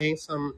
Ain't some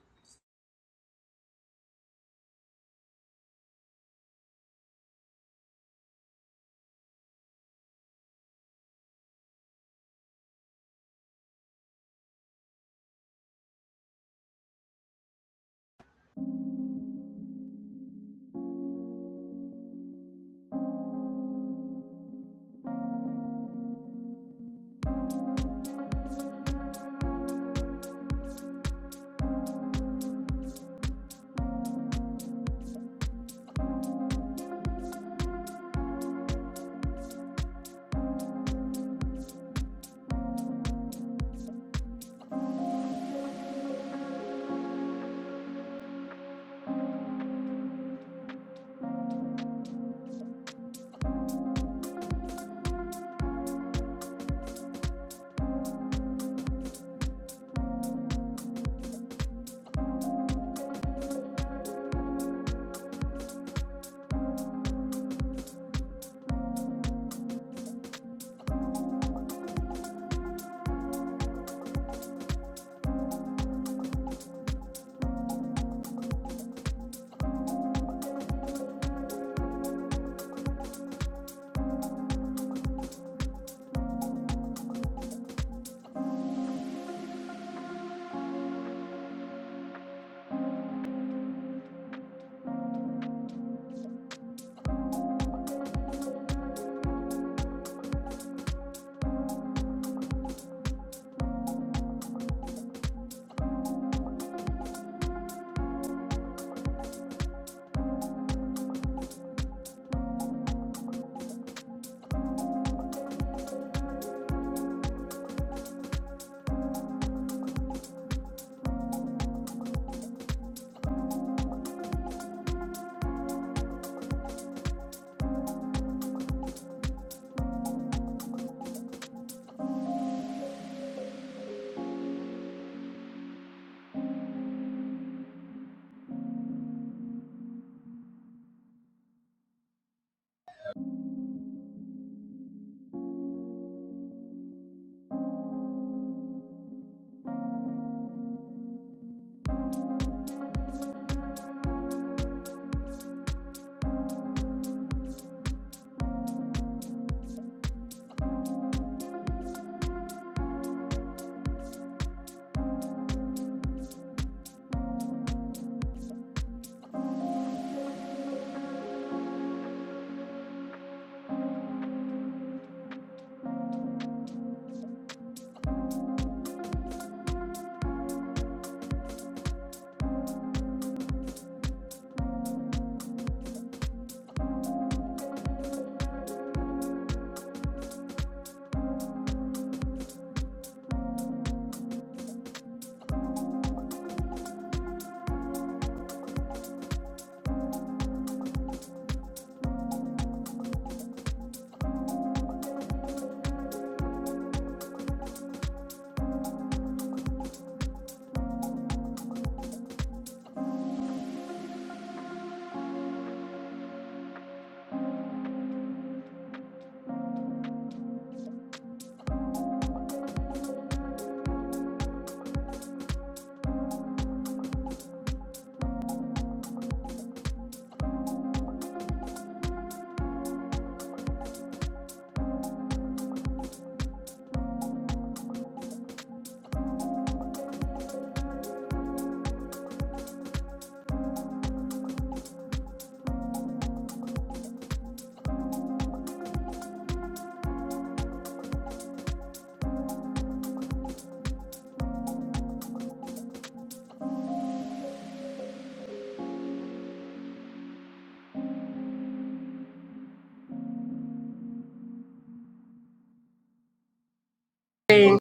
thing.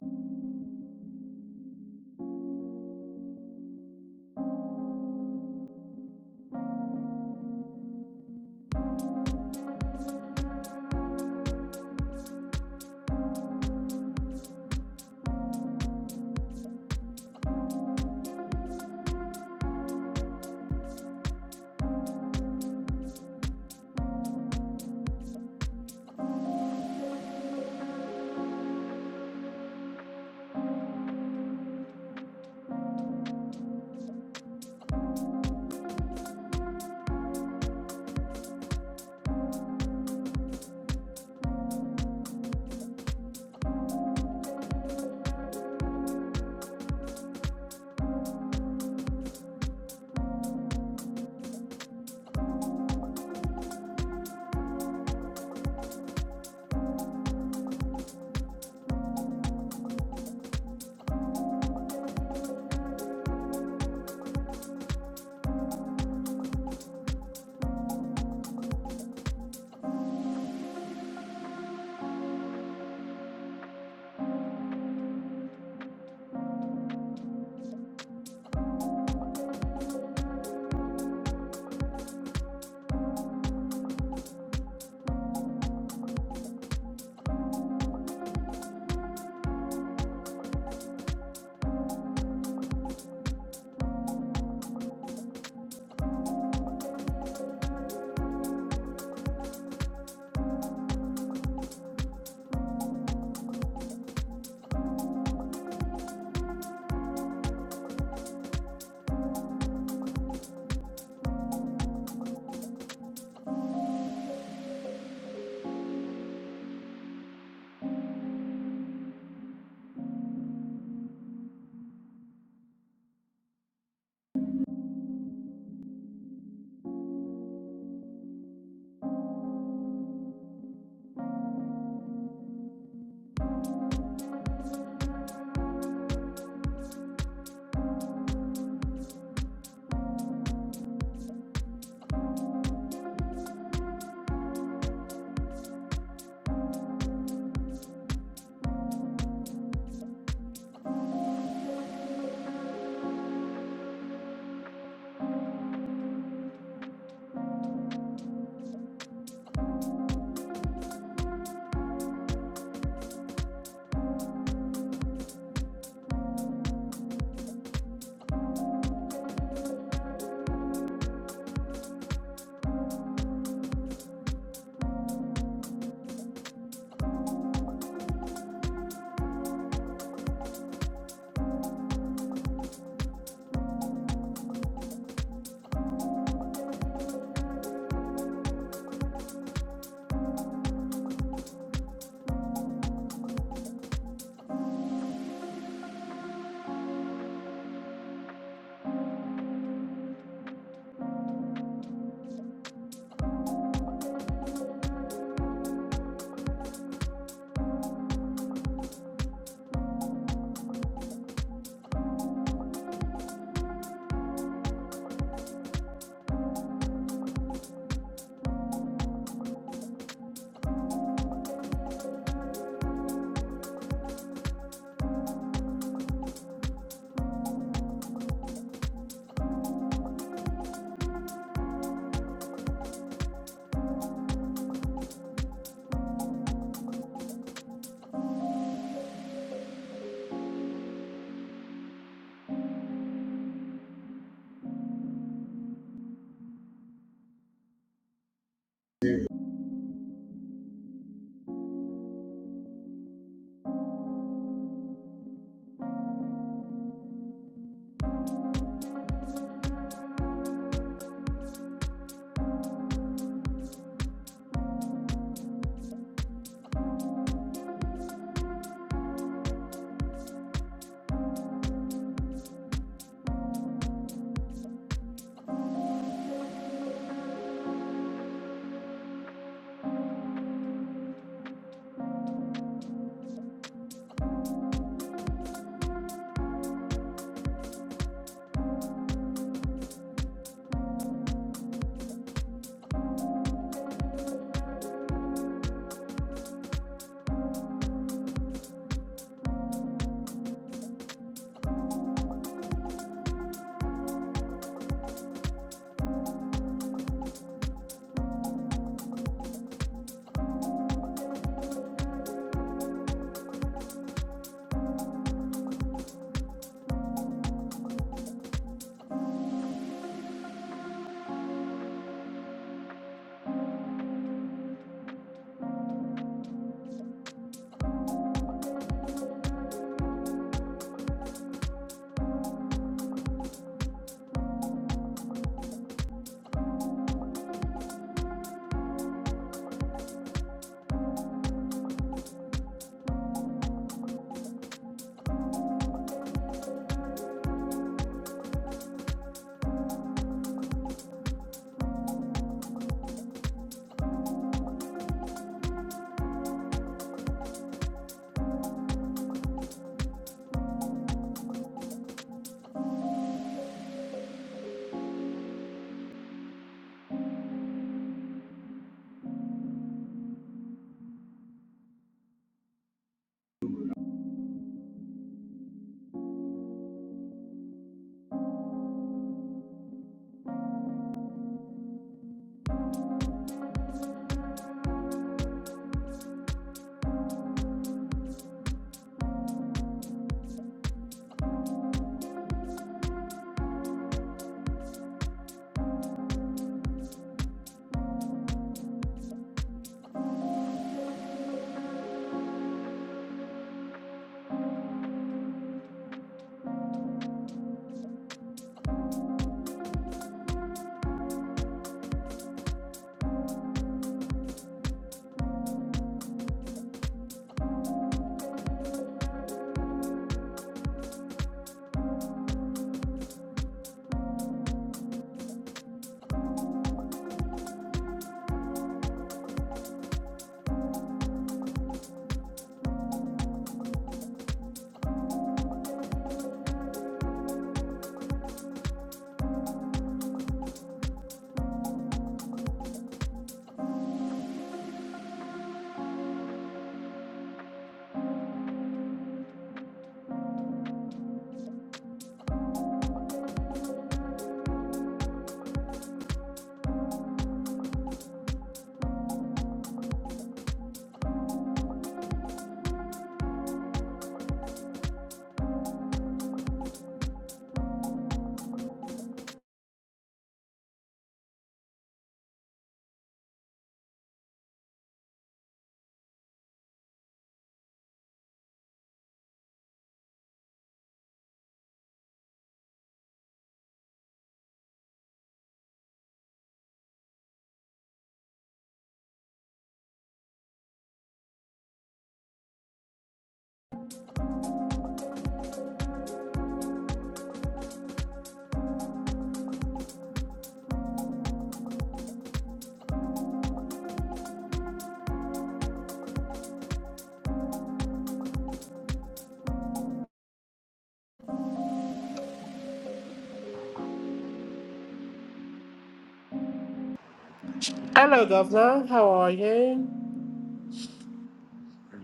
Hello, Governor. How are you?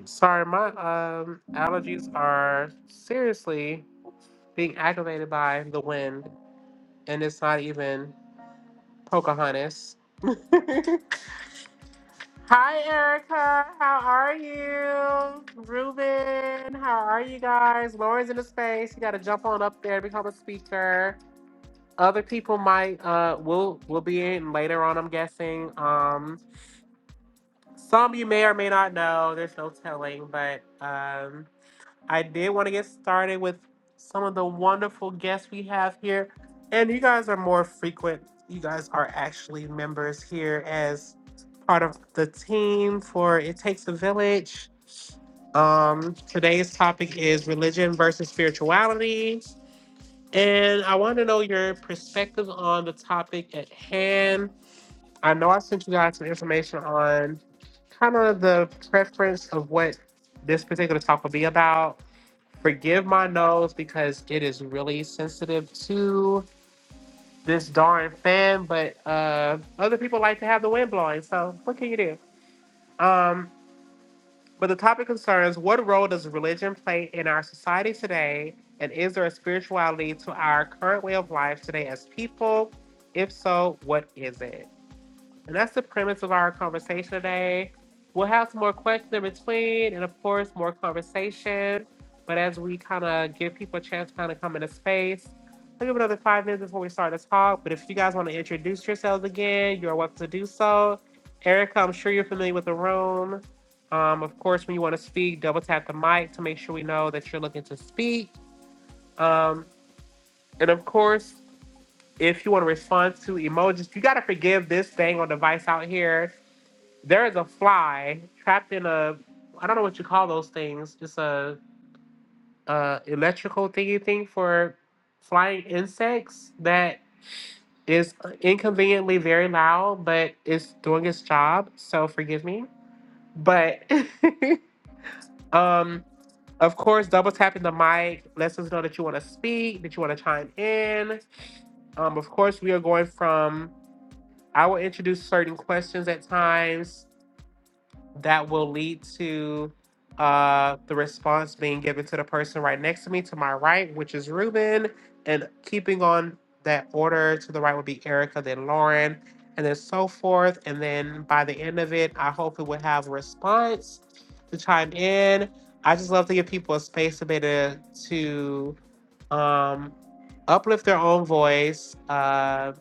Sorry, my um allergies are seriously being aggravated by the wind, and it's not even Pocahontas. Hi, Erica. How are you? Ruben, how are you guys? Lauren's in the space. You got to jump on up there, become a speaker. Other people might uh will will be in later on. I'm guessing. Um, Some you may or may not know, there's no telling, but um, I did want to get started with some of the wonderful guests we have here. And you guys are more frequent. You guys are actually members here as part of the team for It Takes a Village. Um, today's topic is religion versus spirituality. And I want to know your perspective on the topic at hand I know I sent you guys some information on kind of the preference of what this particular talk will be about. Forgive my nose because it is really sensitive to this darn fan, but uh, other people like to have the wind blowing, so what can you do? Um, but the topic concerns what role does religion play in our society today, and is there a spirituality to our current way of life today as people? If so, what is it? And that's the premise of our conversation today. We'll have some more questions in between and, of course, more conversation. But as we kind of give people a chance to kind of come into space, I'll give it another five minutes before we start this talk. But if you guys want to introduce yourselves again, you're welcome to do so. Erica, I'm sure you're familiar with the room. Um, of course, when you want to speak, double tap the mic to make sure we know that you're looking to speak. Um, and of course, if you want to respond to emojis, you got to forgive this thing on device out here there is a fly trapped in a I don't know what you call those things. It's a uh electrical thingy thing for flying insects that is inconveniently very loud, but it's doing its job. So forgive me. But um of course double tapping the mic lets us know that you want to speak, that you want to chime in. Um of course we are going from I will introduce certain questions at times that will lead to uh, the response being given to the person right next to me to my right, which is Ruben. And keeping on that order to the right would be Erica, then Lauren, and then so forth. And then by the end of it, I hope it would have a response to chime in. I just love to give people a space to be able to um, uplift their own voice uh,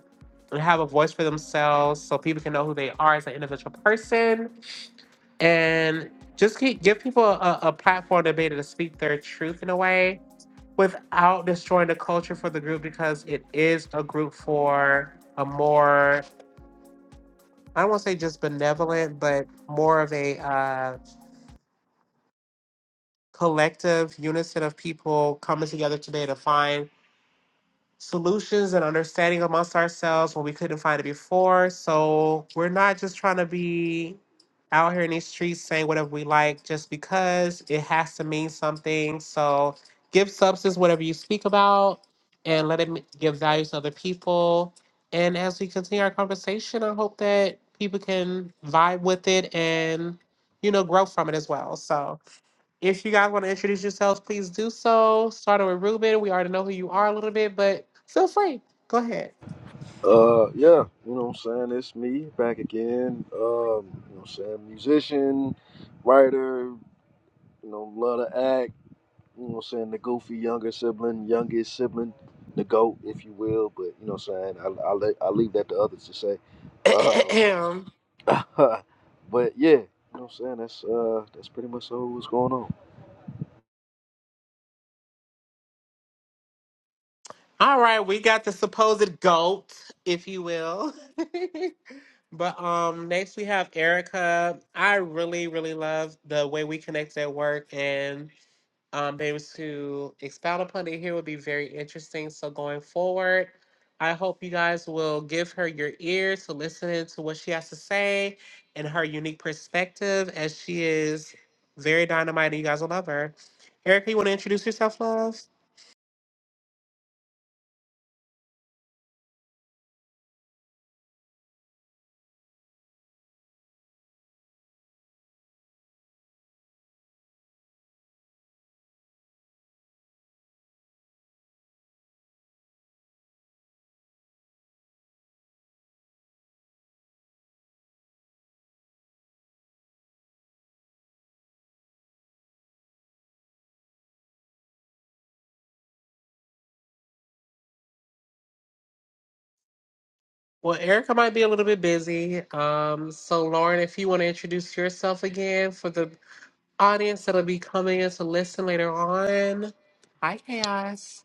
and have a voice for themselves so people can know who they are as an individual person and just keep, give people a, a platform to be able to speak their truth in a way without destroying the culture for the group because it is a group for a more I don't want to say just benevolent, but more of a uh, collective unison of people coming together to be able to find solutions and understanding amongst ourselves when we couldn't find it before. So we're not just trying to be out here in these streets saying whatever we like just because it has to mean something. So give substance whatever you speak about and let it m- give value to other people. And as we continue our conversation, I hope that people can vibe with it and, you know, grow from it as well. So. If you guys want to introduce yourselves, please do so. Starting with Ruben, we already know who you are a little bit, but feel free. Go ahead. Uh, yeah, you know what I'm saying? It's me back again. Um, you know what I'm saying? Musician, writer, you know, love to act. You know what I'm saying? The goofy younger sibling, youngest sibling, the GOAT, if you will. But, you know what I'm saying? I, I, let- I leave that to others to say. Uh, but yeah, you know what I'm saying? That's, uh, that's pretty much all what's going on. All right, we got the supposed goat, if you will. but um next we have Erica. I really, really love the way we connect at work and um, be able to expound upon it here would be very interesting. So going forward, I hope you guys will give her your ear to listen to what she has to say and her unique perspective as she is very dynamite and you guys will love her. Erica, you want to introduce yourself, love? Well, Erica might be a little bit busy. Um, so Lauren, if you want to introduce yourself again for the audience that'll be coming in to listen later on. Hi, Chaos.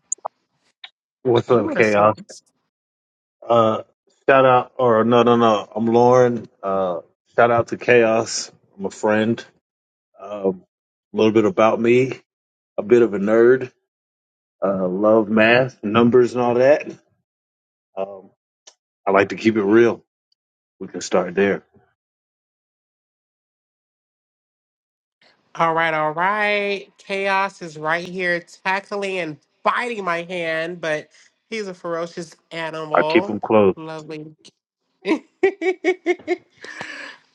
What's You up, want to Chaos? talk? Uh, shout out, or no, no, no. I'm Lauren. Uh, shout out to Chaos. I'm a friend. Um, a little bit about me. A bit of a nerd. Uh, love math, numbers, and all that. Um, I like to keep it real. We can start there. All right, all right. Chaos is right here tackling and biting my hand, but he's a ferocious I keep animal. them close. Lovely. um,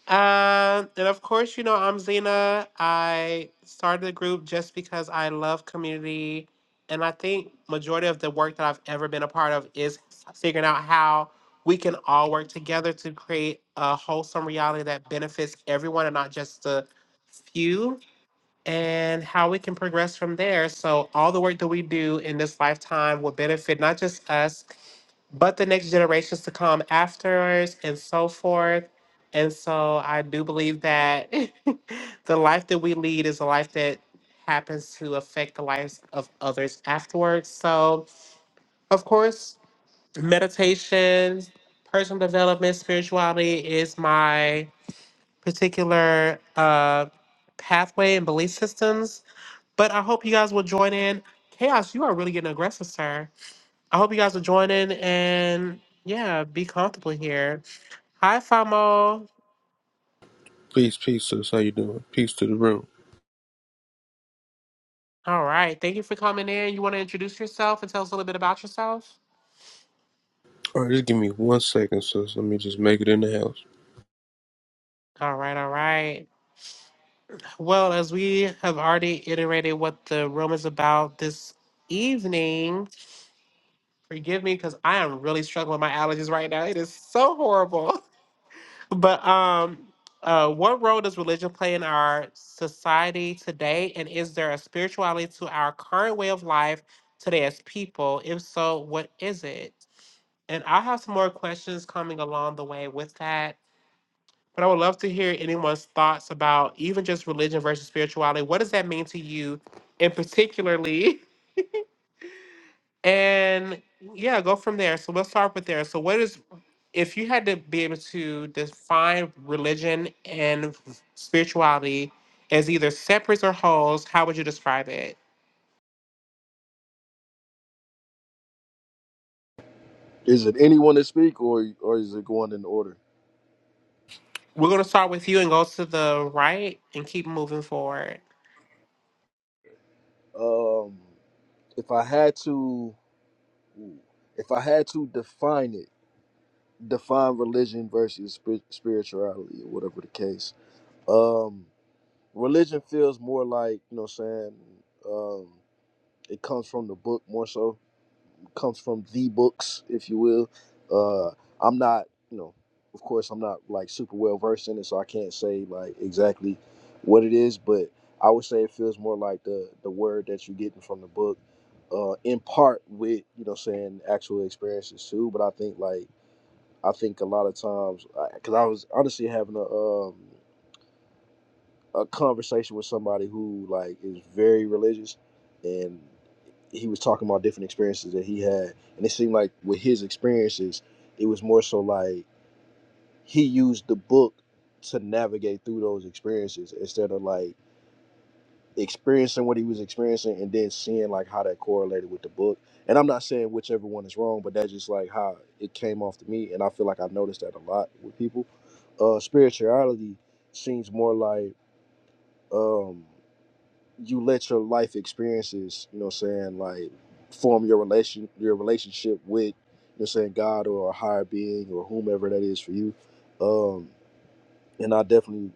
and of course, you know, I'm Zena. I started the group just because I love community. And I think majority of the work that I've ever been a part of is figuring out how we can all work together to create a wholesome reality that benefits everyone and not just the few and how we can progress from there. So, all the work that we do in this lifetime will benefit not just us, but the next generations to come after us, and so forth. And so, I do believe that the life that we lead is a life that happens to affect the lives of others afterwards. So, of course, meditation, personal development, spirituality is my particular uh, pathway and belief systems but I hope you guys will join in. Chaos, you are really getting aggressive, sir. I hope you guys will join in and yeah, be comfortable here. Hi, Famo. Peace, peace, sis. How you doing? Peace to the room. All right. Thank you for coming in. You want to introduce yourself and tell us a little bit about yourself? All right, just give me one second, sis. Let me just make it in the house. All right, all right. Well, as we have already iterated what the room is about this evening, forgive me because I am really struggling with my allergies right now. It is so horrible. But um, uh, what role does religion play in our society today? And is there a spirituality to our current way of life today as people? If so, what is it? And I'll have some more questions coming along the way with that. But I would love to hear anyone's thoughts about even just religion versus spirituality. What does that mean to you, and particularly? And yeah, go from there. So we'll start with there. So what is if you had to be able to define religion and spirituality as either separate or wholes, how would you describe it? Is it anyone to speak or, or is it going in order? We're gonna start with you and go to the right and keep moving forward. Um, if I had to, if I had to define it, define religion versus spir- spirituality or whatever the case. Um, religion feels more like you know, what I'm saying um, it comes from the book more so, it comes from the books, if you will. Uh, I'm not, you know, of course, I'm not like super well versed in it, so I can't say like exactly what it is, but I would say it feels more like the the word that you're getting from the book. Uh, in part with you know what I'm saying actual experiences too but i think like I think a lot of times, because I was honestly having a um, a conversation with somebody who like is very religious, and he was talking about different experiences that he had, and it seemed like with his experiences, it was more so like he used the book to navigate through those experiences instead of like experiencing what he was experiencing and then seeing like how that correlated with the book. And I'm not saying whichever one is wrong, but that's just like how it came off to me. And I feel like I noticed that a lot with people. Uh, spirituality seems more like um, you let your life experiences, you know, what I'm saying like form your relation, your relationship with, you know, what I'm saying God or a higher being or whomever that is for you. Um, and I definitely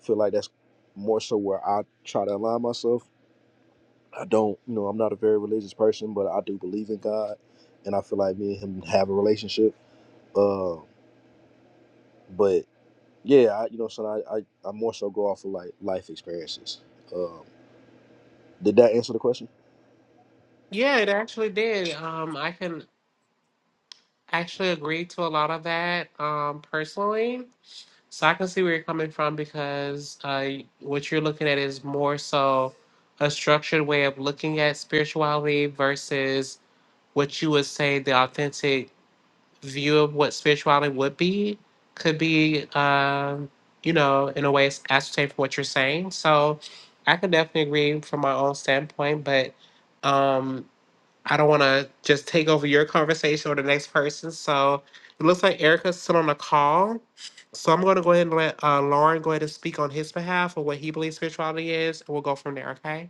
feel like that's more so where I try to align myself I don't, you know, I'm not a very religious person, but I do believe in God, and I feel like me and him have a relationship. Uh, but yeah, I, you know, so I, I, I more so go off of like life experiences. Um, did that answer the question? Yeah, it actually did. Um, I can actually agree to a lot of that um, personally. So I can see where you're coming from because uh, what you're looking at is more so a structured way of looking at spirituality versus what you would say the authentic view of what spirituality would be could be, um, you know, in a way it's ascertained from what you're saying. So I can definitely agree from my own standpoint, but um, I don't want to just take over your conversation or the next person. So it looks like Erica's still on the call. So I'm going to go ahead and let uh, Lauren go ahead and speak on his behalf of what he believes spirituality is, and we'll go from there. Okay.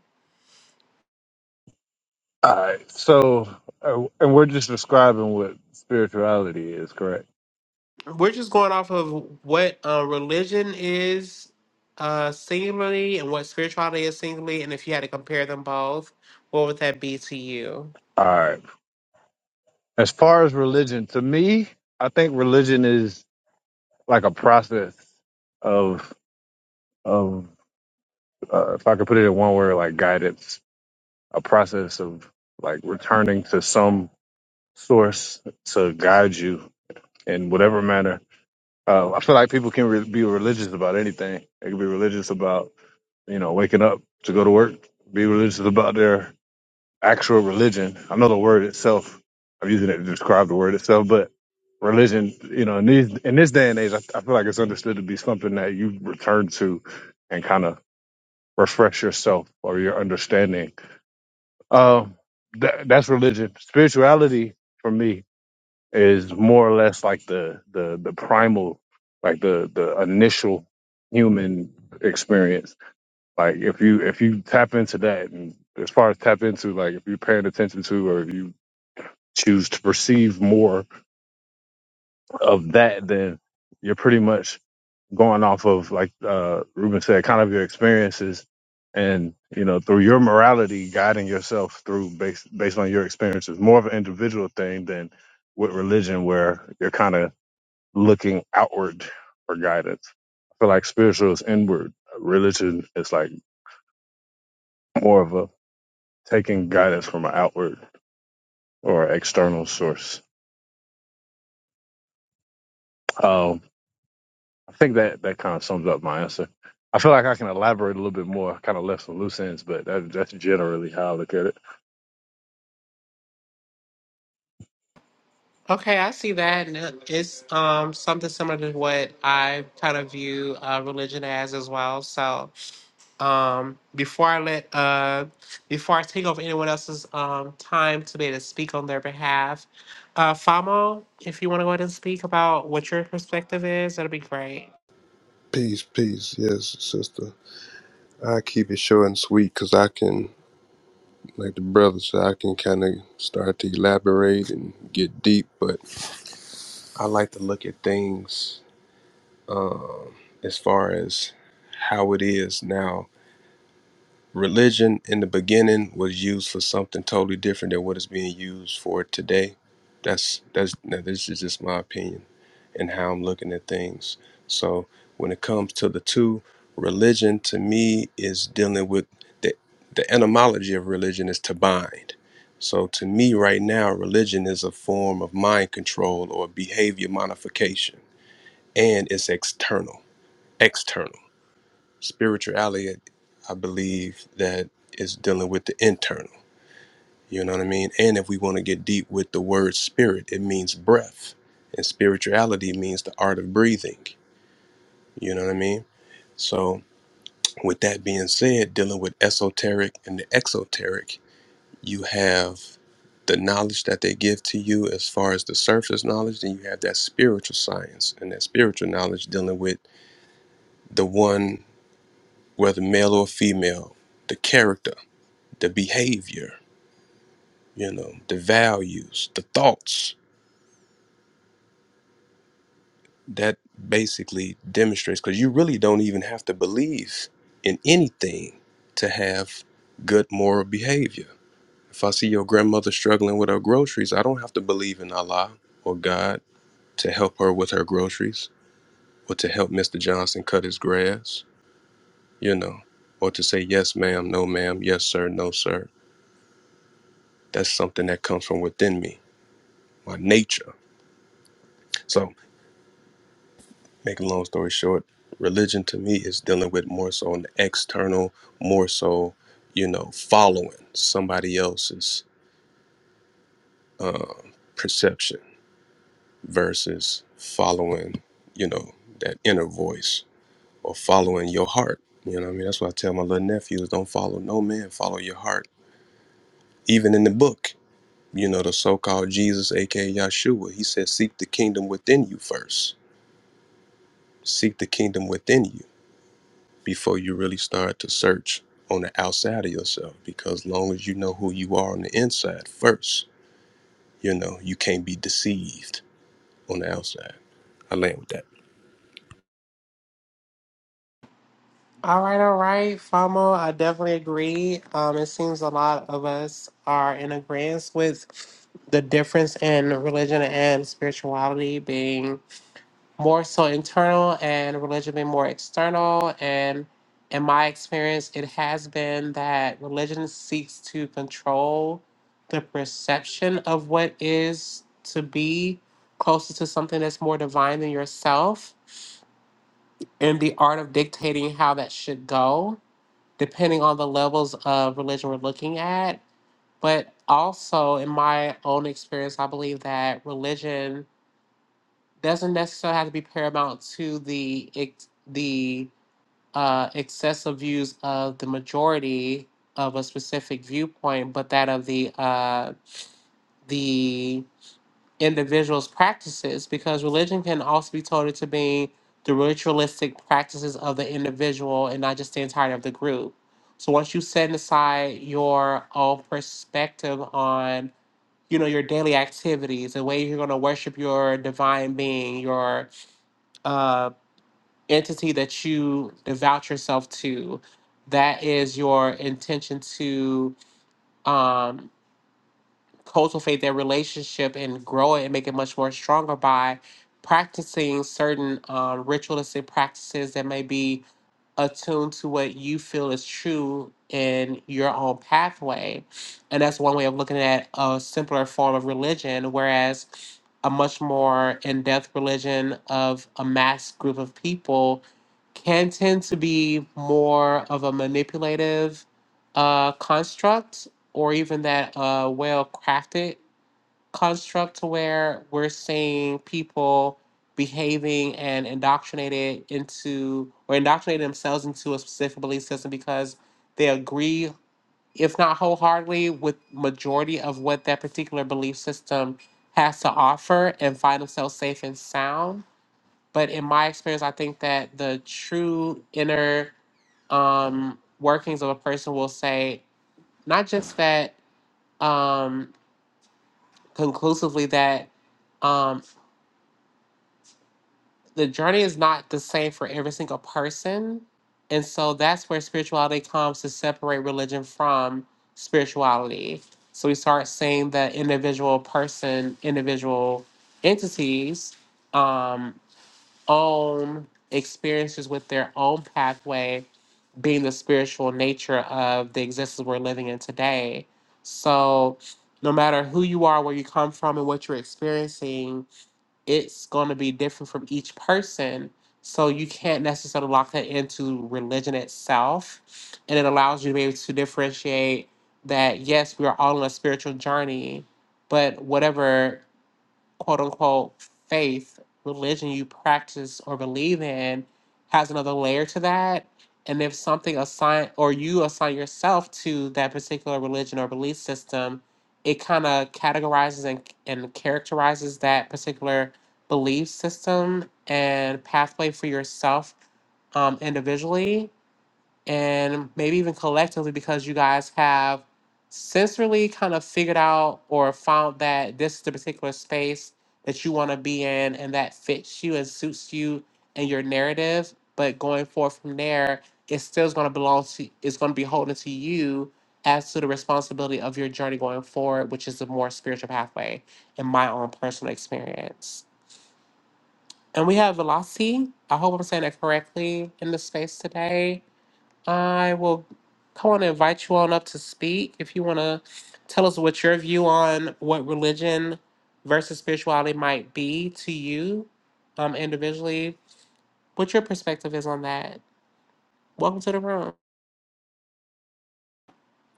All right. So, uh, and we're just describing what spirituality is, correct? We're just going off of what uh, religion is uh, singularly and what spirituality is singularly, and if you had to compare them both, what would that be to you? All right. As far as religion, to me, I think religion is like a process of. of uh, if I could put it in one word, like guidance, a process of like returning to some source to guide you in whatever manner. Uh, I feel like people can re- be religious about anything. They can be religious about you know waking up to go to work. Be religious about their actual religion. I know the word itself. I'm using it to describe the word itself, but religion, you know, in these in this day and age, I, I feel like it's understood to be something that you return to and kind of refresh yourself or your understanding. Um, that, that's religion. Spirituality for me is more or less like the the the primal, like the the initial human experience. Like if you if you tap into that, and as far as tap into, like if you're paying attention to, or if you choose to perceive more of that, then you're pretty much going off of like uh Ruben said, kind of your experiences and you know through your morality guiding yourself through based based on your experiences more of an individual thing than with religion where you're kind of looking outward for guidance i feel like spiritual is inward religion is like more of a taking guidance from an outward or external source Um, I think that that kind of sums up my answer. I feel like I can elaborate a little bit more, kind of left some loose ends, but that, that's generally how I look at it. Okay, I see that, and it- it's um, something similar to what I kind of view uh, religion as as well. So. um, before I let uh, before I take over anyone else's um, time to be able to speak on their behalf, uh, Famo, if you want to go ahead and speak about what your perspective is, that'd be great. Peace, peace. Yes, sister. I keep it short and sweet because I can, like the brother said, I can kind of start to elaborate and get deep. But I like to look at things uh, as far as how it is now. Religion in the beginning was used for something totally different than what it's being used for today. That's that's now this is just my opinion. and how I'm looking at things. So when it comes to the two, religion to me is dealing with the the etymology of religion is to bind. So to me right now, religion is a form of mind control or behavior modification, and it's external. External spirituality, I believe that is dealing with the internal. You know what I mean? And if we want to get deep with the word spirit, it means breath. And spirituality means the art of breathing. You know what I mean? So, with that being said, dealing with esoteric and the exoteric, you have the knowledge that they give to you as far as the surface knowledge, then you have that spiritual science and that spiritual knowledge dealing with the one, whether male or female, the character, the behavior, you know, the values, the thoughts. That basically demonstrates because you really don't even have to believe in anything to have good moral behavior If I see your grandmother struggling with her groceries, I don't have to believe in Allah or God to help her with her groceries or to help Mr. Johnson cut his grass, you know, or to say, yes, ma'am, no, ma'am, yes, sir, no, sir. That's something that comes from within me, my nature. So, making a long story short, religion to me is dealing with more so an external, more so, you know, following somebody else's uh, perception versus following, you know, that inner voice or following your heart. You know what I mean? That's why I tell my little nephews don't follow no man, follow your heart. Even in the book, you know, the so called Jesus, aka Yahshua, he said, Seek the kingdom within you first. Seek the kingdom within you before you really start to search on the outside of yourself. Because long as you know who you are on the inside first, you know, you can't be deceived on the outside. I land with that. All right, all right, Famo, I definitely agree. Um, it seems a lot of us are in agreement with the difference in religion and spirituality being more so internal and religion been more external and in my experience it has been that religion seeks to control the perception of what is to be closer to something that's more divine than yourself and the art of dictating how that should go depending on the levels of religion we're looking at but also in my own experience i believe that religion doesn't necessarily have to be paramount to the ex- the uh, excessive views of the majority of a specific viewpoint, but that of the uh, the individual's practices, because religion can also be told to be the ritualistic practices of the individual and not just the entirety of the group. So once you set aside your own perspective on you know your daily activities, the way you're going to worship your divine being, your uh, entity that you devout yourself to that is your intention to um, cultivate that relationship and grow it and make it much more stronger by practicing certain uh, ritualistic practices that may be attuned to what you feel is true in your own pathway. And that's one way of looking at a simpler form of religion, whereas a much more in depth religion of a mass group of people can tend to be more of a manipulative uh, construct or even that uh, well crafted construct to where we're seeing people behaving and indoctrinated into or indoctrinate themselves into a specific belief system because they agree, if not wholeheartedly, with majority of what that particular belief system has to offer and find themselves safe and sound. But in my experience, I think that the true inner um, workings of a person will say not just that um, conclusively that um, the journey is not the same for every single person. And so that's where spirituality comes to separate religion from spirituality. So we start seeing that individual person, individual entities um, own experiences with their own pathway being the spiritual nature of the existence we're living in today. So no matter who you are, where you come from, and what you're experiencing, it's going to be different from each person. So you can't necessarily lock that into religion itself. And it allows you to be able to differentiate that, yes, we are all on a spiritual journey, but whatever quote unquote faith, religion you practice or believe in has another layer to that. And if something assign or you assign yourself to that particular religion or belief system, it kind of categorizes and, and characterizes that particular belief system and pathway for yourself um, individually and maybe even collectively because you guys have sensorily kind of figured out or found that this is the particular space that you want to be in and that fits you and suits you and your narrative but going forward from there it still is going to belong to it's going to be holding to you as to the responsibility of your journey going forward which is a more spiritual pathway in my own personal experience and we have velocity i hope i'm saying that correctly in the space today I will I want to invite you on up to speak. If you want to tell us what your view on what religion versus spirituality might be to you um, individually, what your perspective is on that. Welcome to the room,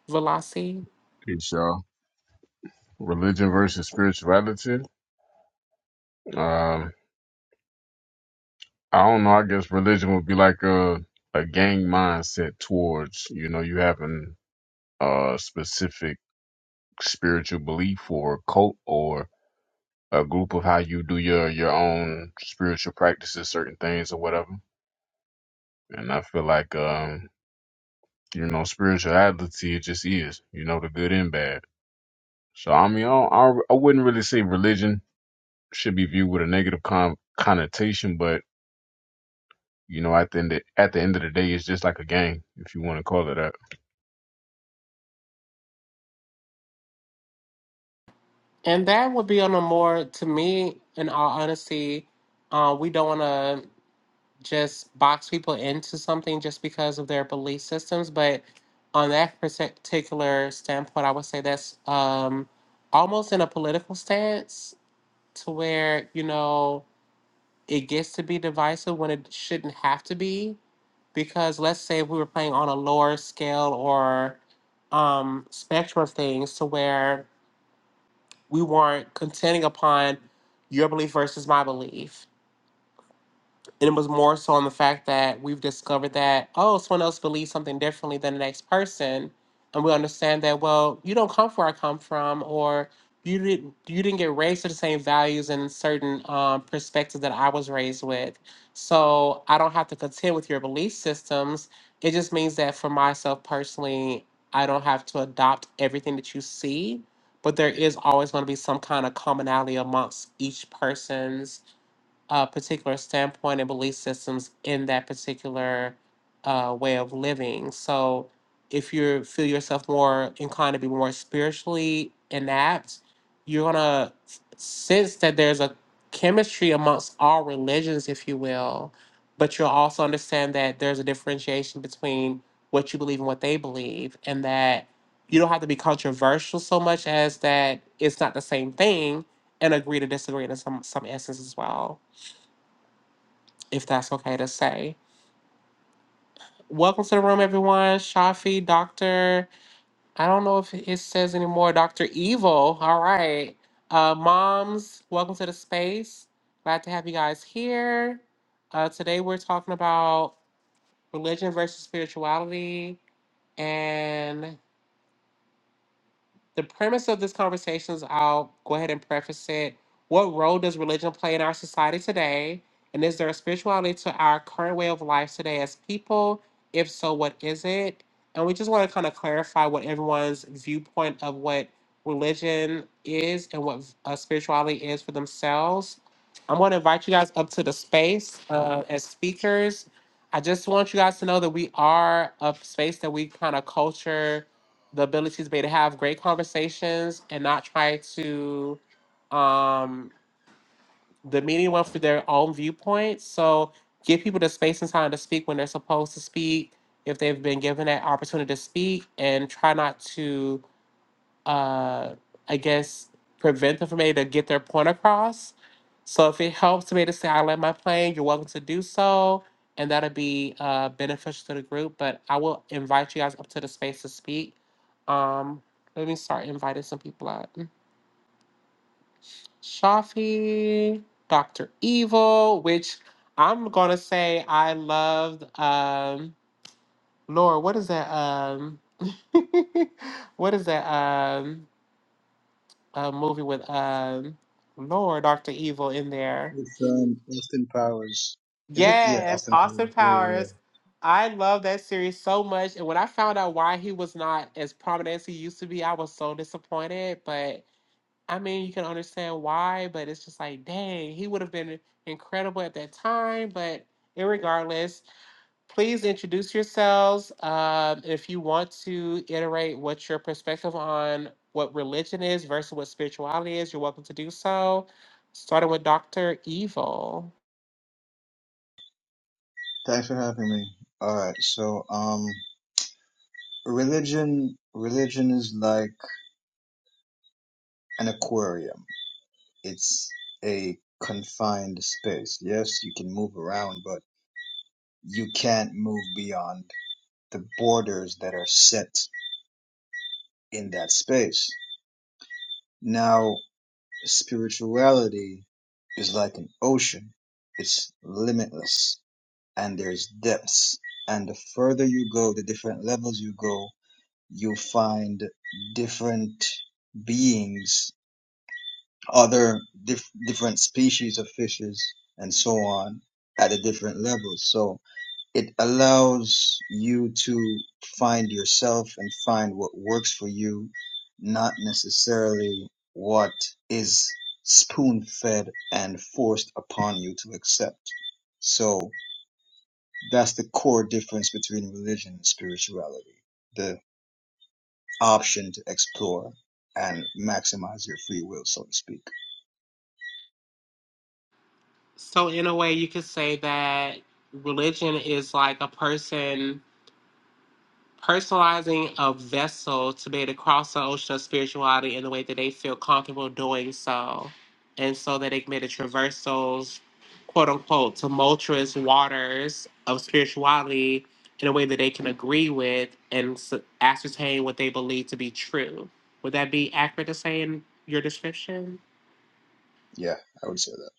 Velasi. Peace, y'all. Religion versus spirituality. Um, I don't know. I guess religion would be like a a gang mindset towards you know you having a specific spiritual belief or a cult or a group of how you do your your own spiritual practices, certain things or whatever. And I feel like um, you know spirituality it just is you know the good and bad. So I mean I don't, I, I wouldn't really say religion should be viewed with a negative con- connotation, but You know, at the end of, at the end of the day, it's just like a game, if you want to call it that. And that would be on a more, to me, in all honesty, uh, we don't want to. just box people into something just because of their belief systems. But on that particular standpoint, I would say that's um, almost in a political stance to where, you know, it gets to be divisive when it shouldn't have to be. Because let's say if we were playing on a lower scale or um, spectrum of things to where we weren't contending upon your belief versus my belief And it was more so on the fact that we've discovered that, oh, someone else believes something differently than the next person. And we understand that, well, you don't come from where I come from, or you didn't you didn't get raised to the same values and certain um, perspectives that I was raised with. So I don't have to contend with your belief systems. It just means that for myself personally, I don't have to adopt everything that you see, but there is always going to be some kind of commonality amongst each person's uh, particular standpoint and belief systems in that particular uh, way of living. So, if you feel yourself more inclined to be more spiritually inept, you're gonna sense that there's a chemistry amongst all religions, if you will. But you'll also understand that there's a differentiation between what you believe and what they believe, and that you don't have to be controversial so much as that it's not the same thing, and agree to disagree in some some essence as well if that's okay to say. Welcome to the room, everyone. Shafi, Doctor, I don't know if it says anymore, Doctor Evil. All right. Uh, moms, welcome to the space. Glad to have you guys here. Uh, today we're talking about religion versus spirituality. and. the premise of this conversation is I'll go ahead and preface it. What role does religion play in our society today? And is there a spirituality to our current way of life today as people? If so, what is it? And we just want to kind of clarify what everyone's viewpoint of what religion is and what uh, spirituality is for themselves. I'm going to invite you guys up to the space uh, as speakers. I just want you guys to know that we are a space that we kind of culture the ability to be able to have great conversations and not try to um demean meeting for their own viewpoint. So give people the space and time to speak when they're supposed to speak, if they've been given that opportunity to speak, and try not to uh, I guess, prevent them from able to get their point across. So if it helps me to say, I land my plane, you're welcome to do so. And that'll be uh, beneficial to the group. But I will invite you guys up to the space to speak. Um, let me start inviting some people out. Shafi, Dr. Evil, which I'm gonna say I loved um Laura, what is that? Um what is that? Um a movie with um Lord Doctor Evil in there. It's um, Austin Powers. Is it? Yeah, Yes, Austin Austin Powers. Yeah, yeah, yeah. Powers. I love that series so much, and when I found out why he was not as prominent as he used to be, I was so disappointed. But I mean, you can understand why. But it's just like, dang, he would have been incredible at that time. But irregardless, Please introduce yourselves. Um, if you want to iterate what your perspective on what religion is versus what spirituality is, you're welcome to do so. Starting with Dr. Evil. Thanks for having me. All right. So, um, religion, religion is like an aquarium. It's a confined space. Yes, you can move around, but you can't move beyond the borders that are set in that space. Now, spirituality is like an ocean. It's limitless. and there's depths. And the further you go, the different levels you go, you find different beings, other dif- different species of fishes, and so on at the different levels. So it allows you to find yourself and find what works for you, not necessarily what is spoon fed and forced upon you to accept. So that's the core difference between religion and spirituality. The option to explore and maximize your free will, so to speak. So, in a way, you could say that religion is like a person personalizing a vessel to be able to cross the ocean of spirituality in the way that they feel comfortable doing so, and so that they can be able to traverse those quote unquote tumultuous waters of spirituality in a way that they can agree with and s- ascertain what they believe to be true. Would that be accurate to say in your description? Yeah, I would say that.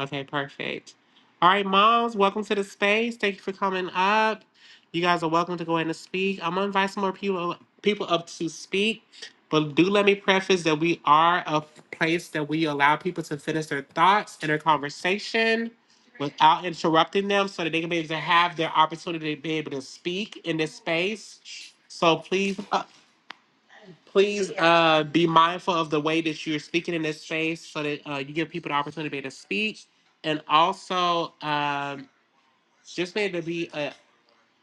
Okay, perfect. All right, moms, welcome to the space. Thank you for coming up. You guys are welcome to go in and speak. I'm gonna invite some more people people up to speak, but do let me preface that we are a place that we allow people to finish their thoughts and their conversation without interrupting them, so that they can be able to have their opportunity to be able to speak in this space. So please Please uh, be mindful of the way that you're speaking in this space so that uh, you give people the opportunity to speak. And also, um, just be able to be uh,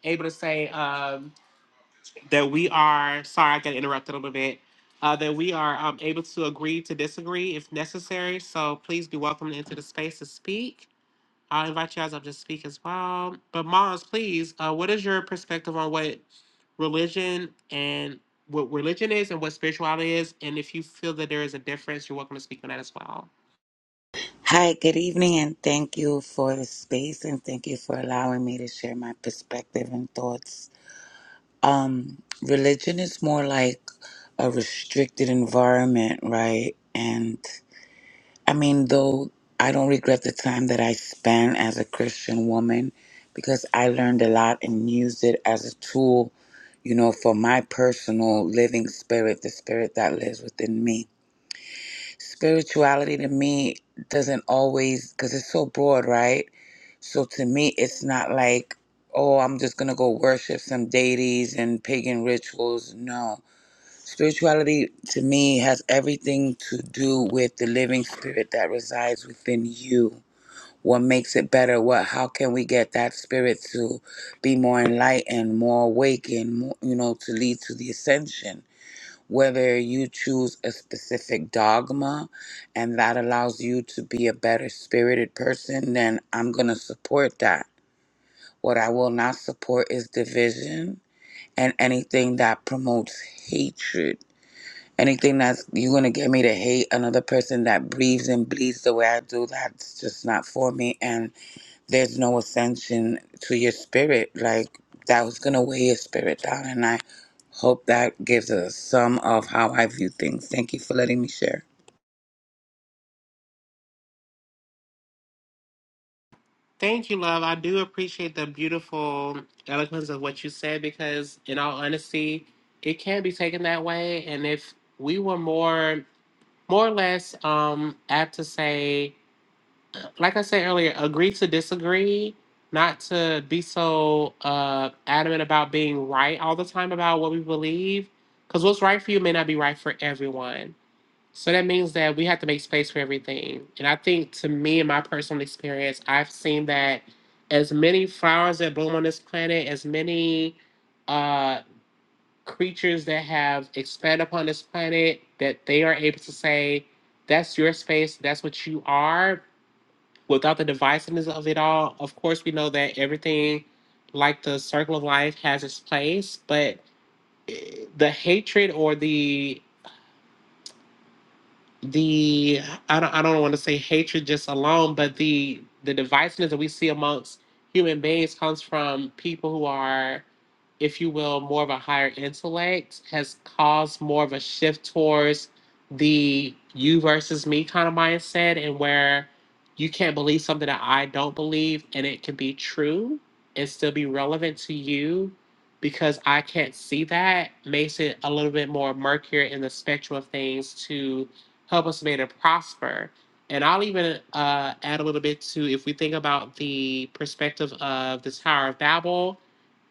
able to say um, that we are, sorry, I got interrupted a little bit, uh, that we are um, able to agree to disagree if necessary. So please be welcome into the space to speak. I'll invite you guys up to speak as well. But Mars, please, uh, what is your perspective on what religion and what religion is and what spirituality is? And if you feel that there is a difference, you're welcome to speak on that as well. Hi, good evening, and thank you for the space and thank you for allowing me to share my perspective and thoughts. Um, religion is more like a restricted environment, right? And I mean, though I don't regret the time that I spent as a Christian woman because I learned a lot and used it as a tool, you know, for my personal living spirit, the spirit that lives within me. Spirituality to me doesn't always, because it's so broad, right? So to me, it's not like, oh, I'm just going to go worship some deities and pagan rituals. No. Spirituality to me has everything to do with the living spirit that resides within you. What makes it better? What? How can we get that spirit to be more enlightened, more awakened? More, you know, to lead to the ascension. Whether you choose a specific dogma, and that allows you to be a better spirited person, then I'm gonna support that what I will not support is division and anything that promotes hatred. Anything that's you're gonna get me to hate another person that breathes and bleeds the way I do, that's just not for me. And there's no ascension to your spirit. Like that was gonna weigh your spirit down. And I hope that gives us some of how I view things. Thank you for letting me share. Thank you, love. I do appreciate the beautiful eloquence of what you said because, in all honesty, it can be taken that way. And if we were more, more or less, um, apt to say like I said earlier, agree to disagree, not to be so uh, adamant about being right all the time about what we believe. Because what's right for you may not be right for everyone. So that means that we have to make space for everything. And I think to me, in my personal experience, I've seen that as many flowers that bloom on this planet, as many uh, creatures that have expanded upon this planet, that they are able to say, that's your space, that's what you are without the divisiveness of it all, of course, we know that everything, like the circle of life, has its place, but eh, the hatred or the the I don't I don't want to say hatred just alone, but the the divisiveness that we see amongst human beings comes from people who are, if you will, more of a higher intellect, has caused more of a shift towards the you versus me kind of mindset and where you can't believe something that I don't believe and it can be true and still be relevant to you because I can't see that makes it a little bit more murkier in the spectrum of things to help us make it prosper. And I'll even uh, add a little bit to if we think about the perspective of the Tower of Babel,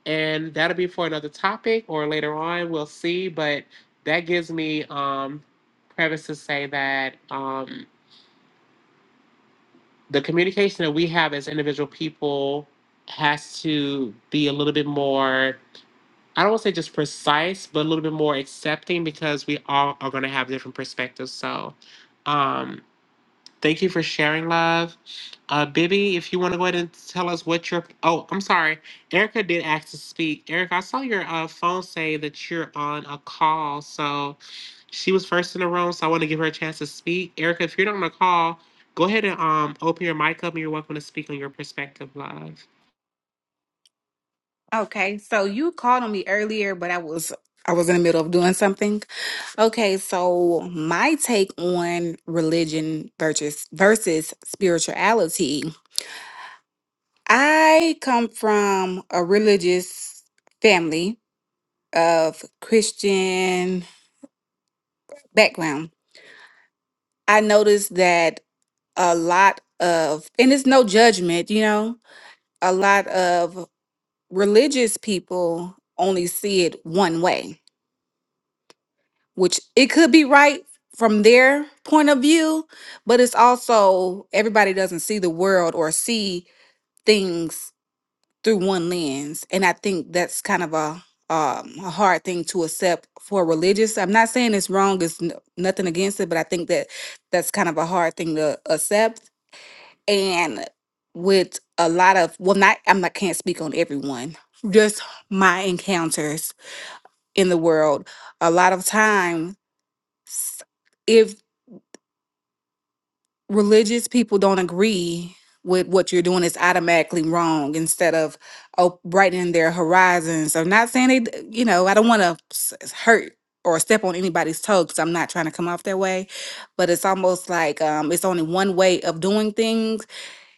and that'll be for another topic or later on, we'll see. But that gives me um, premise to say that um, the communication that we have as individual people has to be a little bit more, I don't want to say just precise, but a little bit more accepting because we all are going to have different perspectives. So, um, Thank you for sharing, love. Uh, Bibby, if you want to go ahead and tell us what your oh, I'm sorry, Erica did ask to speak. Erica, I saw your uh, phone say that you're on a call, so she was first in the room, so I want to give her a chance to speak. Erica, if you're not on a call, go ahead and um open your mic up, and you're welcome to speak on your perspective, love. Okay, so you called on me earlier, but I was I was in the middle of doing something. Okay, so my take on religion versus versus spirituality. I come from a religious family of Christian background. I noticed that a lot of and it's no judgment, you know, a lot of religious people only see it one way which it could be right from their point of view, but it's also everybody doesn't see the world or see things through one lens, and I think that's kind of a um, a hard thing to accept for religious. I'm not saying it's wrong; it's n- nothing against it, but I think that that's kind of a hard thing to accept. And with a lot of well, not I'm not can't speak on everyone, just my encounters in the world. A lot of times religious people don't agree with what you're doing is automatically wrong instead of oh, brightening their horizons. I'm not saying they, d- you know, I don't want to hurt or step on anybody's toes. 'cause I'm not trying to come off that way, but it's almost like um, it's only one way of doing things.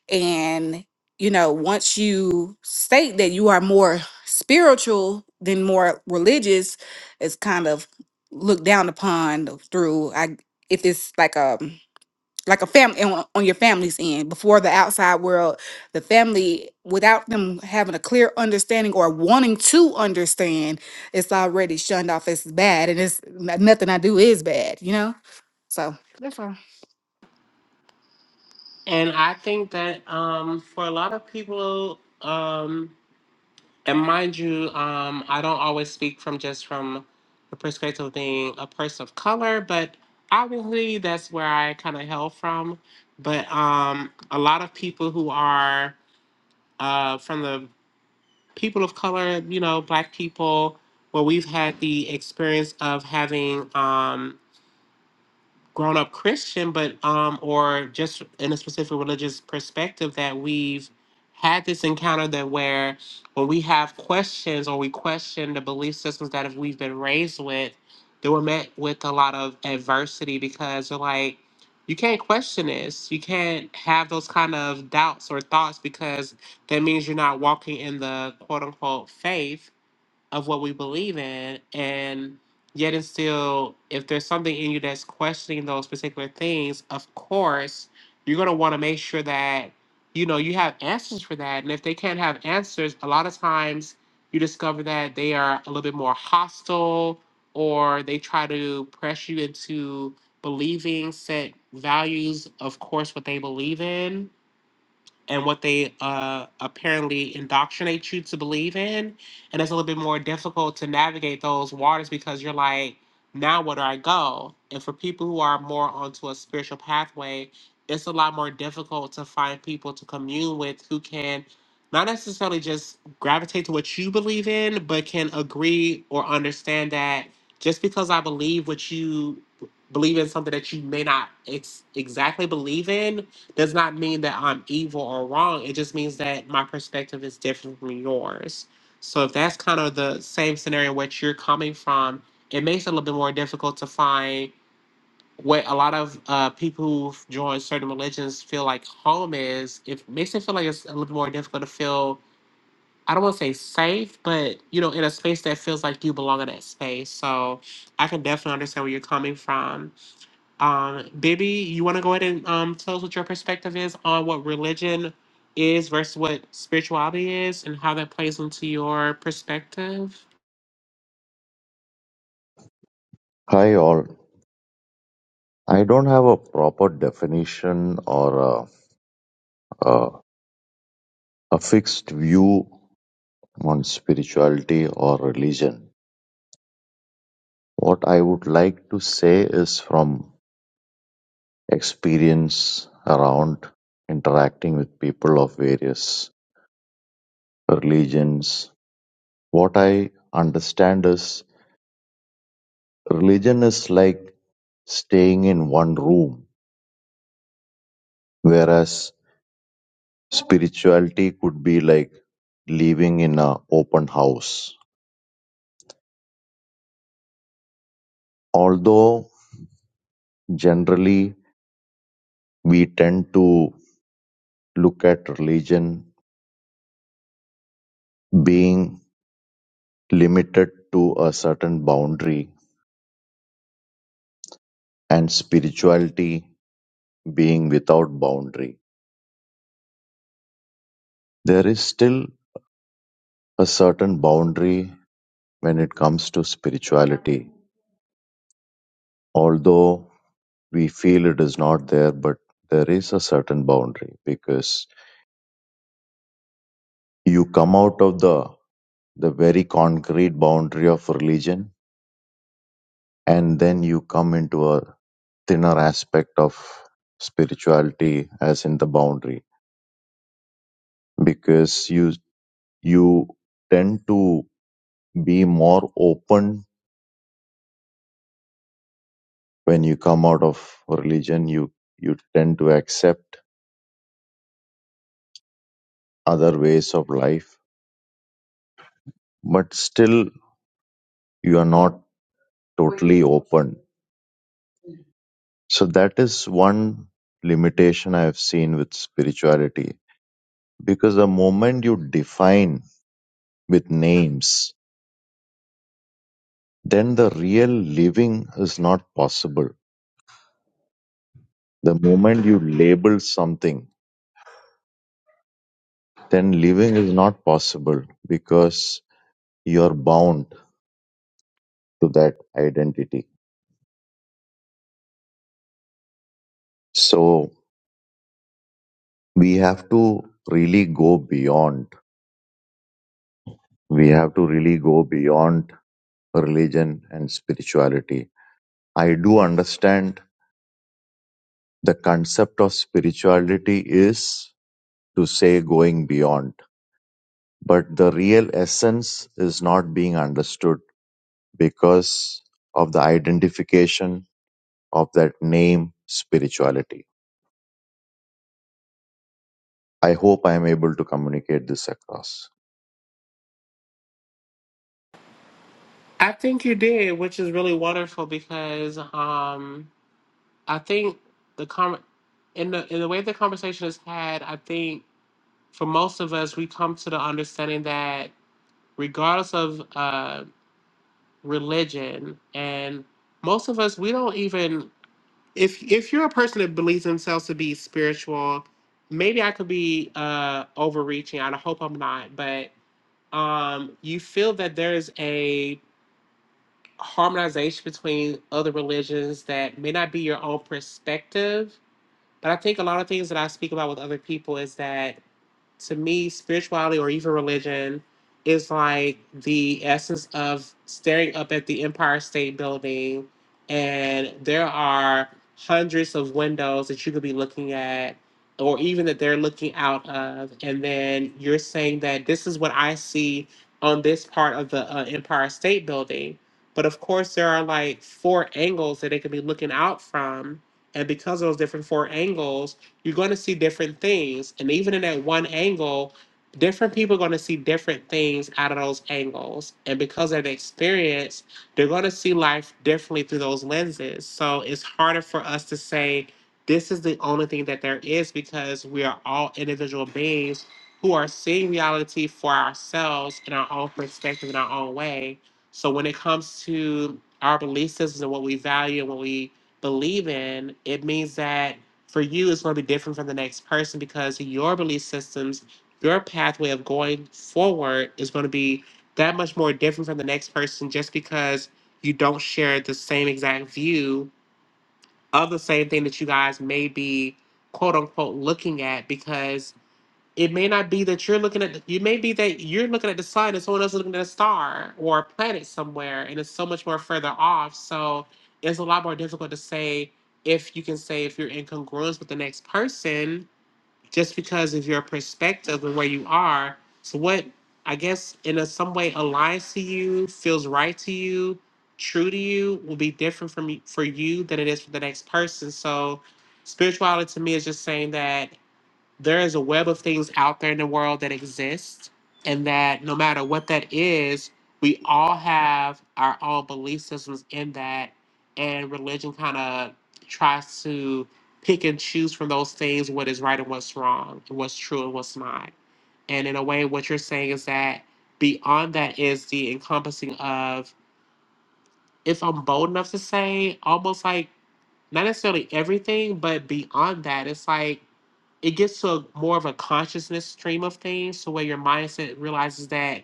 And, you know, once you state that you are more spiritual than more religious, it's kind of looked down upon through, I, if it's like a, like a family on, on your family's end before the outside world the family without them having a clear understanding or wanting to understand it's already shunned off as bad and it's n- nothing i do is bad you know so that's all. And I think that um for a lot of people um And mind you, um, I don't always speak from just from the perspective of being a person of color, but obviously that's where I kind of hail from. But um, a lot of people who are uh, from the people of color, you know, black people, where we've had the experience of having um, grown up Christian, but um, or just in a specific religious perspective that we've had this encounter that where when we have questions or we question the belief systems that if we've been raised with, that we're met with a lot of adversity because they're like, you can't question this. You can't have those kind of doubts or thoughts because that means you're not walking in the quote unquote faith of what we believe in and yet and still if there's something in you that's questioning those particular things of course you're going to want to make sure that you know you have answers for that and if they can't have answers a lot of times you discover that they are a little bit more hostile or they try to press you into believing set values of course what they believe in and what they uh, apparently indoctrinate you to believe in. And it's a little bit more difficult to navigate those waters because you're like, now where do I go? And for people who are more onto a spiritual pathway, it's a lot more difficult to find people to commune with who can not necessarily just gravitate to what you believe in, but can agree or understand that just because I believe what you believe in something that you may not ex- exactly believe in does not mean that I'm evil or wrong. It just means that my perspective is different from yours. So if that's kind of the same scenario in which you're coming from, it makes it a little bit more difficult to find what a lot of uh, people who've joined certain religions feel like home is. It makes it feel like it's a little bit more difficult to feel. I don't want to say safe, but you know, in a space that feels like you belong in that space. So I can definitely understand where you're coming from. Um, Bibby, you want to go ahead and um, tell us what your perspective is on what religion is versus what spirituality is and how that plays into your perspective? Hi all. I don't have a proper definition or a, a, a fixed view on spirituality or religion. What I would like to say is from experience around interacting with people of various religions. What I understand is religion is like staying in one room, whereas spirituality could be like living in a open house Although generally we tend to look at religion being limited to a certain boundary and spirituality being without boundary, there is still a certain boundary when it comes to spirituality. Although we feel it is not there, but there is a certain boundary because you come out of the the very concrete boundary of religion and then you come into a thinner aspect of spirituality as in the boundary because you you tend to be more open when you come out of religion you you tend to accept other ways of life but still you are not totally open so that is one limitation i have seen with spirituality because the moment you define with names then the real living is not possible. The moment you label something, then living is not possible because you're bound to that identity. So we have to really go beyond. We have to really go beyond religion and spirituality. I do understand the concept of spirituality is to say going beyond, but the real essence is not being understood because of the identification of that name spirituality i hope i am able to communicate this across I think you did, which is really wonderful because um, I think the com- in the in the way the conversation is had, I think for most of us, we come to the understanding that regardless of uh, religion, and most of us, we don't even if if you're a person that believes themselves to be spiritual, maybe I could be uh overreaching. I hope I'm not, but um you feel that there is a harmonization between other religions that may not be your own perspective but I think a lot of things that I speak about with other people is that to me, spirituality or even religion is like the essence of staring up at the Empire State Building, and there are hundreds of windows that you could be looking at, or even that they're looking out of, and then you're saying that this is what I see on this part of the uh, Empire State Building. But of course, there are like four angles that they could be looking out from and because of those different four angles, you're going to see different things. And even in that one angle, different people are going to see different things out of those angles. And because of the experience, they're going to see life differently through those lenses. So it's harder for us to say, this is the only thing that there is because we are all individual beings who are seeing reality for ourselves in our own perspective, in our own way. So when it comes to our belief systems and what we value and what we believe in, it means that for you it's going to be different from the next person because your belief systems, your pathway of going forward is going to be that much more different from the next person just because you don't share the same exact view of the same thing that you guys may be quote unquote looking at because it may not be that you're looking at, you may be that you're looking at the sun and someone else is looking at a star or a planet somewhere and it's so much more further off. So it's a lot more difficult to say if you can say if you're in congruence with the next person just because of your perspective and where you are. So what I guess in a, some way aligns to you, feels right to you, true to you will be different from you, for you than it is for the next person. So spirituality to me is just saying that there is a web of things out there in the world that exist, and that no matter what that is, we all have our own belief systems in that, and religion kind of tries to pick and choose from those things what is right and what's wrong, and what's true and what's not. And in a way, what you're saying is that beyond that is the encompassing of, if I'm bold enough to say, almost like not necessarily everything, but beyond that, it's like it gets to a, more of a consciousness stream of things, to where your mindset realizes that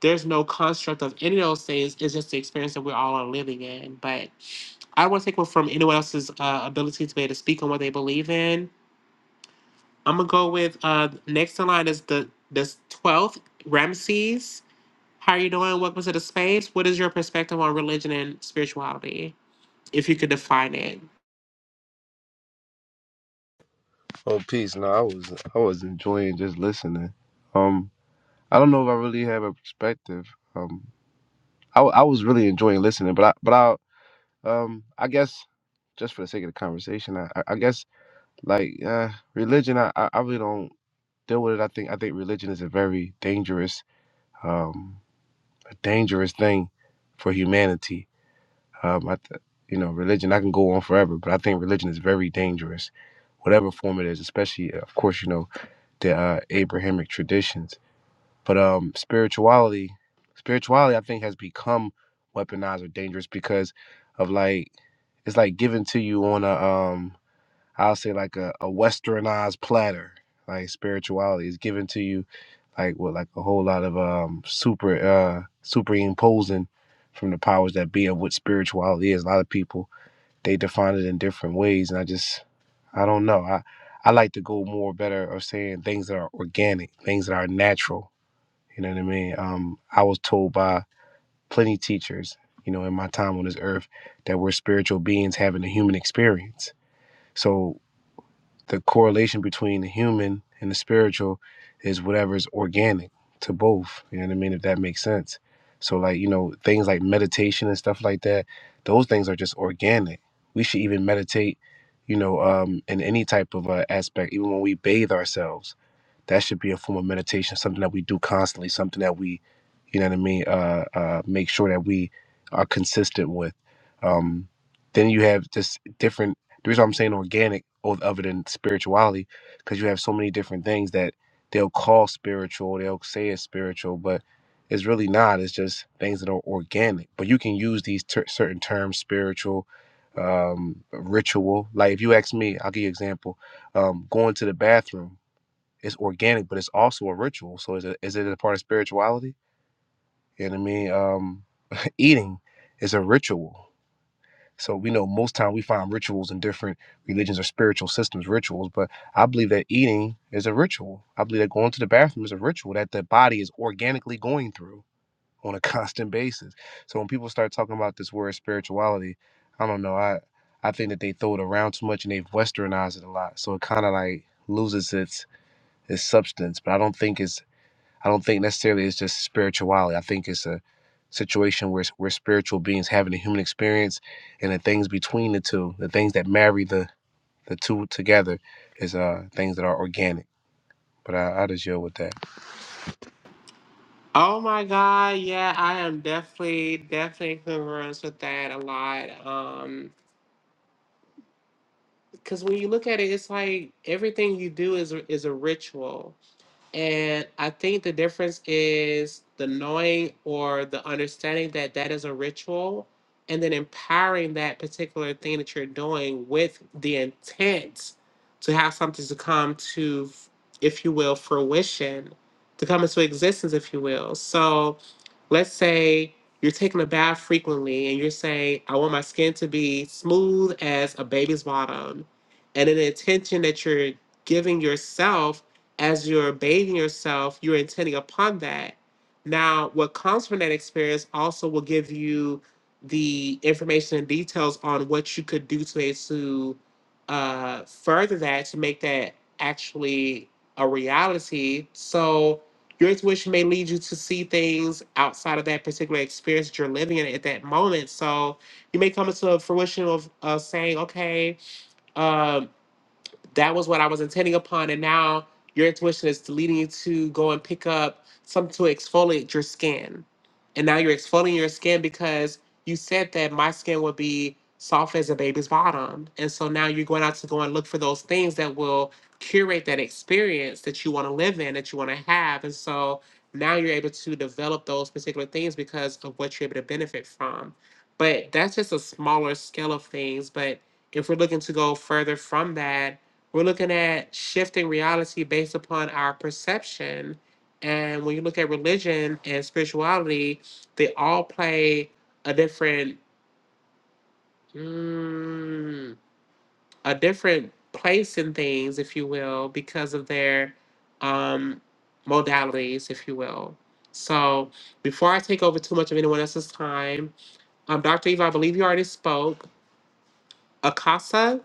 there's no construct of any of those things. It's just the experience that we all are living in. But I don't want to take away from anyone else's uh, ability to be able to speak on what they believe in. I'm gonna go with uh, next in line is the this twelfth Ramses. How are you doing? Welcome to the space. What is your perspective on religion and spirituality, if you could define it? Oh, peace. No, I was I was enjoying just listening. Um, I don't know if I really have a perspective. Um, I, w- I was really enjoying listening, but I but I um I guess just for the sake of the conversation, I I I guess like uh religion, I I I really don't deal with it. I think I think religion is a very dangerous um a dangerous thing for humanity. Um, I th- you know religion I can go on forever, but I think religion is very dangerous, whatever form it is. Especially of course you know the uh, Abrahamic traditions. But um, spirituality, spirituality, I think has become weaponized or dangerous because of like it's like given to you on a um, I'll say like a, a westernized platter. Like spirituality is given to you like with like a whole lot of um super uh superimposing from the powers that be of what spirituality is. A lot of people they define it in different ways and i just i don't know i i like to go more better of saying things that are organic things that are natural you know what i mean um i was told by plenty teachers you know in my time on this earth that we're spiritual beings having a human experience so the correlation between the human and the spiritual is whatever's organic to both. You know what I mean? If that makes sense. So like, you know, things like meditation and stuff like that, those things are just organic. We should even meditate, you know, um, in any type of uh, aspect, even when we bathe ourselves that should be a form of meditation, something that we do constantly, something that we, you know what I mean, uh, uh, make sure that we are consistent with. Um, then you have just different, the reason I'm saying organic o- other than spirituality, because you have so many different things that they'll call spiritual, they'll say it's spiritual, but it's really not. It's just things that are organic. But you can use these ter- certain terms, spiritual, um, ritual. Like if you ask me, I'll give you an example um, going to the bathroom it's organic, but it's also a ritual. So is it is it a part of spirituality? You know what I mean? Um, eating is a ritual. So we know most time we find rituals in different religions or spiritual systems, rituals. But I believe that eating is a ritual. I believe that going to the bathroom is a ritual that the body is organically going through on a constant basis. So when people start talking about this word spirituality, I don't know. I I think that they throw it around too much and they've westernized it a lot. So it kind of like loses its its substance. But I don't think it's I don't think necessarily it's just spirituality. I think it's a situation where we're spiritual beings having a human experience, and the things between the two, the things that marry the the two together, is uh things that are organic. But I, I just deal with that. Oh my god, yeah, I am definitely definitely in congruence with that a lot. Um, because when you look at it, it's like everything you do is a- is a ritual. And I think the difference is the knowing or the understanding that that is a ritual, and then empowering that particular thing that you're doing with the intent to have something to come to, if you will, fruition, to come into existence, if you will. So let's say you're taking a bath frequently and you're saying, I want my skin to be smooth as a baby's bottom. And an intention that you're giving yourself as you're bathing yourself, you're intending upon that. Now, what comes from that experience also will give you the information and details on what you could do today to uh, further that to make that actually a reality. So, your intuition may lead you to see things outside of that particular experience that you're living in at that moment. So, you may come into a fruition of uh, saying, okay, um, that was what I was intending upon. And now your intuition is leading you to go and pick up something to exfoliate your skin. And now you're exfoliating your skin because you said that my skin would be soft as a baby's bottom. And so now you're going out to go and look for those things that will curate that experience that you want to live in, that you want to have. And so now you're able to develop those particular things because of what you're able to benefit from. But that's just a smaller scale of things. But if we're looking to go further from that, we're looking at shifting reality based upon our perception. And when you look at religion and spirituality, they all play a different mm, a different place in things, if you will, because of their um, modalities, if you will. So before I take over too much of anyone else's time, um, Dr. Eva, I believe you already spoke. Akasa.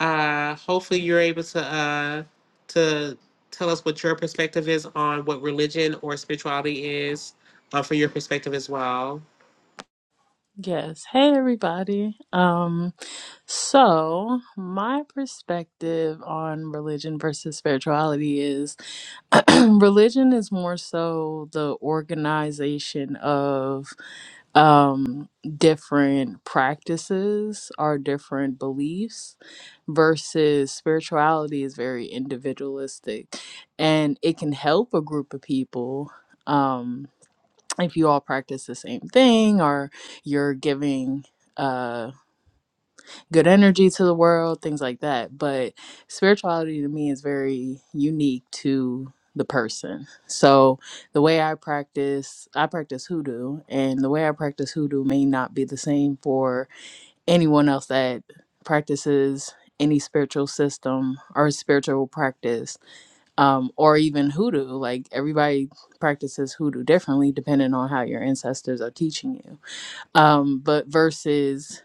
Uh, hopefully, you're able to uh, to tell us what your perspective is on what religion or spirituality is, uh, from your perspective as well. Yes. Hey everybody. Um so my perspective on religion versus spirituality is religion is more so the organization of um different practices or different beliefs versus spirituality is very individualistic and it can help a group of people um, if you all practice the same thing or you're giving uh good energy to the world things like that but spirituality to me is very unique to the person so the way i practice i practice hoodoo and the way i practice hoodoo may not be the same for anyone else that practices any spiritual system or spiritual practice um, or even hoodoo. Like everybody practices hoodoo differently depending on how your ancestors are teaching you. Um, but versus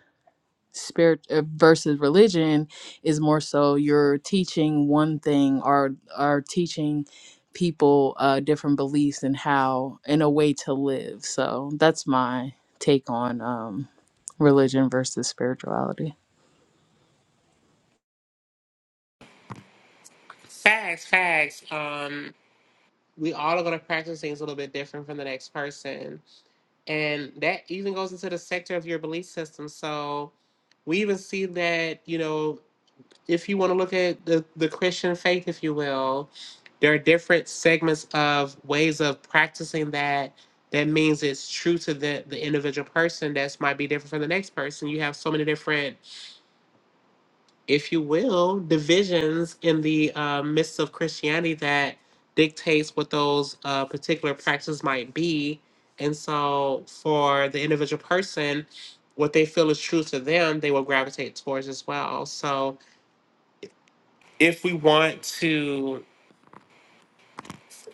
spirit uh, versus religion is more so you're teaching one thing or are teaching people uh, different beliefs and how and a way to live. So that's my take on um, religion versus spirituality. Facts, facts. Um, we all are going to practice things a little bit different from the next person, and that even goes into the sector of your belief system. So we even see that you know if you want to look at the, the Christian faith, if you will, there are different segments of ways of practicing that. That means it's true to the, the individual person. That's might be different from the next person. You have so many different, if you will, divisions in the uh, midst of Christianity that dictates what those uh, particular practices might be. And so, for the individual person, what they feel is true to them, they will gravitate towards as well. So, if we want to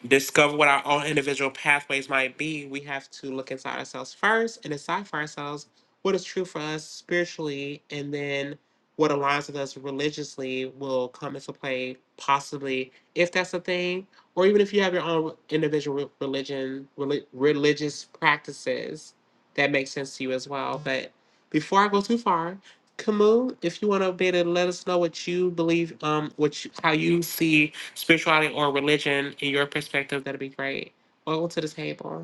discover what our own individual pathways might be, we have to look inside ourselves first and decide for ourselves what is true for us spiritually, and then what aligns with us religiously will come into play, possibly, if that's a thing, or even if you have your own individual religion, reli- religious practices that make sense to you as well. But before I go too far, Camus, if you want to be able to let us know what you believe, um, what you, how you see spirituality or religion in your perspective, that'd be great. Welcome to the table.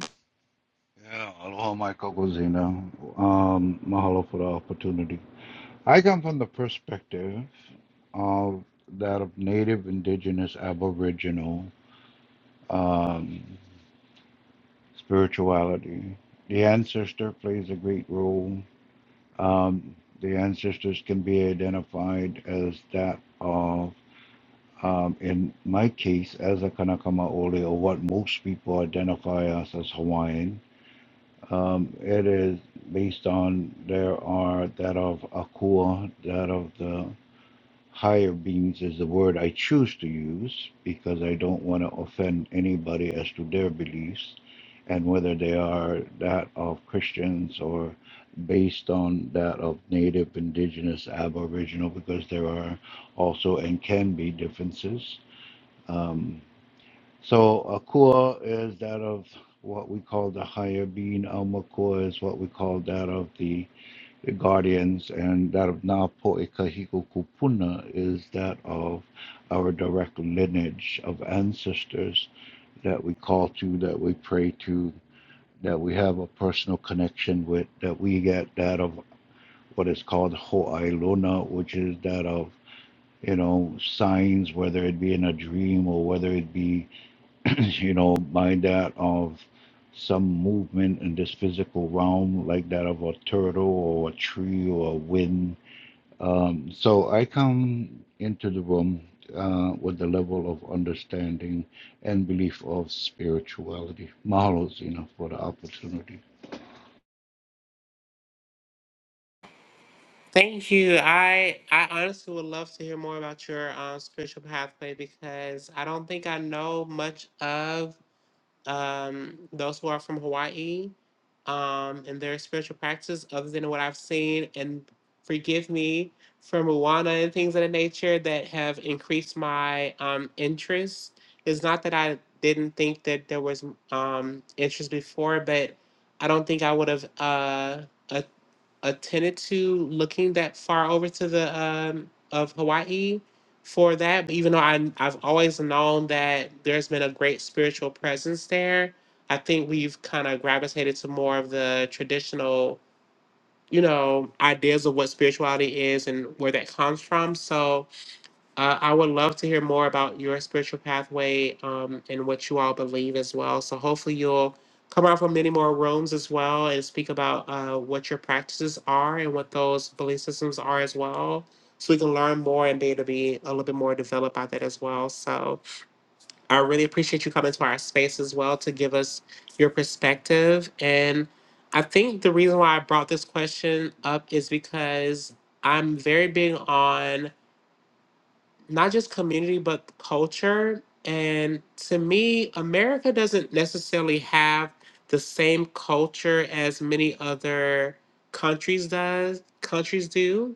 Yeah, aloha my kokosina. Um, mahalo for the opportunity. I come from the perspective of that of Native, Indigenous, Aboriginal um, spirituality. The ancestor plays a great role. Um, the ancestors can be identified as that of, um, in my case, as a Kanakama Ole, or what most people identify us as Hawaiian. Um, it is based on there are that of Akua, that of the higher beings is the word I choose to use because I don't want to offend anybody as to their beliefs and whether they are that of Christians or based on that of native, indigenous, aboriginal, because there are also and can be differences. Um, so a core is that of what we call the higher being. Alma core is what we call that of the, the guardians, and that of Na Poe Kahiko Kupuna is that of our direct lineage of ancestors that we call to, that we pray to, that we have a personal connection with, that we get that of what is called Ho'ailona, which is that of you know signs, whether it be in a dream or whether it be you know, by that of some movement in this physical realm, like that of a turtle or a tree or a wind. Um, so I come into the room uh, with the level of understanding and belief of spirituality. Mahalo, Zena, for the opportunity. Thank you. I I honestly would love to hear more about your um, spiritual pathway because I don't think I know much of um, those who are from Hawaii um, and their spiritual practices, other than what I've seen, and forgive me for Moana and things of the nature that have increased my um, interest. It's not that I didn't think that there was um, interest before, but I don't think I would have uh, a- attended to looking that far over to the um, of Hawaii for that. But even though I, I've always known that there's been a great spiritual presence there, I think we've kind of gravitated to more of the traditional, you know, ideas of what spirituality is and where that comes from. So uh, I would love to hear more about your spiritual pathway um, and what you all believe as well. So hopefully you'll come out from many more rooms as well and speak about uh, what your practices are and what those belief systems are as well. So we can learn more and be able to be a little bit more developed about that as well. So I really appreciate you coming to our space as well to give us your perspective. And I think the reason why I brought this question up is because I'm very big on not just community but culture and to me america doesn't necessarily have the same culture as many other countries does countries do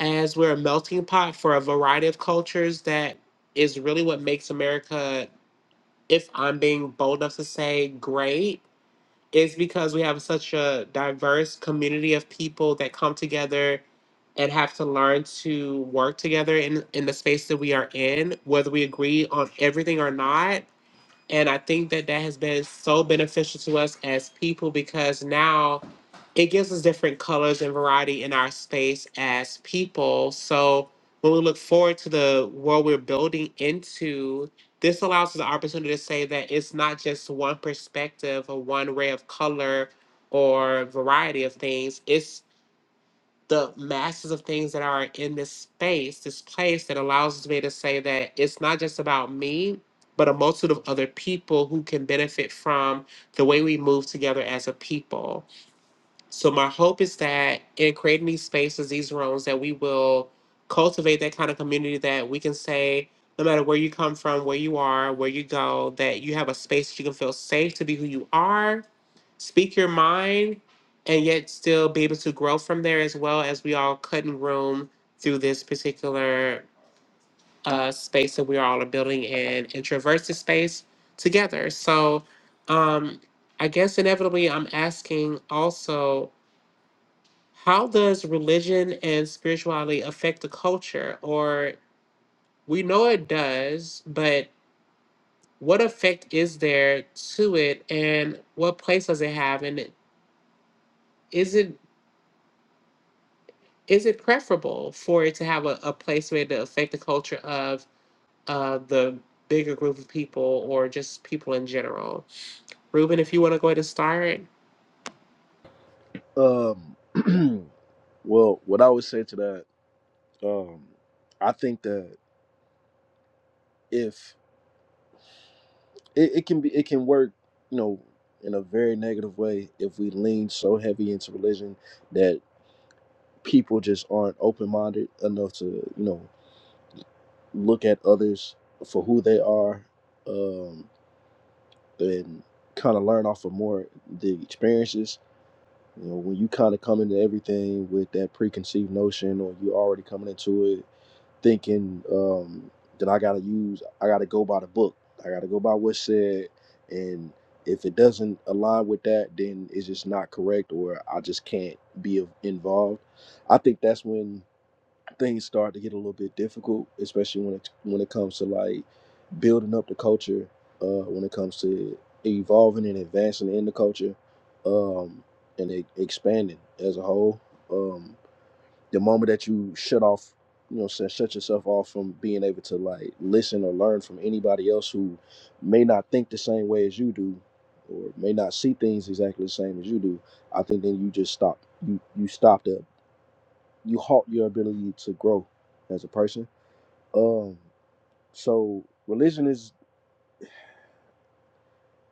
as we're a melting pot for a variety of cultures that is really what makes america if i'm being bold enough to say great is because we have such a diverse community of people that come together and have to learn to work together in in the space that we are in whether we agree on everything or not and I think that that has been so beneficial to us as people because now it gives us different colors and variety in our space as people. So when we look forward to the world we're building into, this allows us the opportunity to say that it's not just one perspective or one ray of color or variety of things. It's the masses of things that are in this space, this place that allows me to say that it's not just about me, but a multitude of other people who can benefit from the way we move together as a people. So my hope is that in creating these spaces, these rooms, that we will cultivate that kind of community that we can say, no matter where you come from, where you are, where you go, that you have a space that you can feel safe to be who you are, speak your mind, and yet still be able to grow from there as well as we all cut and room through this particular uh, space that we are all are building in and traverse the space together. So um, I guess inevitably I'm asking also how does religion and spirituality affect the culture? Or we know it does, but what effect is there to it and what place does it have? And is it is it preferable for it to have a, a place where it to affect the culture of uh, the bigger group of people or just people in general? Ruben, if you want to go ahead and start. Um, well, what I would say to that, um, I think that if it, it can be, it can work, you know, in a very negative way if we lean so heavy into religion that people just aren't open minded enough to, you know, look at others for who they are um, and kind of learn off of more the experiences. You know, when you kind of come into everything with that preconceived notion, or you already coming into it thinking um, that I gotta use, I gotta go by the book, I gotta go by what's said, and if it doesn't align with that, then it's just not correct, or I just can't be involved. I think that's when things start to get a little bit difficult, especially when it when it comes to like building up the culture, uh, when it comes to evolving and advancing in the culture, um, and e- expanding as a whole. Um, the moment that you shut off, you know, shut shut yourself off from being able to like listen or learn from anybody else who may not think the same way as you do, or may not see things exactly the same as you do. I think then you just stop. You you stopped you halt your ability to grow as a person. Um, so religion is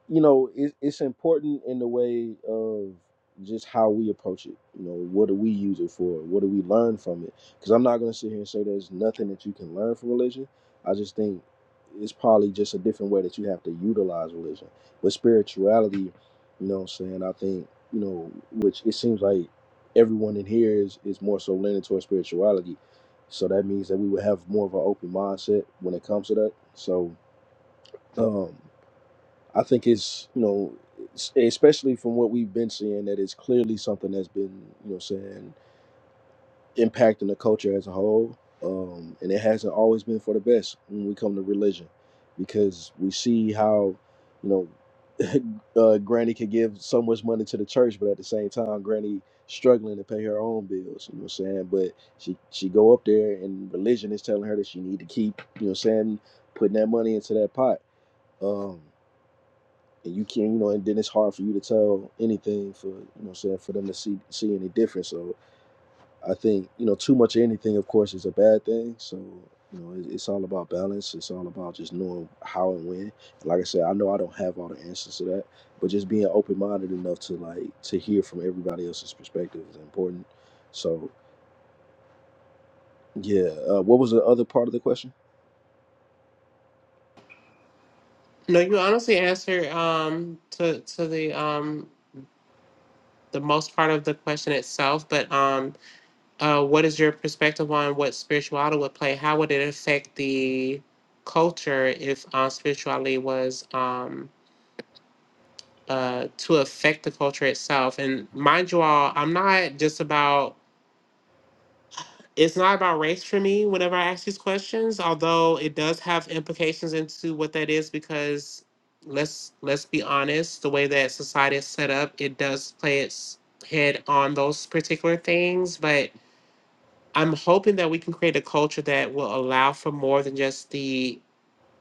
you know it, it's important in the way of just how we approach it you know what do we use it for what do we learn from it because i'm not going to sit here and say there's nothing that you can learn from religion i just think it's probably just a different way that you have to utilize religion with spirituality you know what i'm saying i think you know which it seems like everyone in here is is more so leaning towards spirituality so that means that we would have more of an open mindset when it comes to that so um, I think it's you know, s- especially from what we've been seeing, that it's clearly something that's been you know saying impacting the culture as a whole, um, and it hasn't always been for the best when we come to religion, because we see how you know uh, Granny could give so much money to the church, but at the same time, Granny struggling to pay her own bills. You know what I'm saying? But she she go up there, and religion is telling her that she need to keep you know what I'm saying putting that money into that pot. Um, and you can't, you know, and then it's hard for you to tell anything for, you know, what I'm saying for them to see see any difference. So I think, you know, too much of anything, of course, is a bad thing. So you know, it- it's all about balance. It's all about just knowing how and when. And Like I said, I know I don't have all the answers to that, but just being open minded enough to like to hear from everybody else's perspective is important. So yeah, uh, what was the other part of the question? No, you honestly answer um, to to the um, the most part of the question itself, but um, Uh, what is your perspective on what spirituality would play? How would it affect the culture if uh, spirituality was um, uh, to affect the culture itself? And mind you all, I'm not just about. It's not about race for me whenever I ask these questions, although it does have implications into what that is because let's let's be honest, the way that society is set up, it does play its head on those particular things, but I'm hoping that we can create a culture that will allow for more than just the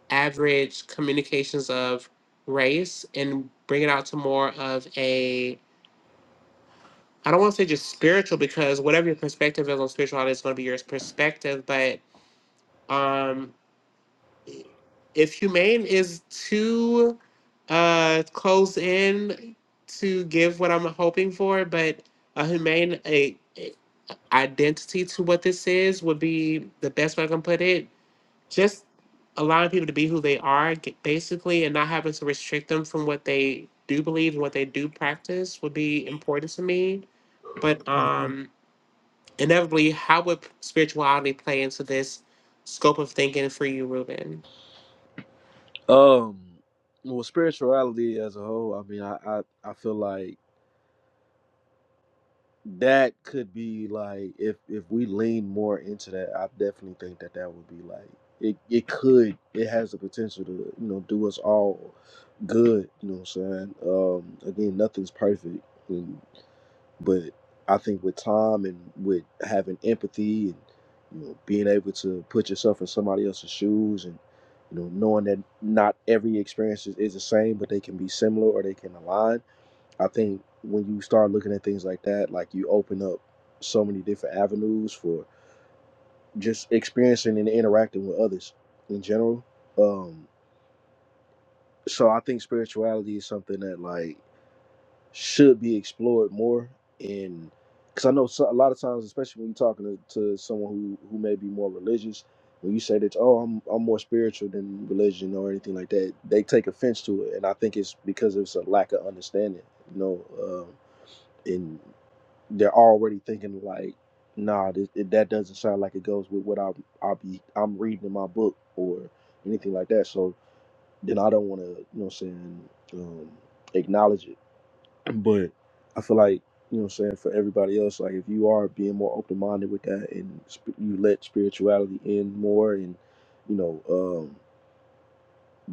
average communications of race and bring it out to more of a I don't want to say just spiritual because whatever your perspective is on spirituality is going to be your perspective, but um if humane is too uh close in to give what I'm hoping for, but a humane a, a identity to what this is would be the best way I can put it just allowing people to be who they are g- basically and not having to restrict them from what they do believe and what they do practice would be important to me but um inevitably how would spirituality play into this scope of thinking for you ruben Um, well, spirituality as a whole. I mean, I I, I feel like. that could be like if if we lean more into that i definitely think that that would be like it, it could it has the potential to you know do us all good you know what i'm saying um again nothing's perfect and, but i think with time and with having empathy and you know being able to put yourself in somebody else's shoes and you know knowing that not every experience is, is the same but they can be similar or they can align I think when you start looking at things like that, like you open up so many different avenues for just experiencing and interacting with others in general. Um, so I think spirituality is something that like should be explored more in because I know so, a lot of times, especially when you're talking to, to someone who who may be more religious, when you say that oh I'm I'm more spiritual than religion or anything like that, they take offense to it, and I think it's because it's a lack of understanding, you know. Um, in they're already thinking like, nah, this, it, that doesn't sound like it goes with what I I'll be I'm reading in my book or anything like that. So then I don't want to, you know, what I'm saying, um, acknowledge it. But I feel like you know, what I'm saying for everybody else, like if you are being more open minded with that and sp- you let spirituality in more, and you know, um,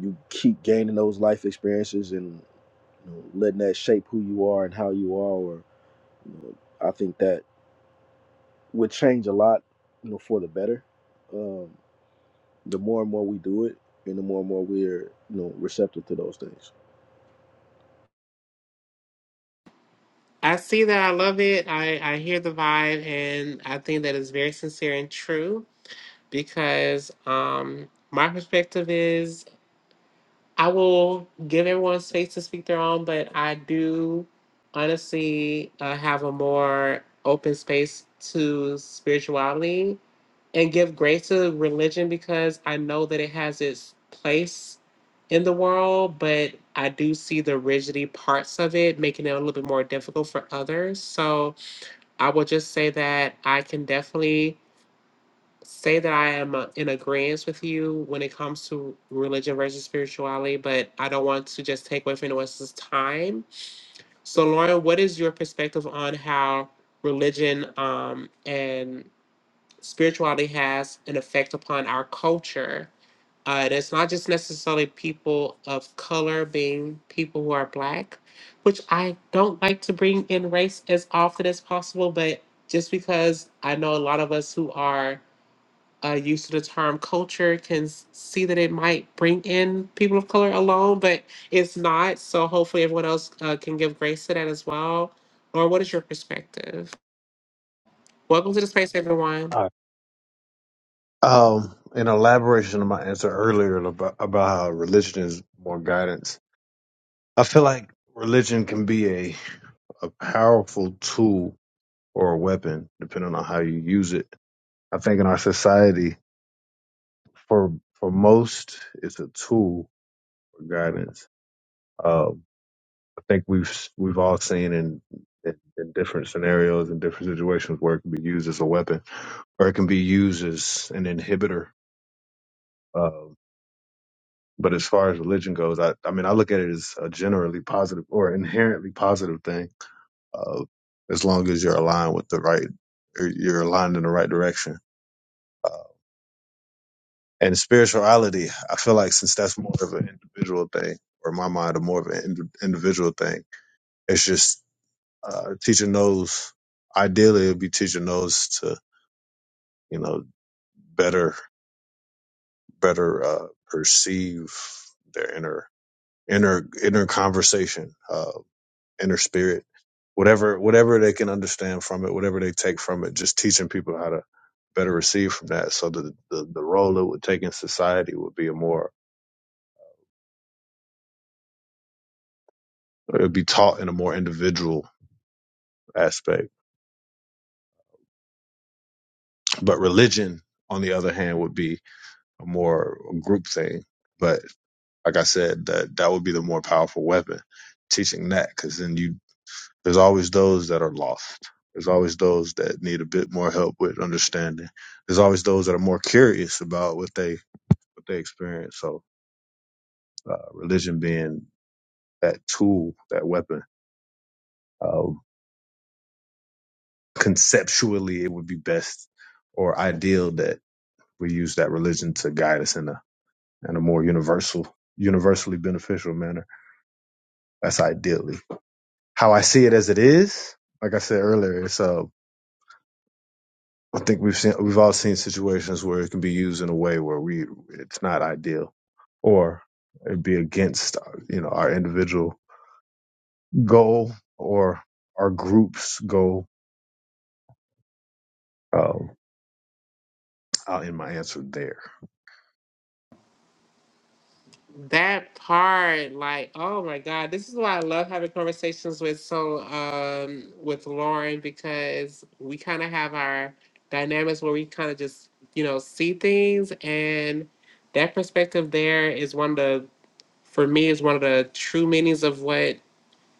you keep gaining those life experiences and you know, letting that shape who you are and how you are, or you know, I think that. would change a lot, you know, for the better. Um, the more and more we do it, and the more and more we're, you know, receptive to those things. i see that i love it i i hear the vibe and i think that is very sincere and true because um my perspective is I will give everyone space to speak their own, but I do honestly uh, have a more open space to spirituality and give grace to religion because I know that it has its place in the world, but I do see the rigidity parts of it making it a little bit more difficult for others. So I will just say that I can definitely say that I am uh, in agreement with you when it comes to religion versus spirituality, but I don't want to just take away from anyone else's time. So, Lauren, what is your perspective on how religion um, and spirituality has an effect upon our culture? Uh, and it's not just necessarily people of color being people who are black, which I don't like to bring in race as often as possible, but just because I know a lot of us who are uh, use of the term culture can s- see that it might bring in people of color alone, but it's not. So hopefully everyone else uh, can give grace to that as well. Or what is your perspective? Welcome to the space, everyone. All right. Um, in elaboration of my answer earlier about, about how religion is more guidance, I feel like religion can be a, a powerful tool or a weapon, depending on how you use it. I think in our society, for for most, it's a tool for guidance. Uh, I think we've we've all seen in, in in different scenarios and different situations where it can be used as a weapon or it can be used as an inhibitor. Um, but as far as religion goes, I I mean I look at it as a generally positive or inherently positive thing, uh, as long as you're aligned with the right, or you're aligned in the right direction. Uh, and spirituality, I feel like since that's more of an individual thing, or in my mind, a more of an ind- individual thing, it's just Uh, teaching those, ideally, it'd be teaching those to, you know, better, better, uh, perceive their inner, inner, inner conversation, uh, inner spirit, whatever, whatever they can understand from it, whatever they take from it, just teaching people how to better receive from that. So the, the, the role it would take in society would be a more, it would be taught in a more individual aspect. But religion, on the other hand, would be a more group thing. like I said, that that would be the more powerful weapon, teaching that, because then you there's always those that are lost. There's always those that need a bit more help with understanding. There's always those that are more curious about what they what they experience. So uh, religion being that tool, that weapon, uh, conceptually it would be best or ideal that we use that religion to guide us in a in a more universal, universally beneficial manner. That's ideally. how I see it as it is, like I said earlier, it's uh, I think we've seen we've all seen situations where it can be used in a way where we it's not ideal, or it'd be against uh, you know our individual goal or our group's goal. Um, I'll end my answer there. That part, like, oh my God, this is why I love having conversations with so um with Lauren because we kind of have our dynamics where we kind of just you know see things and that perspective there is one of the for me is one of the true meanings of what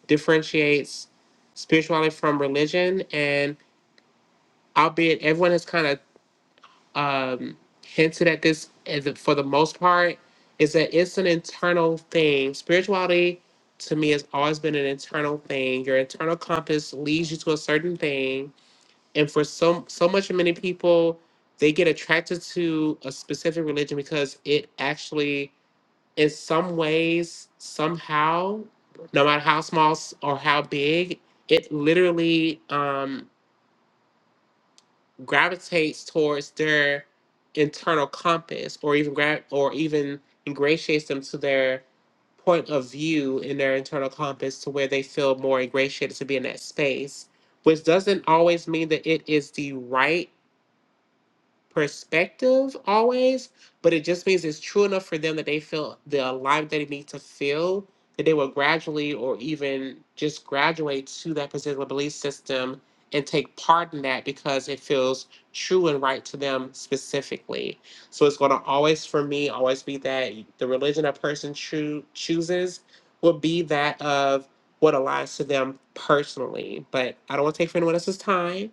differentiates spirituality from religion and albeit everyone has kind of um, hinted at this as the- for the most part is that it's an internal thing spirituality to me has always been an internal thing your internal compass leads you to a certain thing and for so so much many people they get attracted to a specific religion because it actually in some ways, somehow, no matter how small s- or how big, it literally um, gravitates towards their internal compass, or even gra- or even ingratiates them to their point of view in their internal compass, to where they feel more ingratiated to be in that space. Which doesn't always mean that it is the right perspective always, but it just means it's true enough for them that they feel the alignment that they need to feel, that they will gradually or even just graduate to that particular belief system and take part in that because it feels true and right to them specifically. So it's going to always, for me, always be that the religion a person choo- chooses will be that of what aligns to them personally. But I don't want to take for anyone else's time.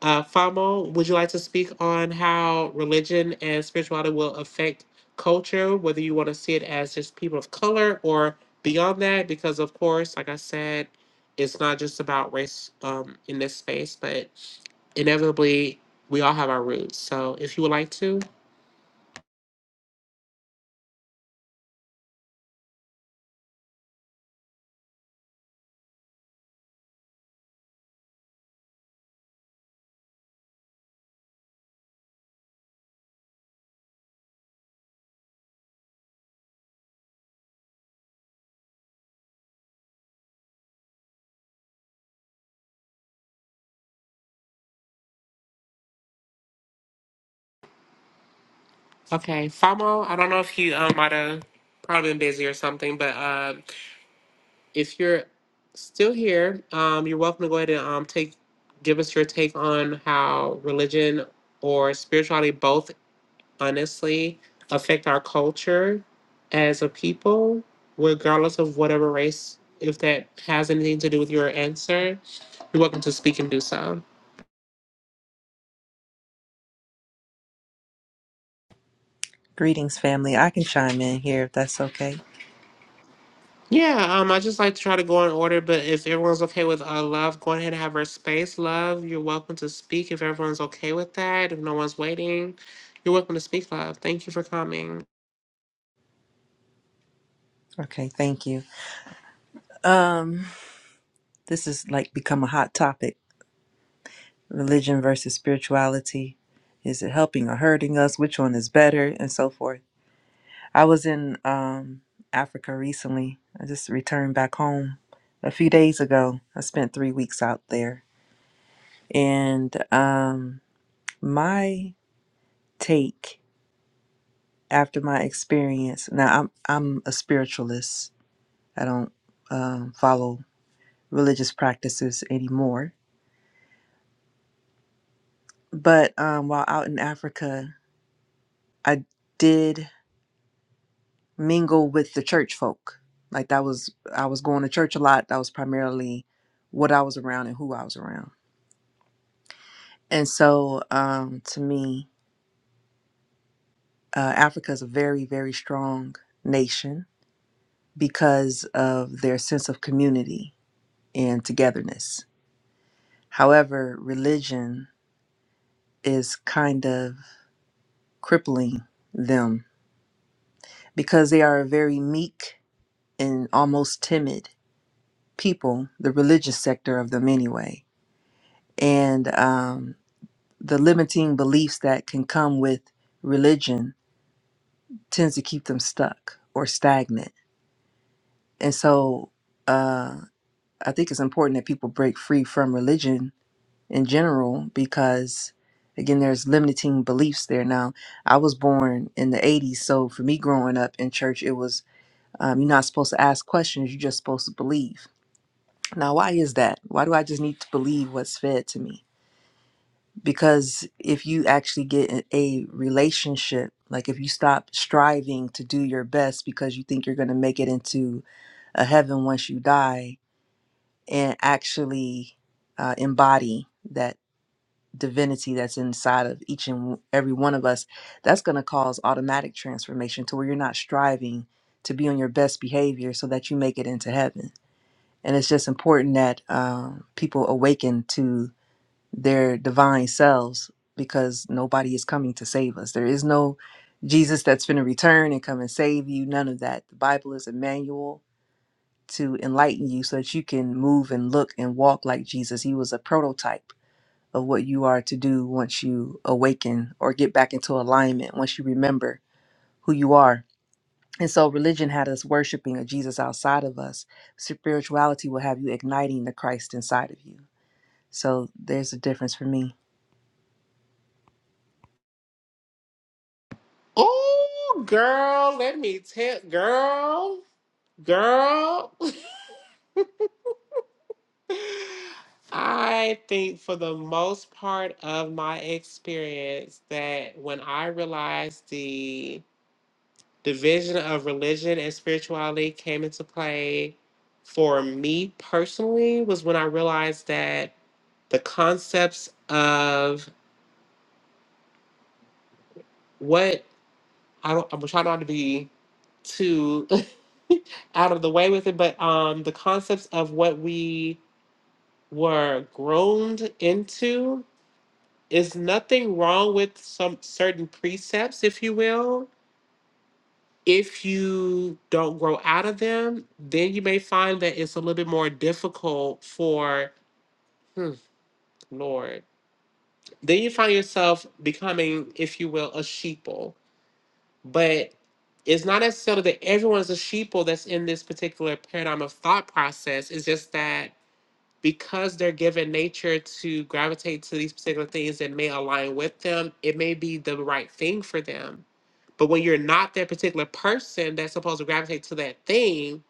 Uh, Famo, would you like to speak on how religion and spirituality will affect culture, whether you want to see it as just people of color or beyond that? Because, of course, like I said, it's not just about race um, in this space, but inevitably we all have our roots. So if you would like to. Okay, Famo, I don't know if you um, might have probably been busy or something, but. uh, if you're still here, um, you're welcome to go ahead and um, take give us your take on how religion or spirituality both honestly affect our culture as a people, regardless of whatever race. If that has anything to do with your answer, you're welcome to speak and do so. Greetings, family. I can chime in here if that's okay. Yeah, um, I just like to try to go in order, but if everyone's okay with uh, love, go ahead and have her space. Love, you're welcome to speak if everyone's okay with that. If no one's waiting, you're welcome to speak, love. Thank you for coming. Okay, thank you. Um, this is like become a hot topic. Religion versus spirituality. Is it helping or hurting us? Which one is better? And so forth. I was in um Africa recently. I just returned back home a few days ago. I spent three weeks out there. And um my take after my experience now I'm I'm a spiritualist. I don't um follow religious practices anymore. But um, while out in Africa, I did mingle with the church folk. Like that was, I was going to church a lot. That was primarily what I was around and who I was around. And so um, to me, uh, Africa is a very, very strong nation because of their sense of community and togetherness. However, religion is kind of crippling them because they are a very meek and almost timid people, the religious sector of them anyway, and um, the limiting beliefs that can come with religion tends to keep them stuck or stagnant. And so uh, I think it's important that people break free from religion in general because, again, there's limiting beliefs there. Now, I was born in the 80s, so for me growing up in church, it was um, you're not supposed to ask questions, you're just supposed to believe Now, why is that? Why do I just need to believe what's fed to me? Because if you actually get in a relationship, like if you stop striving to do your best because you think you're going to make it into a heaven once you die and actually uh, embody that divinity that's inside of each and every one of us, that's going to cause automatic transformation to where you're not striving to be on your best behavior so that you make it into heaven. And it's just important that um, people awaken to their divine selves because nobody is coming to save us. There is no Jesus that's going to return and come and save you. None of that. The Bible is a manual to enlighten you so that you can move and look and walk like Jesus. He was a prototype of what you are to do once you awaken or get back into alignment, once you remember who you are. And so religion had us worshiping a Jesus outside of us. Spirituality will have you igniting the Christ inside of you. So there's a difference for me. Oh, girl, let me tell, girl, girl. I think for the most part of my experience that when I realized the The vision of religion and spirituality came into play for me personally was when I realized that the concepts of what I don't, I'm trying not to be too out of the way with it, but um, the concepts of what we were groaned into is nothing wrong with some certain precepts, if you will, if you don't grow out of them, then you may find that it's a little bit more difficult for, hmm, Lord. Then you find yourself becoming, if you will, a sheeple. But it's not necessarily that everyone is a sheeple that's in this particular paradigm of thought process. It's just that because they're given nature to gravitate to these particular things that may align with them, it may be the right thing for them. But when you're not that particular person that's supposed to gravitate to that thing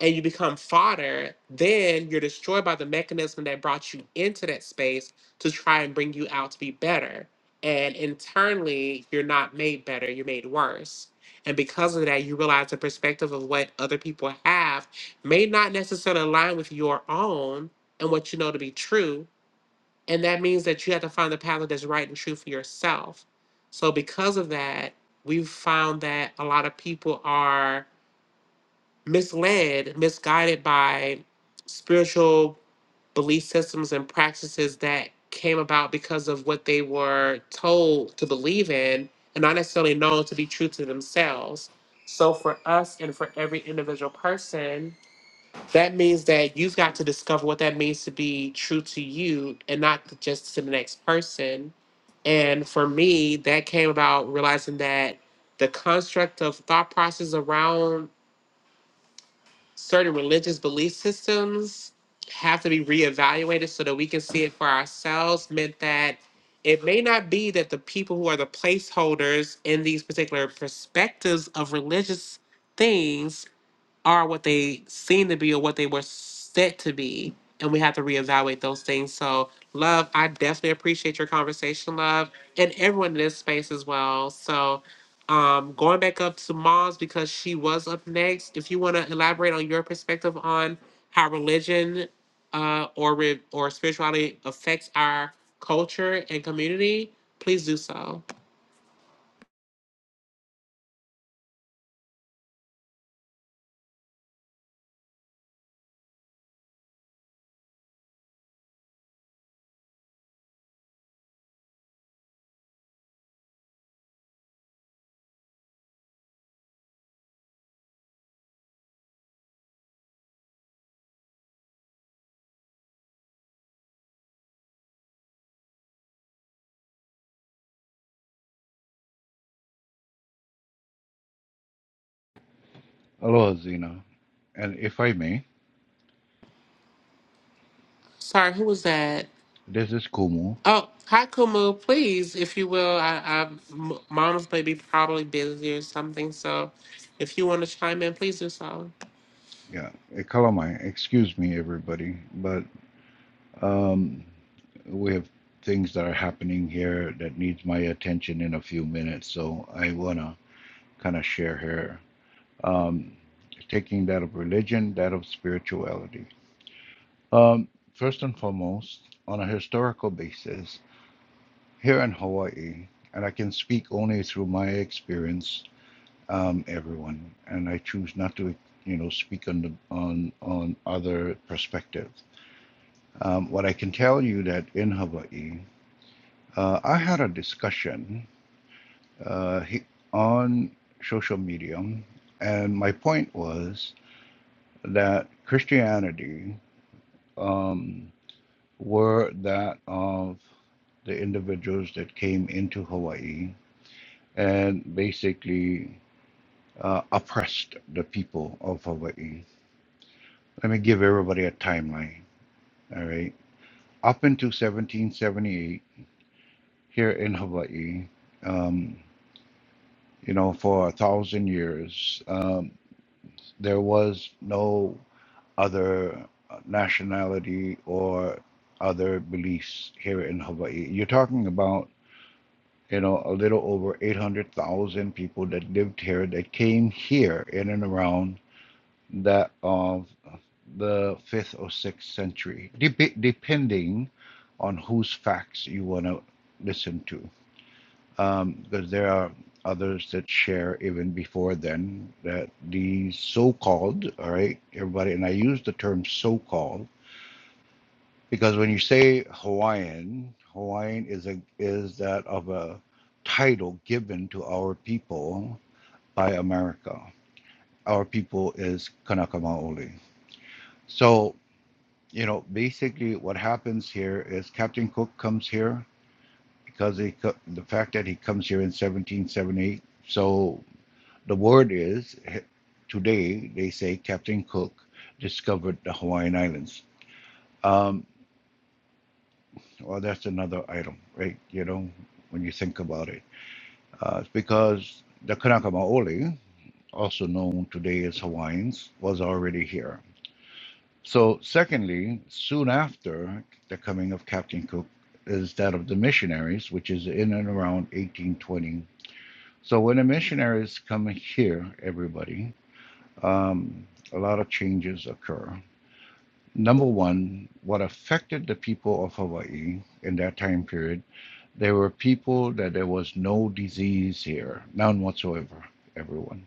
and you become fodder, then you're destroyed by the mechanism that brought you into that space to try and bring you out to be better. And internally, you're not made better, you're made worse. And because of that, you realize the perspective of what other people have may not necessarily align with your own and what you know to be true. And that means that you have to find the path that's right and true for yourself. So, because of that, we've found that a lot of people are misled, misguided by spiritual belief systems and practices that came about because of what they were told to believe in and not necessarily known to be true to themselves. So, for us and for every individual person, that means that you've got to discover what that means to be true to you and not to- just to the next person. And for me, that came about realizing that the construct of thought process around certain religious belief systems have to be reevaluated so that we can see it for ourselves meant that it may not be that the people who are the placeholders in these particular perspectives of religious things are what they seem to be or what they were set to be. And we have to reevaluate those things. So, love, I definitely appreciate your conversation, love, and everyone in this space as well. So, um, going back up to Moz because she was up next. If you want to elaborate on your perspective on how religion uh, or re- or spirituality affects our culture and community, please do so. Aloha, Zena. And if I may, Sorry, who was that? this is Kumu. Oh, hi, Kumu. Please, if you will, I, I, M- mom's maybe probably busy or something. So if you want to chime in, please do so. Yeah, eh, Kalamai. Excuse me, everybody, but Um, we have things that are happening here that needs my attention in a few minutes, so I wanna kind of share here. Um, taking that of religion, that of spirituality. Um, first and foremost, on a historical basis, here in Hawaii, and I can speak only through my experience, um, everyone, and I choose not to, you know, speak on the on on other perspectives. Um, what I can tell you that in Hawaii. Uh, I had a discussion uh, on social media, and my point was that Christianity um, were that of the individuals that came into Hawaii and basically uh, oppressed the people of Hawaii. Let me give everybody a timeline. All right. Up until 1778, here in Hawaii, um, you know, for a thousand years. um, There was no other nationality or other beliefs here in Hawaii. You're talking about, you know, a little over 800,000 people that lived here, that came here in and around that of the fifth or sixth century, dep depending on whose facts you want to listen to um, because there are others that share even before then that the so-called, all right, everybody, and I use the term so-called because when you say Hawaiian, Hawaiian is a is that of a title given to our people by America. Our people is Kanaka Maoli. So you know, basically, what happens here is Captain Cook comes here because he, the fact that he comes here in 1778. So The word is today they say Captain Cook discovered the Hawaiian Islands. Um, well, that's another item, right? You know, when you think about it, uh, it's because the Kanaka Maoli, also known today as Hawaiians, was already here. So, secondly, soon after the coming of Captain Cook is that of the missionaries, which is in and around 1820. So, when the missionaries come here, everybody, um, a lot of changes occur. Number one, what affected the people of Hawaii in that time period, there were people that there was no disease here, none whatsoever, everyone.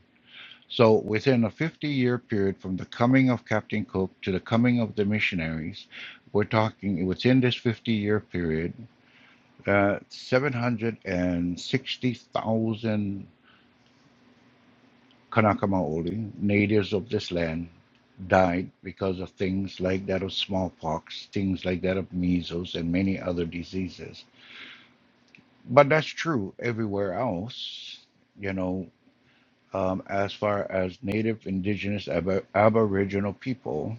So within a 50 year period from the coming of Captain Cook to the coming of the missionaries, we're talking within this 50 year period, uh, 760,000 Kanaka Maoli, natives of this land, died because of things like that of smallpox, things like that of measles, and many other diseases. But that's true everywhere else, you know, um, as far as native, indigenous, ab- aboriginal people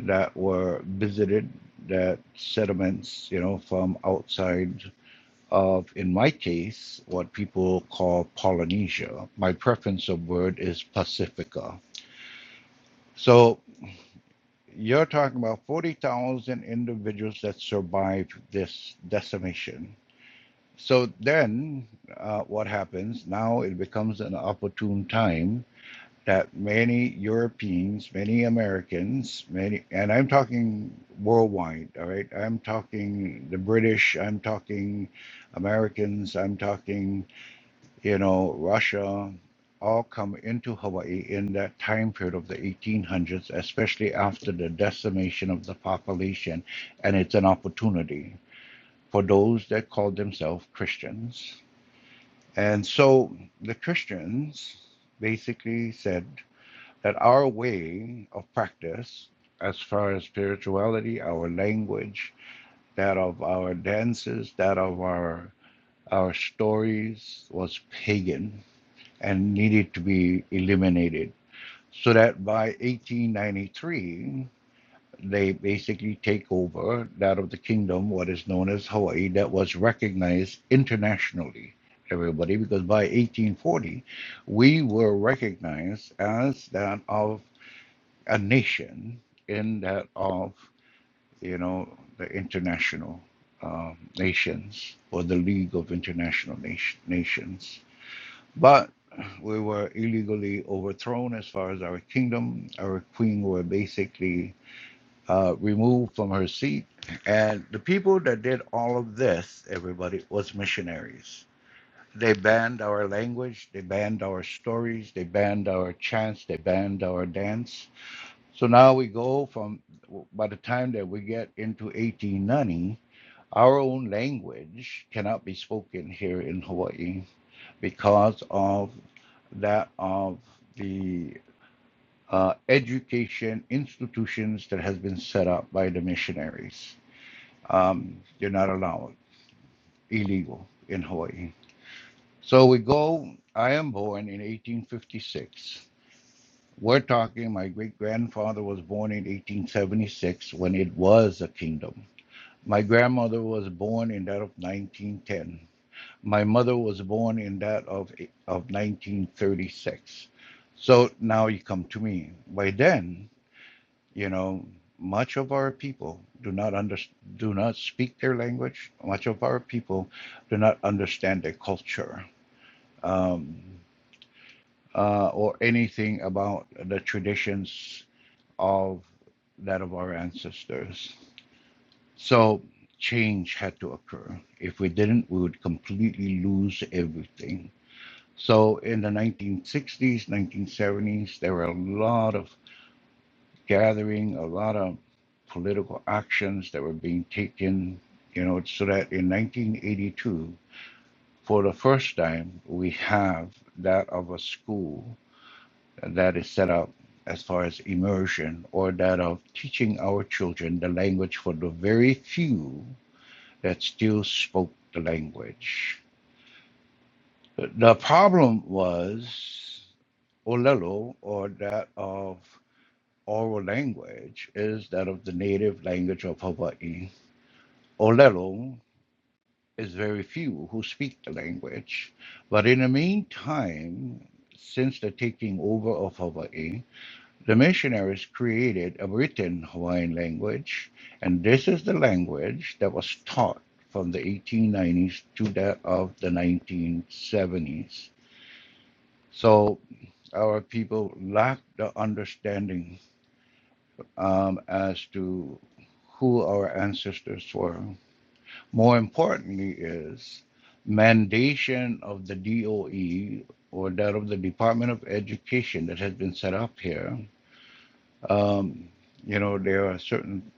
that were visited, that settlements, you know, from outside of, in my case, what people call Polynesia. My preference of word is Pacifica. So You're talking about 40,000 individuals that survived this decimation. So then, uh, what happens? Now it becomes an opportune time that many Europeans, many Americans, many, and I'm talking worldwide, all right? I'm talking the British, I'm talking Americans, I'm talking you know, Russia, all come into Hawaii in that time period of the 1800s, especially after the decimation of the population. And it's an opportunity for those that call themselves Christians. And so the Christians basically said that our way of practice, as far as spirituality, our language, that of our dances, that of our our stories was pagan and needed to be eliminated. So that by 1893, they basically take over that of the kingdom, what is known as Hawaii, that was recognized internationally, everybody, because by 1840, we were recognized as that of a nation in that of, you know, the international um, nations or the League of International Nation, Nations but we were illegally overthrown as far as our kingdom. Our queen were basically uh, removed from her seat. And the people that did all of this, everybody, was missionaries. They banned our language, they banned our stories, they banned our chants, they banned our dance. So now we go from, by the time that we get into 1890, our own language cannot be spoken here in Hawaii because of that of the uh, education institutions that has been set up by the missionaries. Um, they're not allowed, illegal in Hawaii. So we go. I am born in 1856. We're talking, my great grandfather was born in 1876 when it was a kingdom. My grandmother was born in that of 1910. My mother was born in that of of 1936. So now you come to me. By then, you know, much of our people do not under, do not speak their language. Much of our people do not understand their culture um, uh, or anything about the traditions of that of our ancestors. So change had to occur. If we didn't, we would completely lose everything So in the 1960s, 1970s, there were a lot of gathering, a lot of political actions that were being taken, you know, so that in 1982, for the first time, we have that of a school that is set up as far as immersion or that of teaching our children the language for the very few that still spoke the language The problem was Olelo, or that of oral language, is that of the native language of Hawaii. Olelo is very few who speak the language. But in the meantime, since the taking over of Hawaii, the missionaries created a written Hawaiian language, and this is the language that was taught from the 1890s to that of the 1970s. So our people lack the understanding um, as to who our ancestors were. More importantly, is mandation of the DOE or that of the Department of Education that has been set up here. Um, you know, there are certain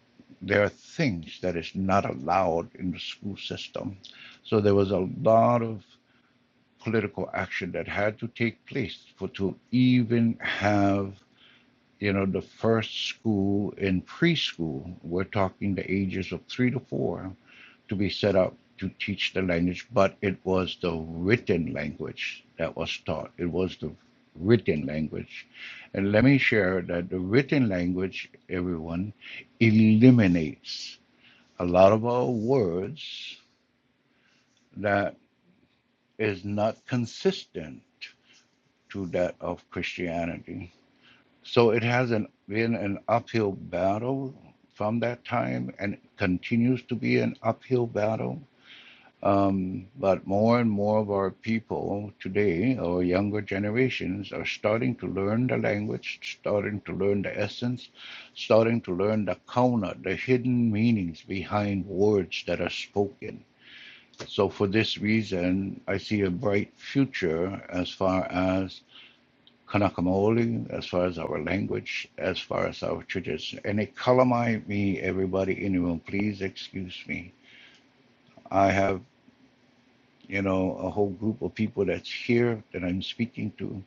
there are things that is not allowed in the school system. So there was a lot of political action that had to take place for to even have you know, the first school in preschool, we're talking the ages of three to four, to be set up to teach the language, but it was the written language that was taught. It was the written language. And let me share that the written language, everyone, eliminates a lot of our words that is not consistent to that of Christianity So it has an, been an uphill battle from that time and it continues to be an uphill battle. Um, but more and more of our people today, our younger generations, are starting to learn the language, starting to learn the essence, starting to learn the kauna, the hidden meanings behind words that are spoken. So, for this reason, I see a bright future as far as Kanakamo'oli, as far as our language, as far as our tradition. And it calamite me, everybody in the room. Please excuse me. I have, you know, a whole group of people that's here that I'm speaking to.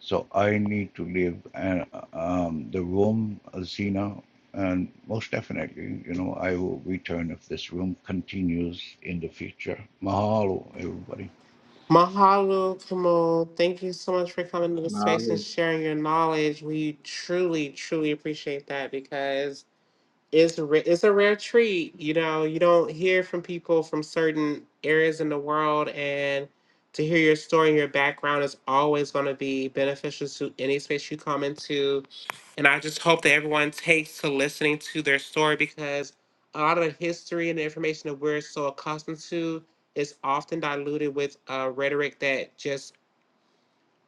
So I need to leave and, um, the room, Zina, and most definitely, you know, I will return if this room continues in the future. Mahalo, everybody. Mahalo, Kumu. Thank you so much for coming to the Now, space and sharing your knowledge. We truly, truly appreciate that because it's ra- it's a rare treat. You know, you don't hear from people from certain areas in the world, and to hear your story and your background is always going to be beneficial to any space you come into. And I just hope that everyone takes to listening to their story because a lot of the history and the information that we're so accustomed to is often diluted with uh, rhetoric that just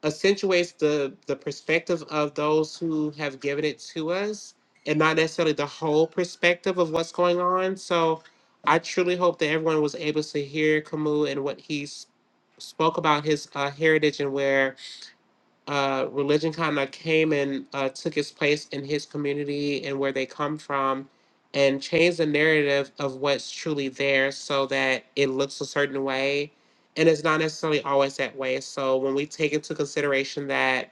accentuates the the perspective of those who have given it to us and not necessarily the whole perspective of what's going on so i truly hope that everyone was able to hear camus and what he s- spoke about his uh, heritage and where uh, religion kind of came and uh, took its place in his community and where they come from and changed the narrative of what's truly there so that it looks a certain way and it's not necessarily always that way so when we take into consideration that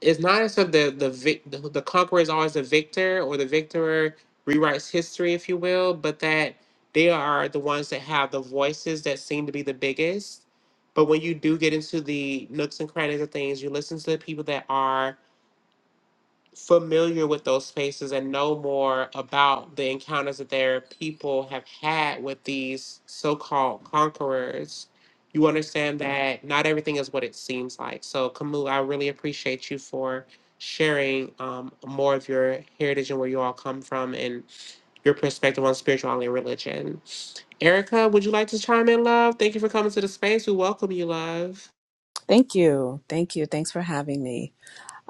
it's not as if the the vic, the, the conqueror is always the victor or the victor rewrites history, if you will, but that they are the ones that have the voices that seem to be the biggest. But when you do get into the nooks and crannies of things, you listen to the people that are familiar with those spaces and know more about the encounters that their people have had with these so-called conquerors you understand that not everything is what it seems like so camus i really appreciate you for sharing um, more of your heritage and where you all come from and your perspective on spirituality and religion erica would you like to chime in love thank you for coming to the space we welcome you love Thank you. Thank you. Thanks for having me.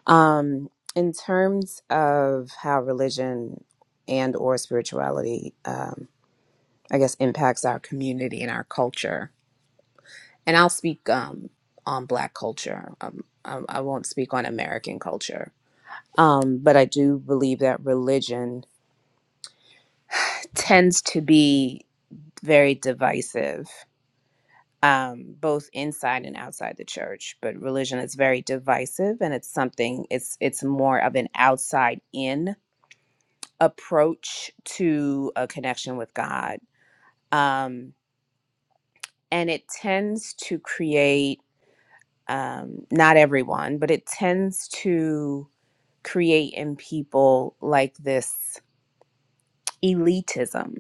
Um, in terms of how religion and or spirituality, um, I guess impacts our community and our culture. And I'll speak um, on Black culture. Um, I, I won't speak on American culture. Um, but I do believe that religion tends to be very divisive um, both inside and outside the church. But religion is very divisive, and it's something it's it's more of an outside in approach to a connection with God, um, and it tends to create um, not everyone, but it tends to create in people like this elitism.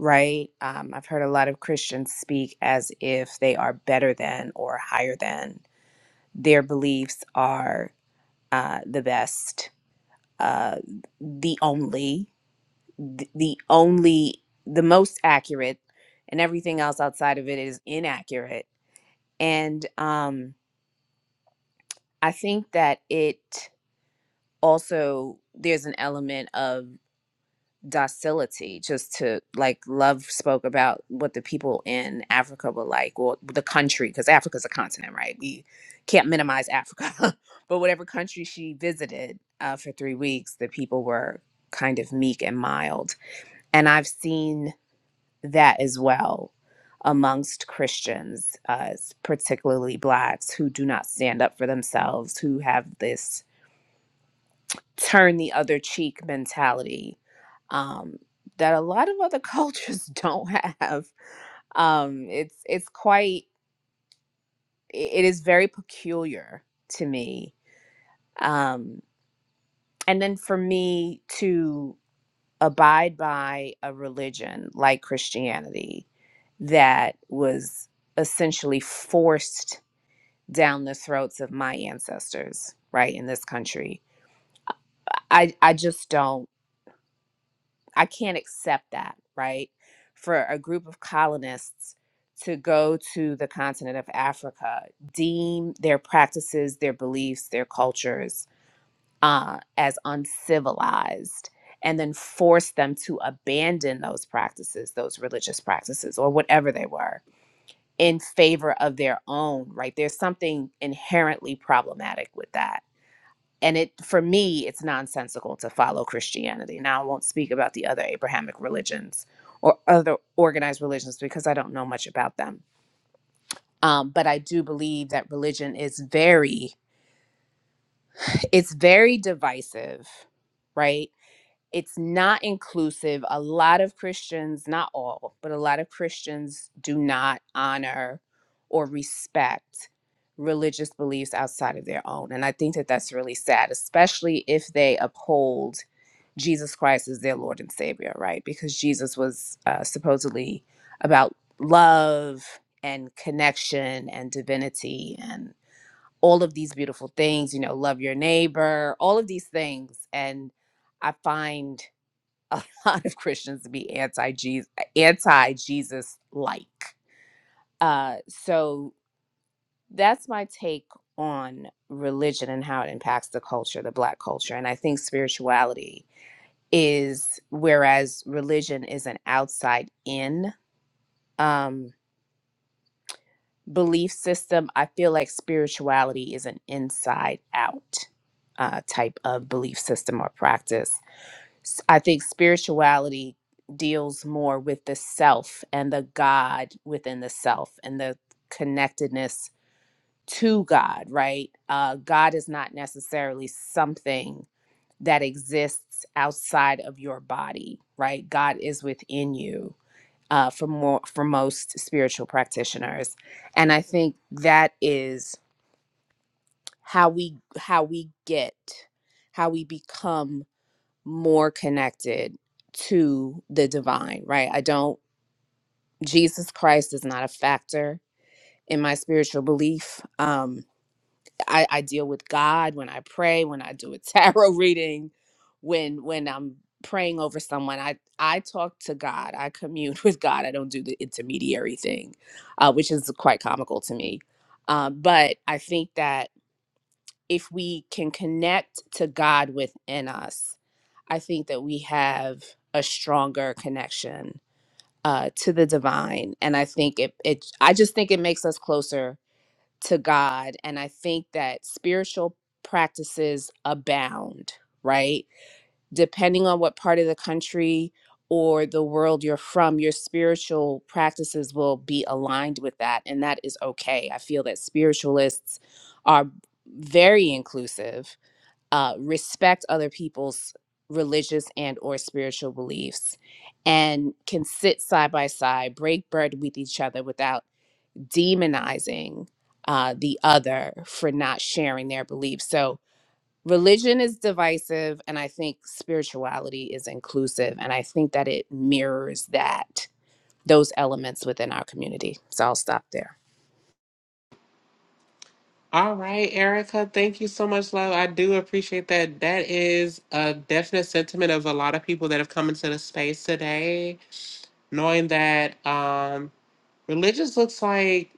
Right. Um, I've heard a lot of Christians speak as if they are better than or higher than their beliefs are uh, the best, uh, the only, th- the only, the most accurate, and everything else outside of it is inaccurate. And um, I think that it also there's an element of. docility just to like love spoke about what the people in africa were like or the country because africa's a continent right we can't minimize africa but whatever country she visited uh, for three weeks the people were kind of meek and mild and i've seen that as well amongst christians uh, particularly blacks who do not stand up for themselves who have this turn the other cheek mentality um, that a lot of other cultures don't have. Um, it's it's quite i- it is very peculiar to me. Um, and then for me to abide by a religion like Christianity that was essentially forced down the throats of my ancestors, right in this country, I I just don't. I can't accept that, right? For a group of colonists to go to the continent of Africa, deem their practices, their beliefs, their cultures uh, as uncivilized, and then force them to abandon those practices, those religious practices, or whatever they were, in favor of their own, right? There's something inherently problematic with that and it for me it's nonsensical to follow christianity now i won't speak about the other abrahamic religions or other organized religions because i don't know much about them um, but i do believe that religion is very it's very divisive right it's not inclusive. A lot of Christians, not all, but a lot of Christians do not honor or respect religious beliefs outside of their own. And I think that that's really sad, especially if they uphold Jesus Christ as their Lord and Savior, right? Because Jesus was uh, supposedly about love and connection and divinity and all of these beautiful things, you know, love your neighbor, all of these things. And I find a lot of Christians to be anti Jesus, anti Jesus like. Uh, so that's my take on religion and how it impacts the culture, the Black culture, and I think spirituality is whereas religion is an outside in um, belief system. I feel like spirituality is an inside out uh, type of belief system or practice s- I think spirituality deals more with the self and the God within the self and the connectedness to God, right? Uh, God is not necessarily something that exists outside of your body, right? God is within you. Uh, for more for most spiritual practitioners and i think that is how we how we get how we become more connected to the divine, right? I don't, Jesus Christ is not a factor in my spiritual belief. Um, I, I deal with God when I pray, when I do a tarot reading, when when I'm praying over someone. I I talk to God. I commune with God. I don't do the intermediary thing, uh, which is quite comical to me. Um, but I think that if we can connect to God within us, I think that we have a stronger connection uh, to the divine. And I think it, it, I just think it makes us closer to God. And I think that spiritual practices abound, right? Depending on what part of the country or the world you're from, your spiritual practices will be aligned with that. And that is okay. I feel that spiritualists are very inclusive uh, respect other people's religious and or spiritual beliefs and can sit side by side break bread with each other without demonizing uh, the other for not sharing their beliefs so religion is divisive and i think spirituality is inclusive and i think that it mirrors that those elements within our community so i'll stop there All right, Erica, thank you so much, love. I do appreciate that. That is a definite sentiment of a lot of people that have come into the space today, knowing that um, religious looks like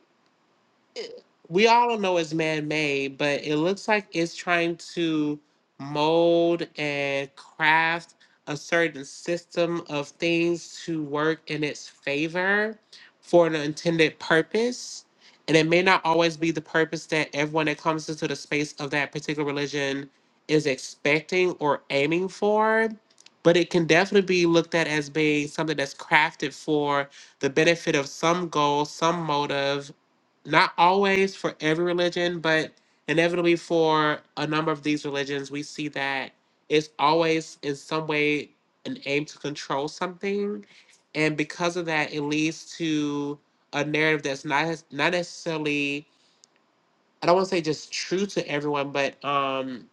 we all know it's man-made, but it looks like it's trying to mold and craft a certain system of things to work in its favor for an intended purpose. And it may not always be the purpose that everyone that comes into the space of that particular religion is expecting or aiming for, but it can definitely be looked at as being something that's crafted for the benefit of some goal, some motive, not always for every religion, but inevitably for a number of these religions, we see that it's always in some way an aim to control something. And because of that, it leads to a narrative that's not as- not necessarily I don't want to say just true to everyone, but um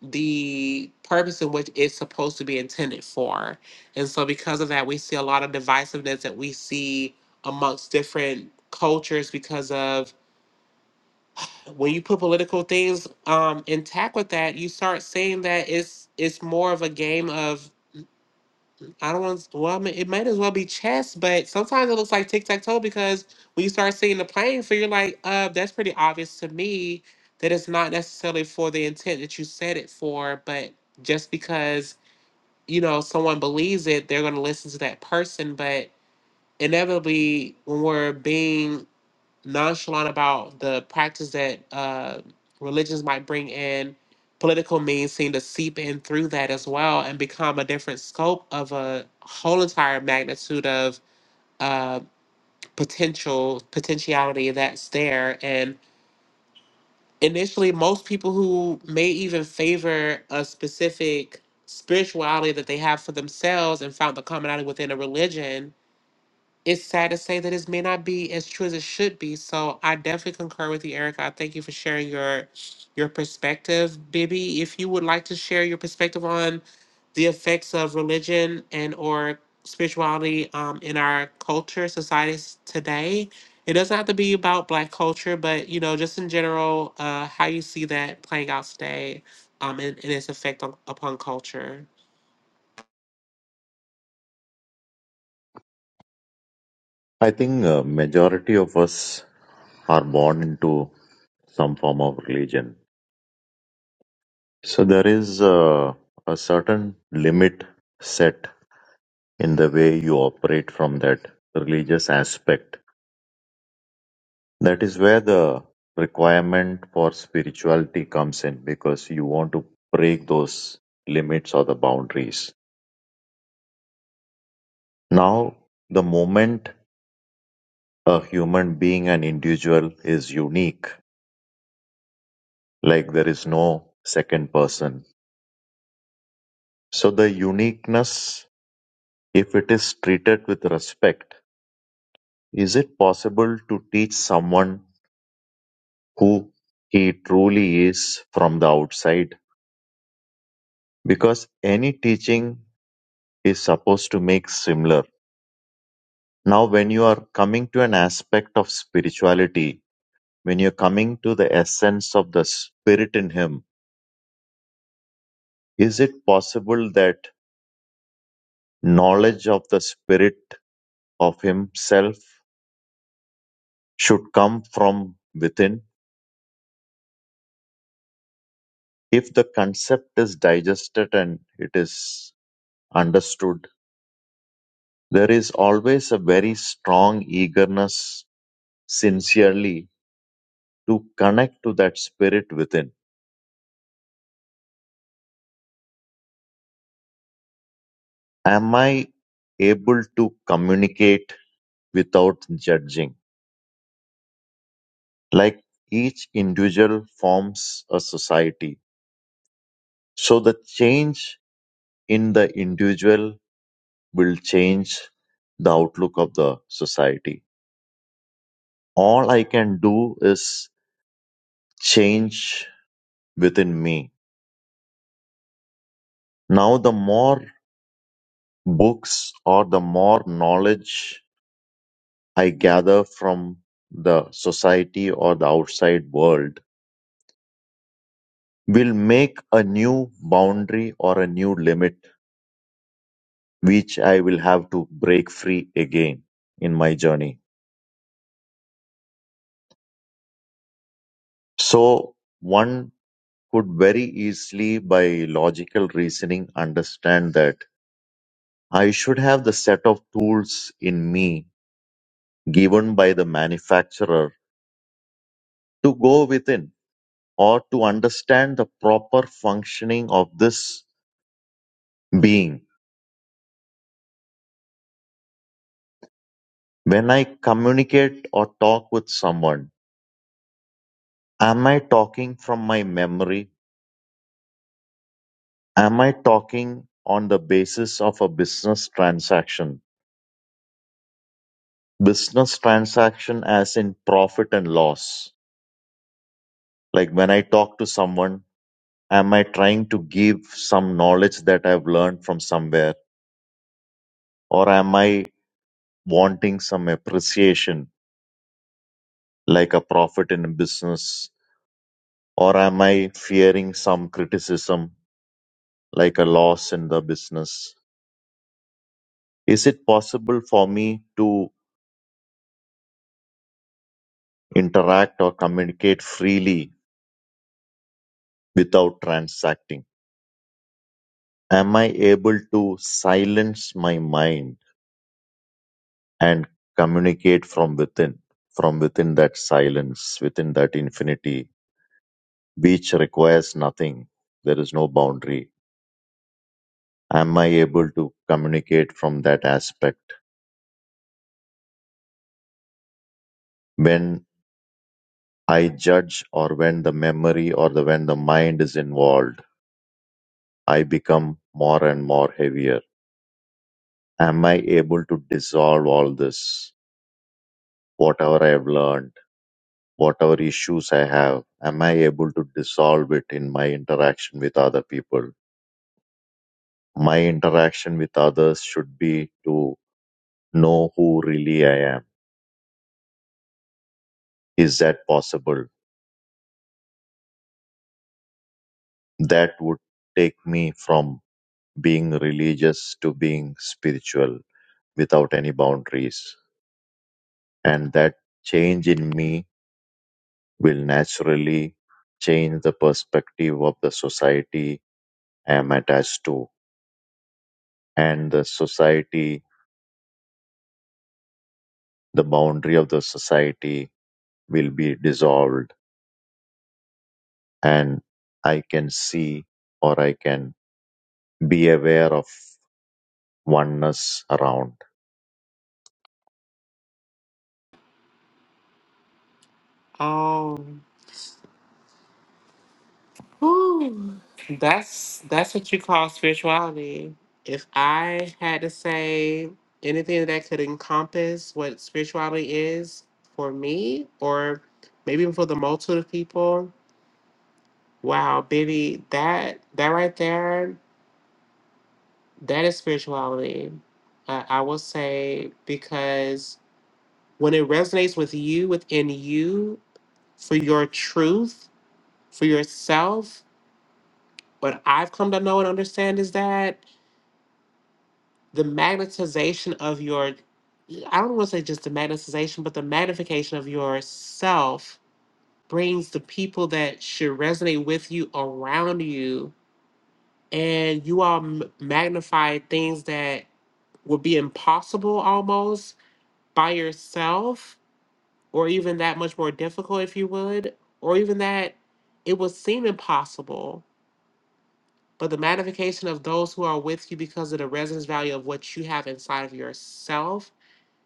the purpose in which it's supposed to be intended for. And so because of that, we see a lot of divisiveness that we see amongst different cultures because of when you put political things um intact with that, you start seeing that it's it's more of a game of I don't want to, well I mean, it might as well be chess, but sometimes it looks like tic tac toe because when you start seeing the playing field, you're like, uh, that's pretty obvious to me that it's not necessarily for the intent that you said it for, but just because you know someone believes it, they're going to listen to that person, but inevitably when we're being nonchalant about the practice that uh, religions might bring in. Political means seem to seep in through that as well and become a different scope of a whole entire magnitude of uh, potential potentiality that's there. And initially, most people who may even favor a specific spirituality that they have for themselves and found the commonality within a religion it's sad to say that this may not be as true as it should be. So I definitely concur with you, Erica. I thank you for sharing your your perspective. Bibi, if you would like to share your perspective on the effects of religion and or spirituality um, in our culture, societies today. It doesn't have to be about black culture, but you know, just in general, uh, how you see that playing out today um, and, and its effect on, upon culture. i think uh, majority of us are born into some form of religion so there is uh, a certain limit set in the way you operate from that religious aspect that is where the requirement for spirituality comes in because you want to break those limits or the boundaries Now, the moment a human being, an individual is unique, like there is no second person. So, the uniqueness, if it is treated with respect, is it possible to teach someone who he truly is from the outside? Because any teaching is supposed to make similar. Now, when you are coming to an aspect of spirituality, when you're coming to the essence of the spirit in him, Is it possible that knowledge of the spirit of himself should come from within? If the concept is digested and it is understood, there is always a very strong eagerness, sincerely, to connect to that spirit within. Am I able to communicate without judging? Like each individual forms a society. So the change in the individual will change the outlook of the society. All I can do is change within me. Now, the more books or the more knowledge I gather from the society or the outside world will make a new boundary or a new limit which I will have to break free again in my journey. So, one could very easily, by logical reasoning, understand that I should have the set of tools in me given by the manufacturer to go within or to understand the proper functioning of this being. When I communicate or talk with someone, am I talking from my memory? Am I talking on the basis of a business transaction? Business transaction as in profit and loss Like when I talk to someone, am I trying to give some knowledge that I've learned from somewhere? Or am I wanting some appreciation like a profit in a business? Or am I fearing some criticism like a loss in the business? Is it possible for me to interact or communicate freely without transacting? Am I able to silence my mind? and communicate from within, from within that silence, within that infinity, which requires nothing. There is no boundary. Am I able to communicate from that aspect? When I judge or when the memory or the when the mind is involved, I become more and more heavier. Am I able to dissolve all this? Whatever I have learned, whatever issues I have, am I able to dissolve it in my interaction with other people? My interaction with others should be to know who really I am. Is that possible? That would take me from being religious to being spiritual without any boundaries. And that change in me will naturally change the perspective of the society I am attached to. And the society, the boundary of the society will be dissolved, and I can see or I can Be aware of oneness around. Oh. Whew. That's that's what you call spirituality. If I had to say anything that could encompass what spirituality is for me, or maybe for the multitude of people, wow, baby, that that right there, that is spirituality. Uh, I will say because when it resonates with you within you for your truth, for yourself, what I've come to know and understand is that. the magnetization of your I don't want to say just the magnetization, but the magnification of yourself brings the people that should resonate with you around you, and you all m- magnify things that would be impossible almost by yourself, or even that much more difficult, if you would, or even that it would seem impossible. But the magnification of those who are with you because of the resonance value of what you have inside of yourself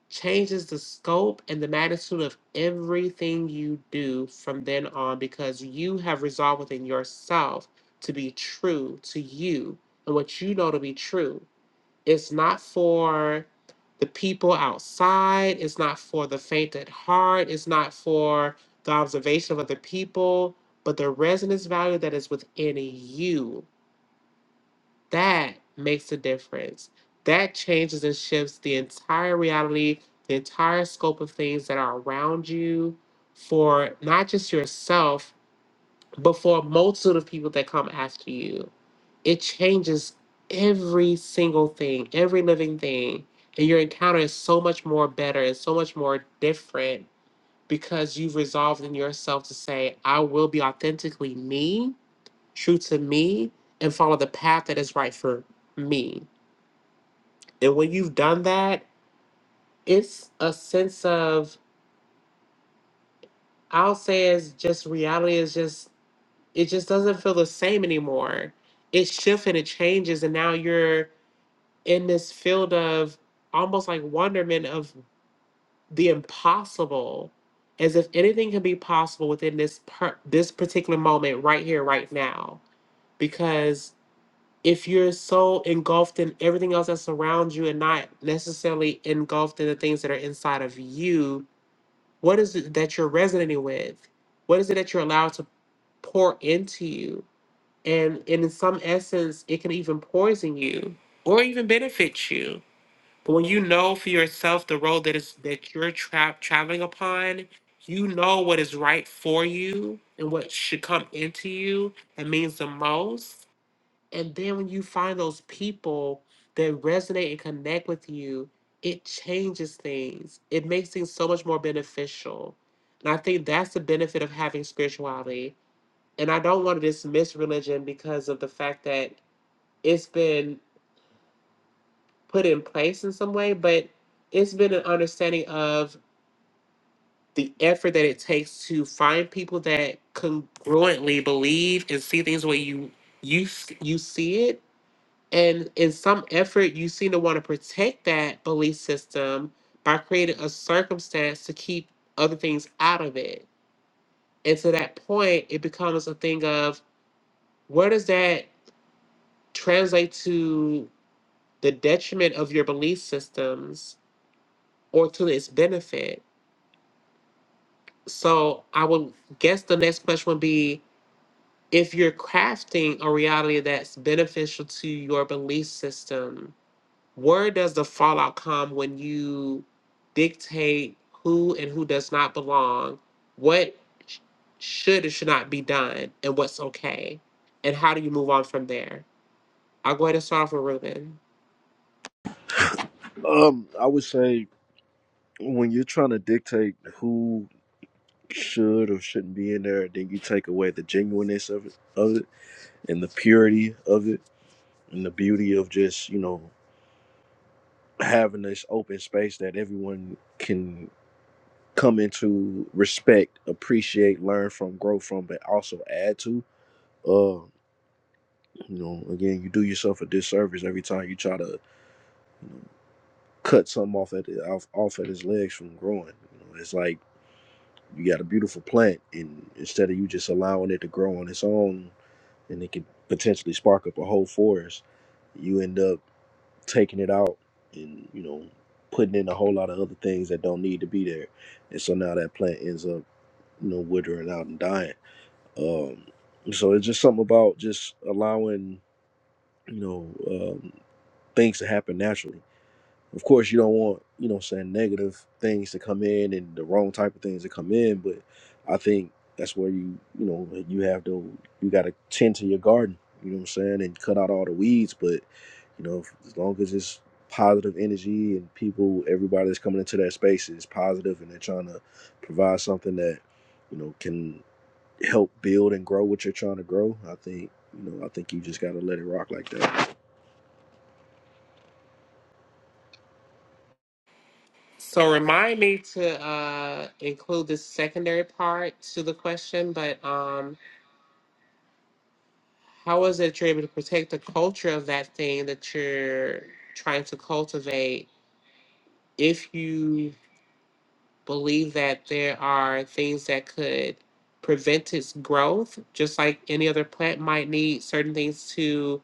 changes the scope and the magnitude of everything you do from then on because you have resolved within yourself to be true to you and what you know to be true. It's not for the people outside, it's not for the faint at heart, it's not for the observation of other people, but the resonance value that is within you that makes a difference. That changes and shifts the entire reality, the entire scope of things that are around you for not just yourself, but for a multitude of people that come after you. It changes every single thing, every living thing. And your encounter is so much more better and so much more different because you've resolved in yourself to say, I will be authentically me, true to me, and follow the path that is right for me. And when you've done that, it's a sense of I'll say it's just reality is just it just doesn't feel the same anymore. It shifts and it changes, and now you're in this field of almost like wonderment of the impossible, as if anything can be possible within this per- this particular moment right here, right now. Because if you're so engulfed in everything else that surrounds you and not necessarily engulfed in the things that are inside of you, What is it that you're resonating with? What is it that you're allowed to pour into you? And, and in some essence, it can even poison you or even benefit you. But when you know for yourself the road that is that you're tra- traveling upon, you know what is right for you and what should come into you and means the most. And then when you find those people that resonate and connect with you, it changes things. It makes things so much more beneficial. And I think that's the benefit of having spirituality. And I don't want to dismiss religion because of the fact that it's been put in place in some way, but it's been an understanding of the effort that it takes to find people that congruently believe and see things the way you you s- you see it And in some effort, you seem to want to protect that belief system by creating a circumstance to keep other things out of it. And to that point, it becomes a thing of where does that translate to the detriment of your belief systems or to its benefit? So I would guess the next question would be if you're crafting a reality that's beneficial to your belief system Where does the fallout come when you dictate who and who does not belong, what sh- should and should not be done, and what's okay? And how do you move on from there? I'll go ahead and start off with Ruben. Um, I would say when you're trying to dictate who should or shouldn't be in there, then you take away the genuineness of it, of it, and the purity of it, and the beauty of just, you know, having this open space that everyone can come into respect, appreciate, learn from, grow from, but also add to. Um, You know, again, you do yourself a disservice every time you try to you know, cut something off at off, off at his legs from growing. You know, it's like you got a beautiful plant, and instead of you just allowing it to grow on its own, and it could potentially spark up a whole forest, you end up taking it out and you know putting in a whole lot of other things that don't need to be there, and so now that plant ends up you know withering out and dying. Um, so it's just something about just allowing you know. um, things to happen naturally. Of course, you don't want, you know, what I'm saying negative things to come in and the wrong type of things to come in, but I think that's where you, you know, you have to, you got to tend to your garden, you know what I'm saying, and cut out all the weeds. But, you know, if, as long as it's positive energy and people, everybody that's coming into that space is positive and they're trying to provide something that, you know, can help build and grow what you're trying to grow, I think, you know, I think you just got to let it rock like that. So remind me to uh, include this secondary part to the question, but um, how is it you're able to protect the culture of that thing that you're trying to cultivate if you believe that there are things that could prevent its growth, just like any other plant might need certain things to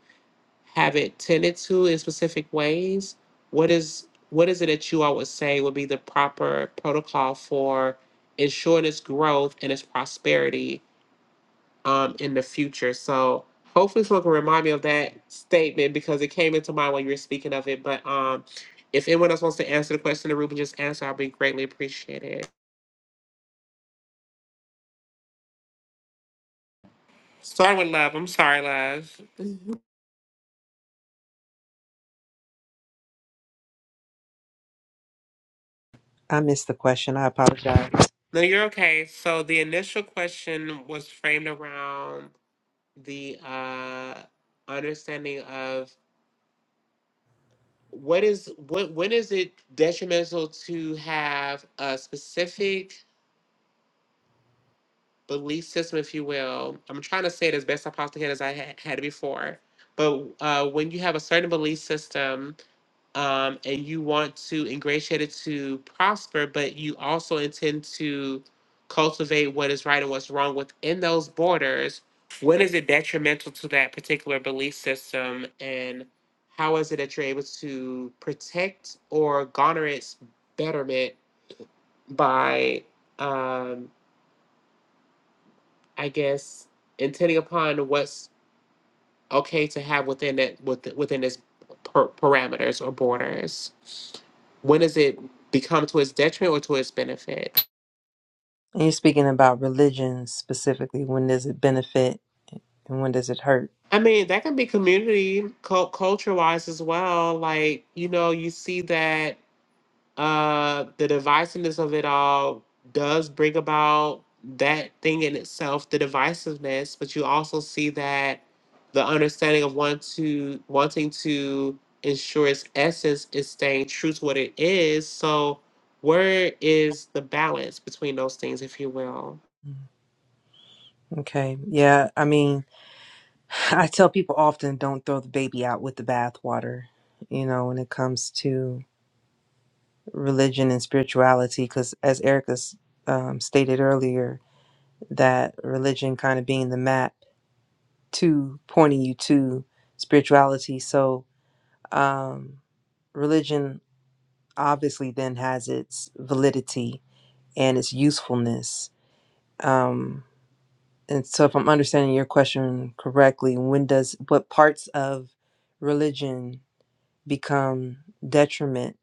have it tended to in specific ways. What is what is it that you all would say would be the proper protocol for ensuring its growth and its prosperity um, in the future? So hopefully someone can remind me of that statement because it came into mind when you were speaking of it. But um, if anyone else wants to answer the question that Ruben just answered, I'll be greatly appreciated. Start with love. I'm sorry, love. I missed the question. I apologize. No, you're okay. So the initial question was framed around the uh, understanding of what is what when is it detrimental to have a specific belief system, if you will. I'm trying to say it as best I possibly can as I ha- had it before. But uh, when you have a certain belief system um, and you want to ingratiate it to prosper, but you also intend to cultivate what is right and what's wrong within those borders, when is it detrimental to that particular belief system? And how is it that you're able to protect or garner its betterment by, um, I guess, intending upon what's okay to have within it with, within its per- parameters or borders when does it become to its detriment or to its benefit And you're speaking about religion specifically. When does it benefit and when does it hurt? i mean that can be community culture wise as well like you know you see that uh the divisiveness of it all does bring about that thing in itself the divisiveness but you also see that the understanding of want to wanting to ensure its essence is staying true to what it is so where is the balance between those things if you will Okay. Yeah. I mean, I tell people often don't throw the baby out with the bathwater, you know, when it comes to religion and spirituality, because as Erica's um, stated earlier, that religion kind of being the map to pointing you to spirituality. So, um, religion obviously then has its validity and its usefulness. Um, and so, if I'm understanding your question correctly, when does what parts of religion become detriment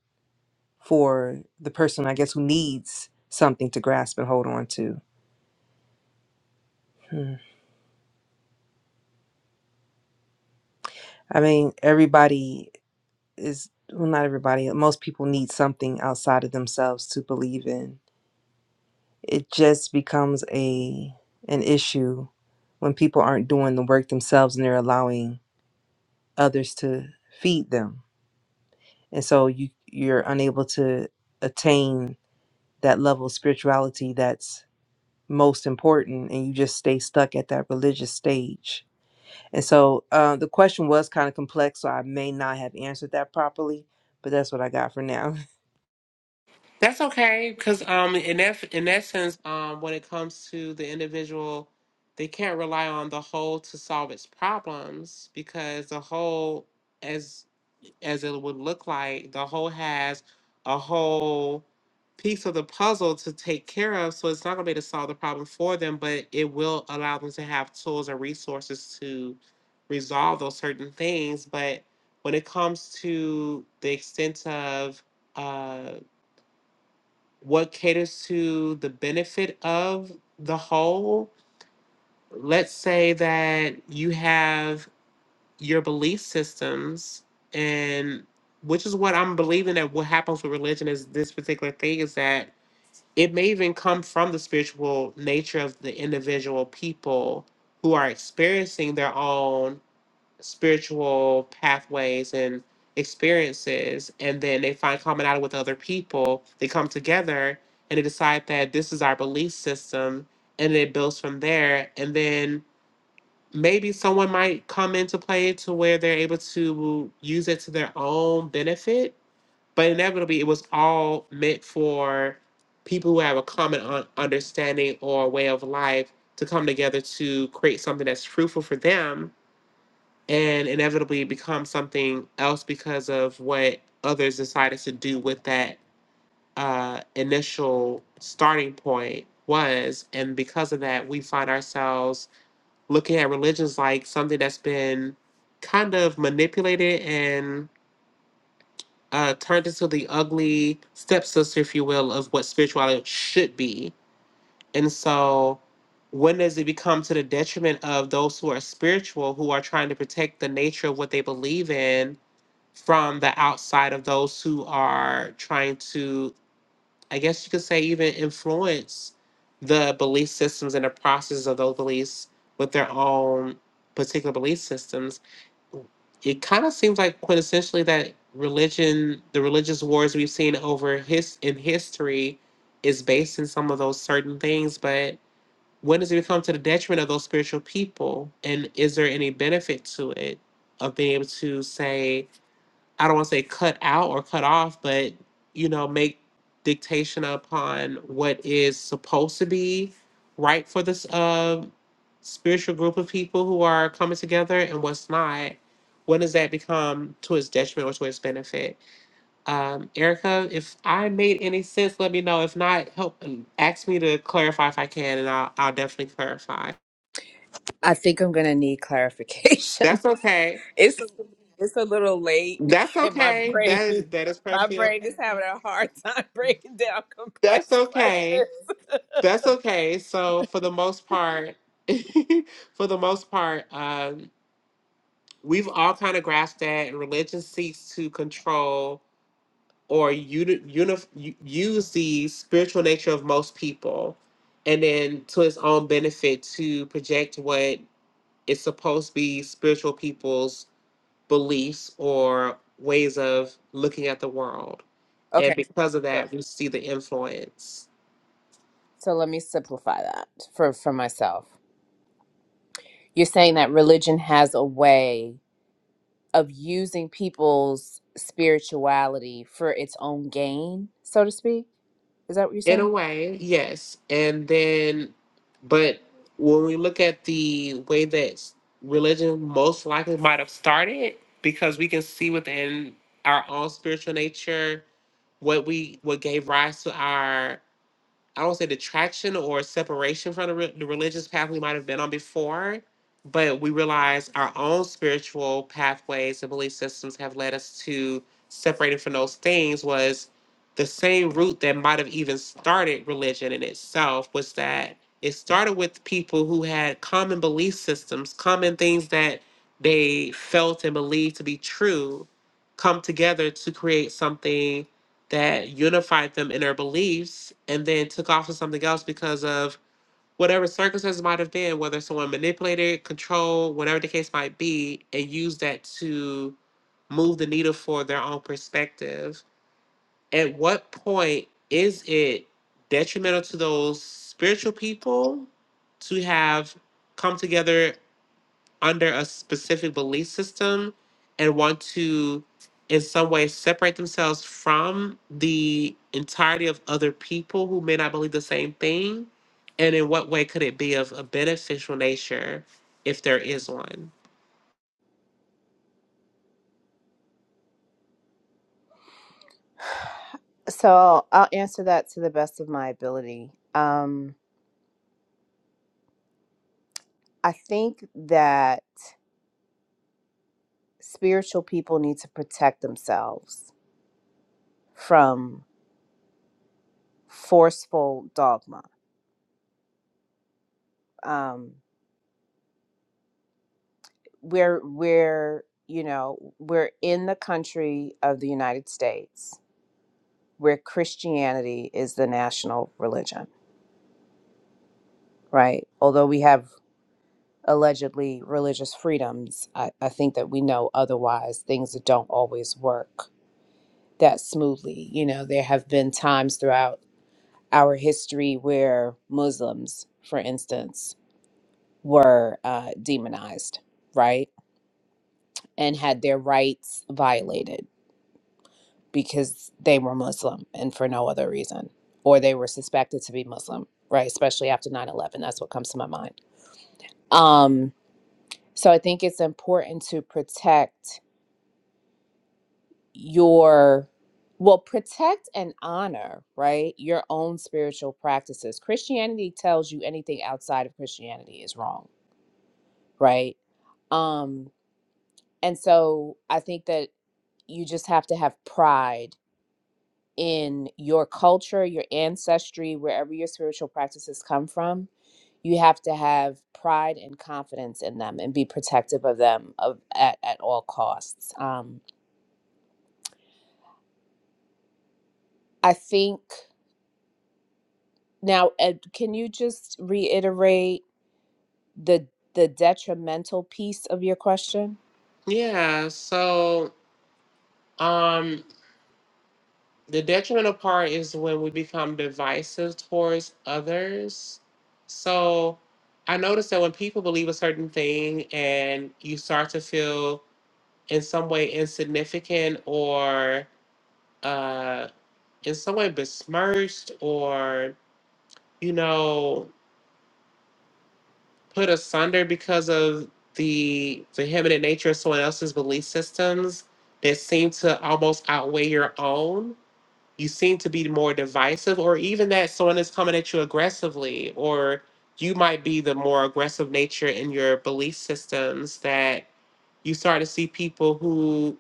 for the person, I guess, who needs something to grasp and hold on to? Hmm. I mean, everybody is, well, not everybody, most people need something outside of themselves to believe in. It just becomes a an issue when people aren't doing the work themselves and they're allowing others to feed them and so you you're unable to attain that level of spirituality that's most important and you just stay stuck at that religious stage and so uh, the question was kind of complex so i may not have answered that properly but that's what i got for now That's okay, because um, in that in that sense, um, when it comes to the individual, they can't rely on the whole to solve its problems because the whole, as as it would look like, the whole has a whole piece of the puzzle to take care of. So it's not gonna be to solve the problem for them, but it will allow them to have tools and resources to resolve those certain things. But when it comes to the extent of uh, what caters to the benefit of the whole. Let's say that you have your belief systems, and which is what I'm believing that what happens with religion is this particular thing is that it may even come from the spiritual nature of the individual people who are experiencing their own spiritual pathways and experiences and then they find commonality with other people they come together and they decide that this is our belief system and it builds from there and then maybe someone might come into play to where they're able to use it to their own benefit but inevitably it was all meant for people who have a common un- understanding or way of life to come together to create something that's fruitful for them and inevitably become something else because of what others decided to do with that uh, initial starting point was. And because of that, we find ourselves looking at religions like something that's been kind of manipulated and uh, turned into the ugly stepsister, if you will, of what spirituality should be. And so, when does it become to the detriment of those who are spiritual, who are trying to protect the nature of what they believe in from the outside of those who are trying to, I guess you could say, even influence the belief systems and the process of those beliefs with their own particular belief systems. It kind of seems like quintessentially that religion, the religious wars we've seen over his in history, is based in some of those certain things. But when does it become to the detriment of those spiritual people? And is there any benefit to it of being able to say? I don't want to say cut out or cut off, but you know, make dictation upon what is supposed to be right for this uh, spiritual group of people who are coming together and what's not. When does that become to its detriment or to its benefit? Um, Erica, if I made any sense, let me know. If not, help um, ask me to clarify if I can, and I'll, I'll definitely clarify. i think i'm going to need clarification That's okay. it's a, it's a little late That's in my okay. brain That is that is My perfectly brain okay. is having a hard time breaking down complex That's okay. questions. That's okay. So for the most part, for the most part, um, we've all kind of grasped that, and religion seeks to control or uni- unif- u- use the spiritual nature of most people, and then to its own benefit to project what is supposed to be spiritual people's beliefs or ways of looking at the world. And Okay, because of so, that, we see the influence. so let me simplify that for, for myself. You're saying that religion has a way. of using people's spirituality for its own gain, so to speak. Is that what you're In a saying? way, yes. And then, but when we look at the way that religion most likely might have started, because we can see within our own spiritual nature what we what gave rise to our I don't say detraction or separation from the, re- the religious path we might have been on before, but we realize our own spiritual pathways and belief systems have led us to separating from those things was the same root that might have even started religion in itself was that it started with people who had common belief systems, common things that they felt and believed to be true, come together to create something that unified them in their beliefs and then took off to something else because of whatever circumstances might have been, whether someone manipulated, controlled, whatever the case might be, and used that to move the needle for their own perspective. At what point is it detrimental to those spiritual people to have come together under a specific belief system and want to in some way separate themselves from the entirety of other people who may not believe the same thing and in what way could it be of a beneficial nature if there is one So I'll answer that to the best of my ability. Um, I think that spiritual people need to protect themselves from forceful dogma. Um, we're we're you know we're in the country of the United States where Christianity is the national religion, right? Although we have allegedly religious freedoms, I, I think that we know otherwise things that don't always work that smoothly. You know, there have been times throughout our history where Muslims, for instance, were uh, demonized, right? And had their rights violated because they were Muslim and for no other reason, or they were suspected to be Muslim, right? Especially after 9 11, That's what comes to my mind. Um, so I think it's important to protect your, well, protect and honor, right? Your own spiritual practices. Christianity tells you anything outside of Christianity is wrong, right? Um, and so I think that you just have to have pride in your culture, your ancestry, wherever your spiritual practices come from. You have to have pride and confidence in them and be protective of them of, at, at all costs. Um, I think now, Ed, can you just reiterate? the the detrimental piece of your question? yeah so um the detrimental part is when we become divisive towards others so i noticed that when people believe a certain thing and you start to feel in some way insignificant or uh, in some way besmirched or you know put asunder because of the vehementant nature of someone else's belief systems that seem to almost outweigh your own you seem to be more divisive or even that someone is coming at you aggressively or you might be the more aggressive nature in your belief systems that you start to see people who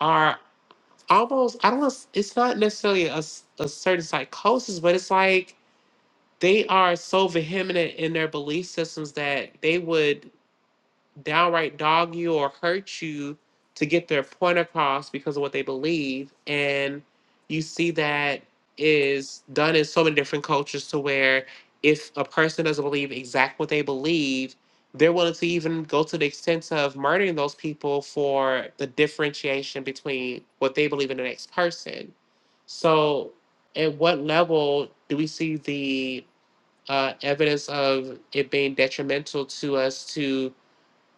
are almost I don't know. It's it's not necessarily a, s- a certain psychosis, but it's like they are so vehement in their belief systems that they would downright dog you or hurt you to get their point across because of what they believe. And you see that is done in so many different cultures to where if a person doesn't believe exact what they believe, they're willing to even go to the extent of murdering those people for the differentiation between what they believe in the next person. So, at what level do we see the uh, evidence of it being detrimental to us to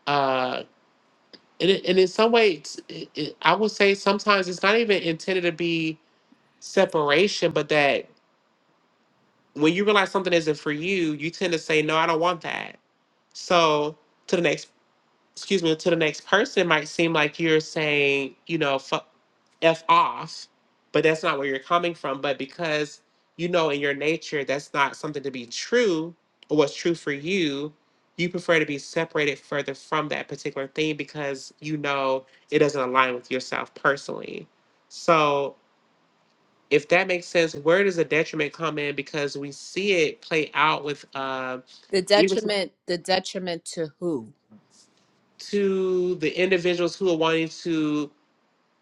uh, and it, and in some ways, it, it, I would say sometimes it's not even intended to be separation, but that when you realize something isn't for you, you tend to say, "No, I don't want that." So to the next, excuse me, to the next person, it might seem like you're saying, you know, fu F off, but that's not where you're coming from. But because you know in your nature that's not something to be true or what's true for you, you prefer to be separated further from that particular thing because you know it doesn't align with yourself personally. So if that makes sense, where does the detriment come in? Because we see it play out with uh, The even to detriment, the detriment to who? to the individuals who are wanting to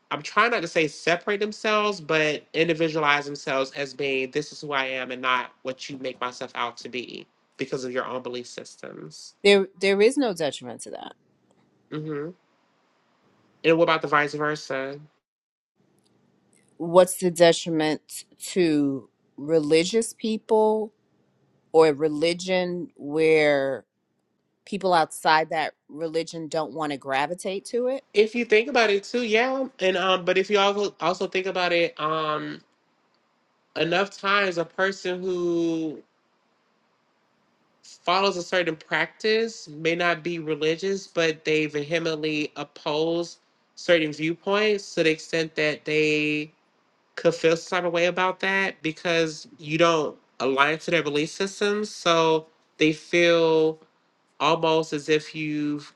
I'm trying not to say separate themselves, but individualize themselves as being this is who I am and not what you make myself out to be because of your own belief systems. There, there is no detriment to that. hmm And what about the vice versa? What's the detriment to religious people or religion where people outside that religion don't want to gravitate to it? If you think about it too, yeah. And um, but if you also also think about it, um, enough times a person who follows a certain practice may not be religious, but they vehemently oppose certain viewpoints to the extent that they could feel some type of way about that because you don't align to their belief systems. So they feel almost as if you've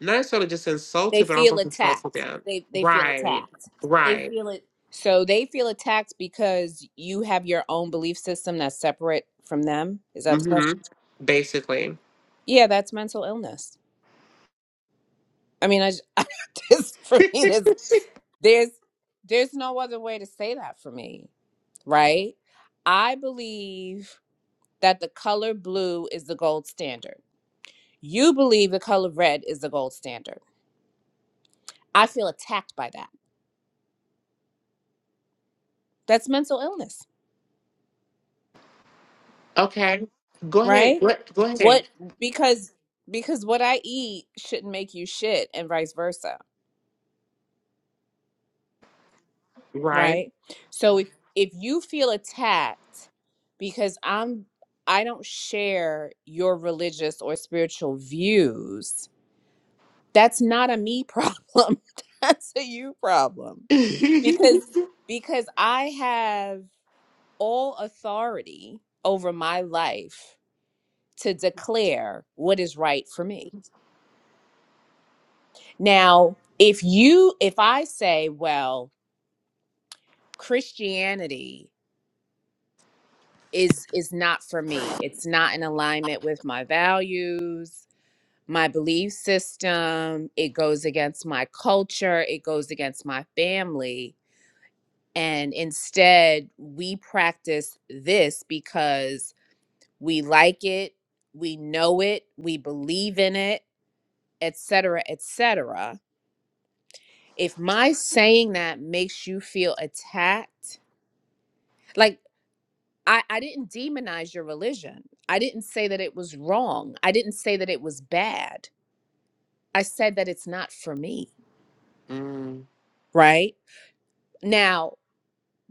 not necessarily just They insulted, but feel almost insulted attacked. them. They they feel Right. attacked. They Right. feel it. So they feel attacked because you have your own belief system that's separate from them. Is that the hmm question? Basically. Yeah, that's mental illness. I mean, I just, for me, this. There's there's no other way to say that for me, right? I believe that the color blue is the gold standard. You believe the color red is the gold standard. I feel attacked by that. That's mental illness, Okay. Go ahead. right? Go, go ahead. What because because what I eat shouldn't make you shit and vice versa, Right. right? So if if you feel attacked because I'm I don't share your religious or spiritual views, That's not a me problem. That's a you problem. mm. Because because I have all authority over my life to declare what is right for me. Now, if you if I say, well, Christianity is is not for me. It's not in alignment with my values, my belief system. It goes against my culture, it goes against my family And instead, we practice this because we like it, we know it, we believe in it, et cetera, et cetera. If my saying that makes you feel attacked, like I, I didn't demonize your religion. I didn't say that it was wrong. I didn't say that it was bad. I said that it's not for me, hmm right? Now,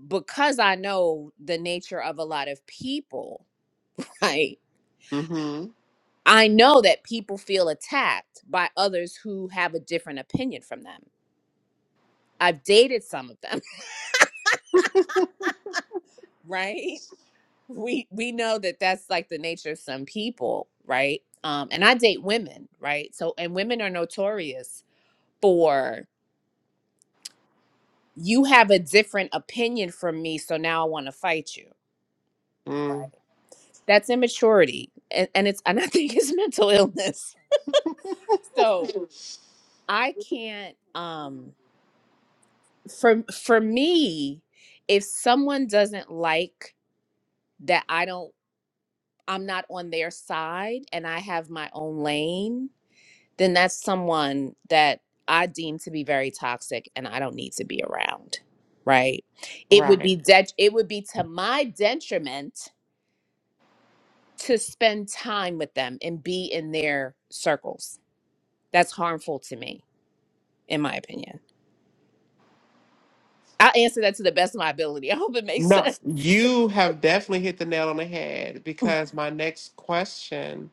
because I know the nature of a lot of people, right? I know that people feel attacked by others who have a different opinion from them. I've dated some of them, right? We we know that that's like the nature of some people, right? Um, and I date women, right? So and women are notorious for you have a different opinion from me, so now I want to fight you, right? Mm. That's immaturity, and, and it's and I think it's mental illness. So I can't. Um, for for me if someone doesn't like that i don't i'm not on their side and i have my own lane then that's someone that i deem to be very toxic and i don't need to be around right it would Right. be det- it would be to my detriment to spend time with them and be in their circles that's harmful to me in my opinion i'll answer that to the best of my ability i hope it makes No, sense you have definitely hit the nail on the head because my next question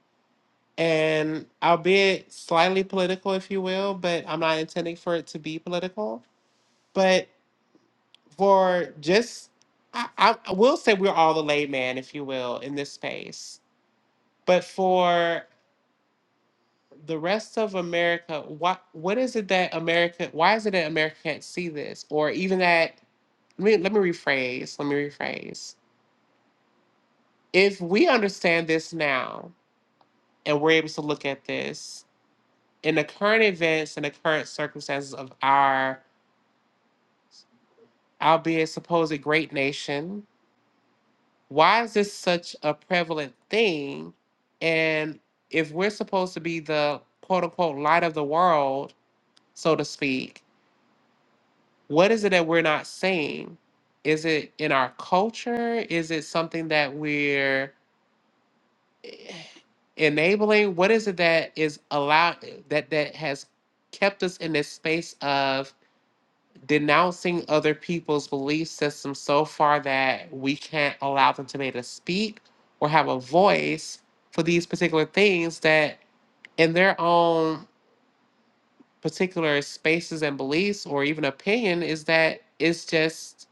and albeit slightly political, if you will, but I'm not intending for it to be political. But for just, I, I I will say we're all the layman, if you will, in this space. But for the rest of America, what what is it that America? Why is it that America can't see this, or even that? Let me let me rephrase. Let me rephrase. If we understand this now, and we're able to look at this in the current events and the current circumstances of our albeit a supposed great nation. Why is this such a prevalent thing? And if we're supposed to be the quote unquote light of the world, so to speak, what is it that we're not seeing? Is it in our culture? Is it something that we're eh, enabling? What is it that is allowed that that has kept us in this space of denouncing other people's belief systems so far that we can't allow them to be able to speak or have a voice for these particular things that in their own particular spaces and beliefs or even opinion is that it's just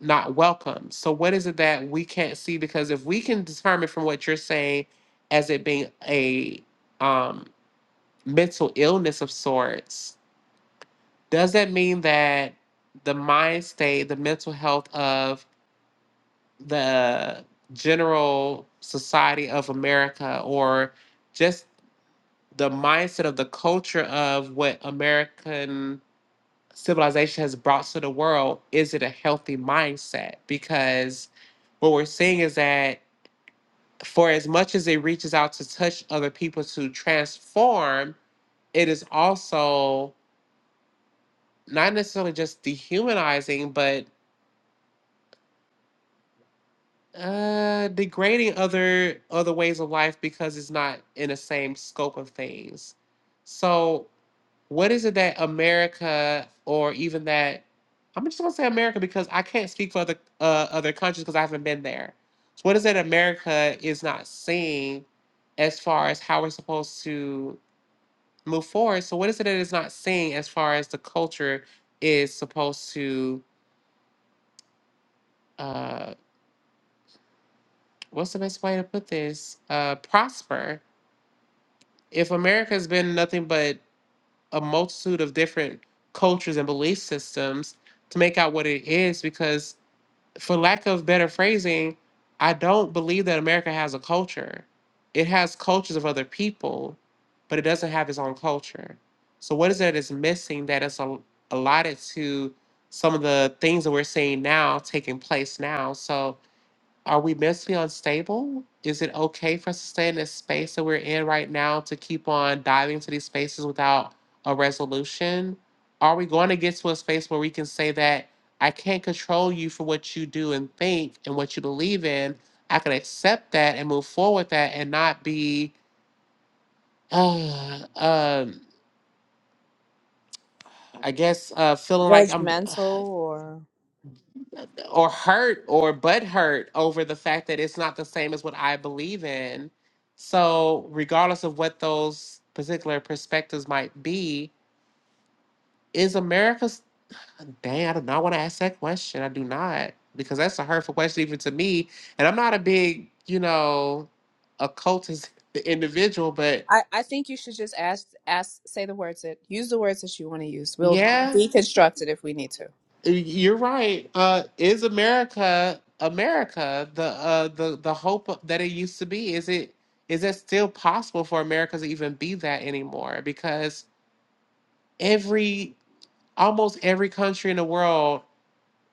not welcome. So what is it that we can't see? Because if we can determine from what you're saying as it being a um, mental illness of sorts, does that mean that the mind state, the mental health of the general society of America, or just the mindset of the culture of what American civilization has brought to the world, is it a healthy mindset? Because what we're seeing is that for as much as it reaches out to touch other people to transform, it is also not necessarily just dehumanizing, but Uh, degrading other other ways of life because it's not in the same scope of things. So, what is it that America, or even that, I'm just gonna say America because I can't speak for other uh, other countries because I haven't been there. So, what is it America is not seeing as far as how we're supposed to move forward? So, what is it that it's not seeing as far as the culture is supposed to, uh, what's the best way to put this? Uh, prosper if America's been nothing but a multitude of different cultures and belief systems to make out what it is, because for lack of better phrasing, I don't believe that America has a culture. It has cultures of other people, but it doesn't have its own culture. So what is it that's missing that is al- allotted to some of the things that we're seeing now taking place now? So are we mentally unstable? Is it okay for us to stay in this space that we're in right now to keep on diving into these spaces without a resolution? Are we going to get to a space where we can say that I can't control you for what you do and think and what you believe in? I can accept that and move forward with that and not be, uh, um, I guess, uh, feeling like I'm. judgmental or or hurt or butt hurt over the fact that it's not the same as what I believe in. So, regardless of what those particular perspectives might be, is America? s- Dang, I do not want to ask that question. I do not because that's a hurtful question even to me. And I'm not a big, you know, occultist individual, but I, I think you should just ask ask say the words that use the words that you want to use. We'll yeah, deconstruct it if we need to. Uh, You're right. Uh, is America America the uh, the the hope that it used to be? Is it is it still possible for America to even be that anymore? Because every almost every country in the world,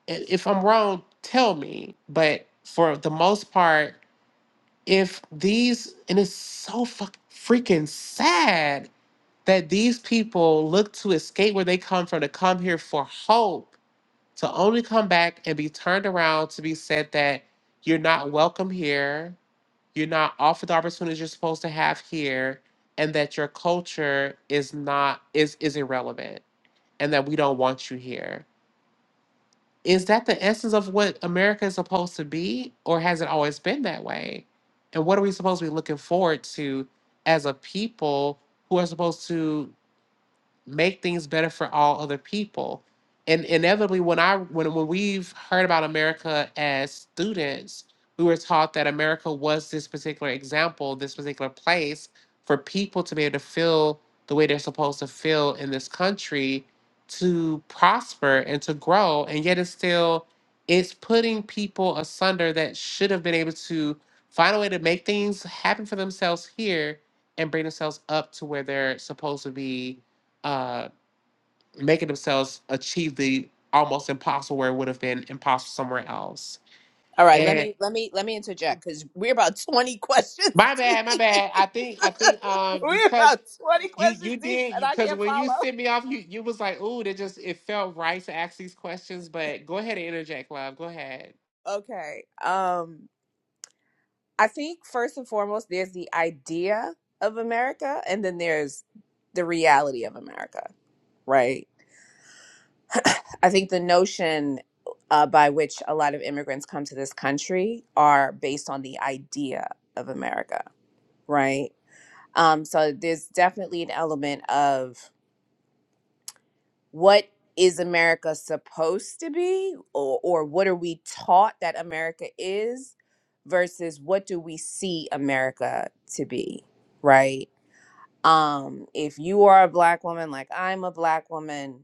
i- if I'm wrong, tell me. But for the most part, if these and it's so fuck, freaking sad that these people look to escape where they come from to come here for hope to only come back and be turned around to be said that you're not welcome here, you're not offered the opportunities you're supposed to have here, and that your culture is not is is irrelevant and that we don't want you here. Is that the essence of what America is supposed to be, or has it always been that way? And what are we supposed to be looking forward to as a people who are supposed to make things better for all other people. And inevitably, when I when when we've heard about America as students, we were taught that America was this particular example, this particular place for people to be able to feel the way they're supposed to feel in this country to prosper and to grow. And yet it's still it's putting people asunder that should have been able to find a way to make things happen for themselves here and bring themselves up to where they're supposed to be uh, making themselves achieve the almost impossible where it would have been impossible somewhere else. All right, let And me let me let me interject because we're about twenty questions my deep. bad, my bad. I think I think um we're because about twenty you questions you deep, did and I because can't when you follow. sent me off, you you was like, ooh, that just it felt right to ask these questions. But go ahead and interject, love. Go ahead. Okay, um, I think first and foremost, there's the idea of America, and then there's the reality of America, right? I think the notion uh, by which a lot of immigrants come to this country are based on the idea of America, right? Um, so there's definitely an element of what is America supposed to be, or, or what are we taught that America is, versus what do we see America to be, right? Um, if you are a black woman, like I'm a black woman,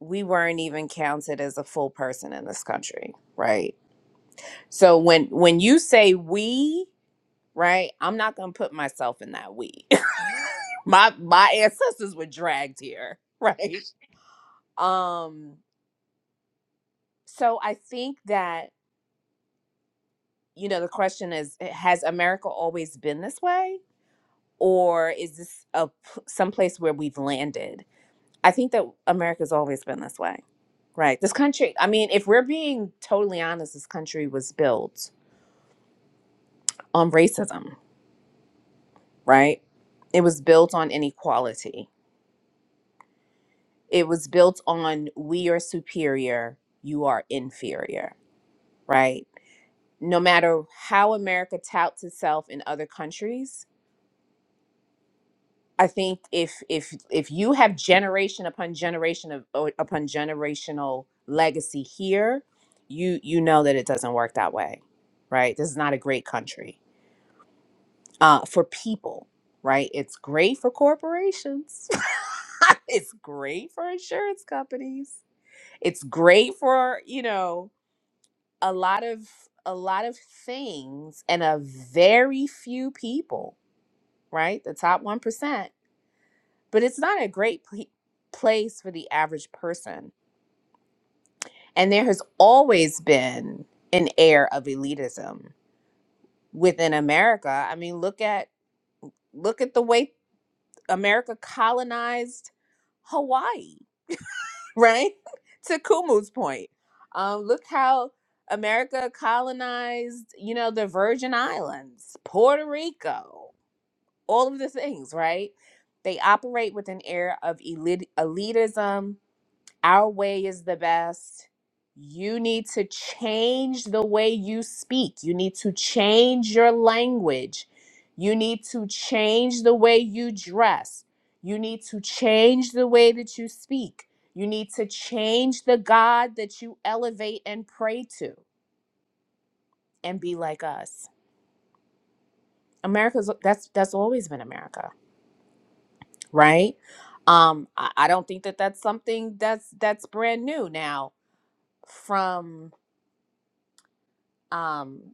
we weren't even counted as a full person in this country right so when when you say we right i'm not gonna put myself in that we my my ancestors were dragged here right um so i think that you know the question is eh, has america always been this way or is this a p- someplace where we've landed i think that america's always been this way right this country i mean if we're being totally honest this country was built on racism, right? It was built on inequality. It was built on we are superior, you are inferior, right? No matter how America touts itself in other countries, I think if if if you have generation upon generation of o- upon generational legacy here, you you know that it doesn't work that way, right? This is not a great country uh, for people, right? It's great for corporations. it's great for insurance companies. It's great for, you know, a lot of a lot of things and a very few people, right? The top 1%. But it's not a great pl- place for the average person. And there has always been an air of elitism within America. I mean, look at look at the way America colonized Hawaii, right? to Kumu's point, um, look how America colonized, you know, the Virgin Islands, Puerto Rico, all of the things, right? They operate with an air of elit- elitism, our way is the best. You need to change the way you speak. You need to change your language. You need to change the way you dress. You need to change the way that you speak. You need to change the God that you elevate and pray to and be like us. America's that's that's always been America, right? Um, I, I don't think that that's something that's that's brand new now from um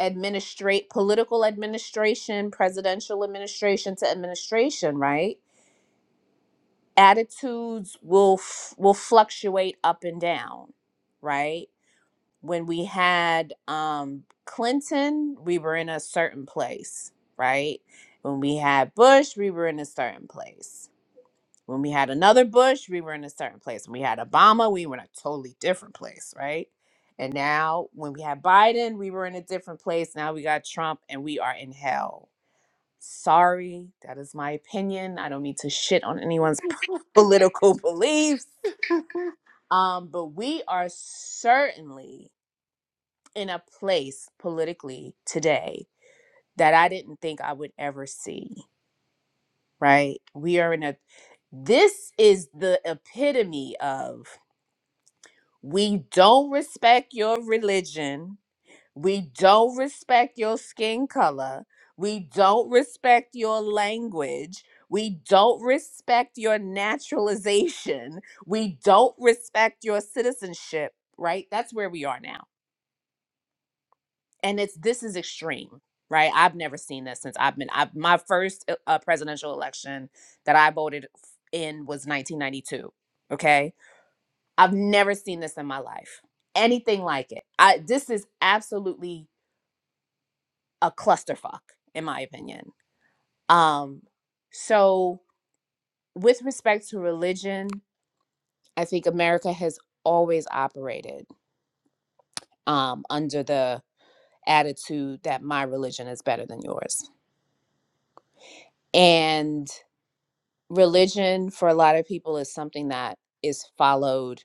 administrate political administration, presidential administration to administration, right? Attitudes will f- will fluctuate up and down, right? When we had um, Clinton, we were in a certain place, right? When we had Bush, we were in a certain place when we had another Bush, we were in a certain place. When we had Obama, we were in a totally different place, right? And now when we had Biden, we were in a different place. Now we got Trump and we are in hell. Sorry, that is my opinion. I don't need to shit on anyone's political beliefs. Um, but we are certainly in a place politically today that I didn't think I would ever see, right? We are in a this is the epitome of We don't respect your religion. We don't respect your skin color. We don't respect your language. We don't respect your naturalization. We don't respect your citizenship, right? That's where we are now. And it's this is extreme, right? I've never seen this since I've been I, my first uh, uh, presidential election that I voted in was 1992, okay? I've never seen this in my life. Anything like it. I this is absolutely a clusterfuck in my opinion. Um so with respect to religion, I think America has always operated um under the attitude that my religion is better than yours. And religion for a lot of people is something that is followed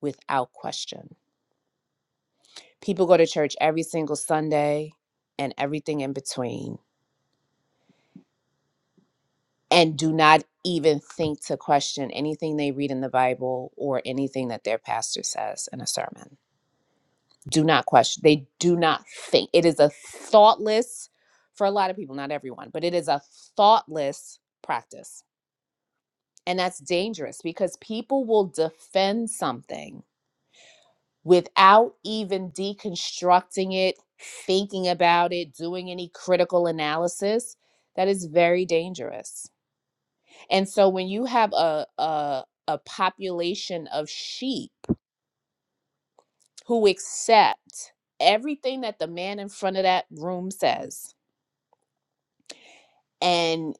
without question. People go to church every single Sunday and everything in between and do not even think to question anything they read in the Bible or anything that their pastor says in a sermon. Do not question. They do not think. It is a thoughtless, for a lot of people, not everyone, but it is a thoughtless practice. And that's dangerous because people will defend something without even deconstructing it, thinking about it, doing any critical analysis. That is very dangerous And so when you have a a a population of sheep who accept everything that the man in front of that room says and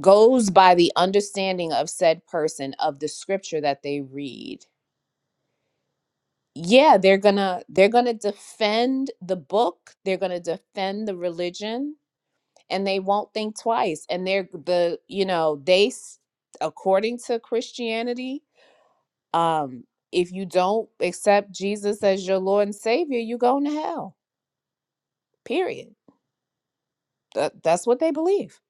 goes by the understanding of said person of the scripture that they read yeah they're gonna they're gonna defend the book they're gonna defend the religion and they won't think twice and they're the you know they s- according to christianity Um, if you don't accept Jesus as your Lord and Savior, you're going to hell. Period. That, that's what they believe.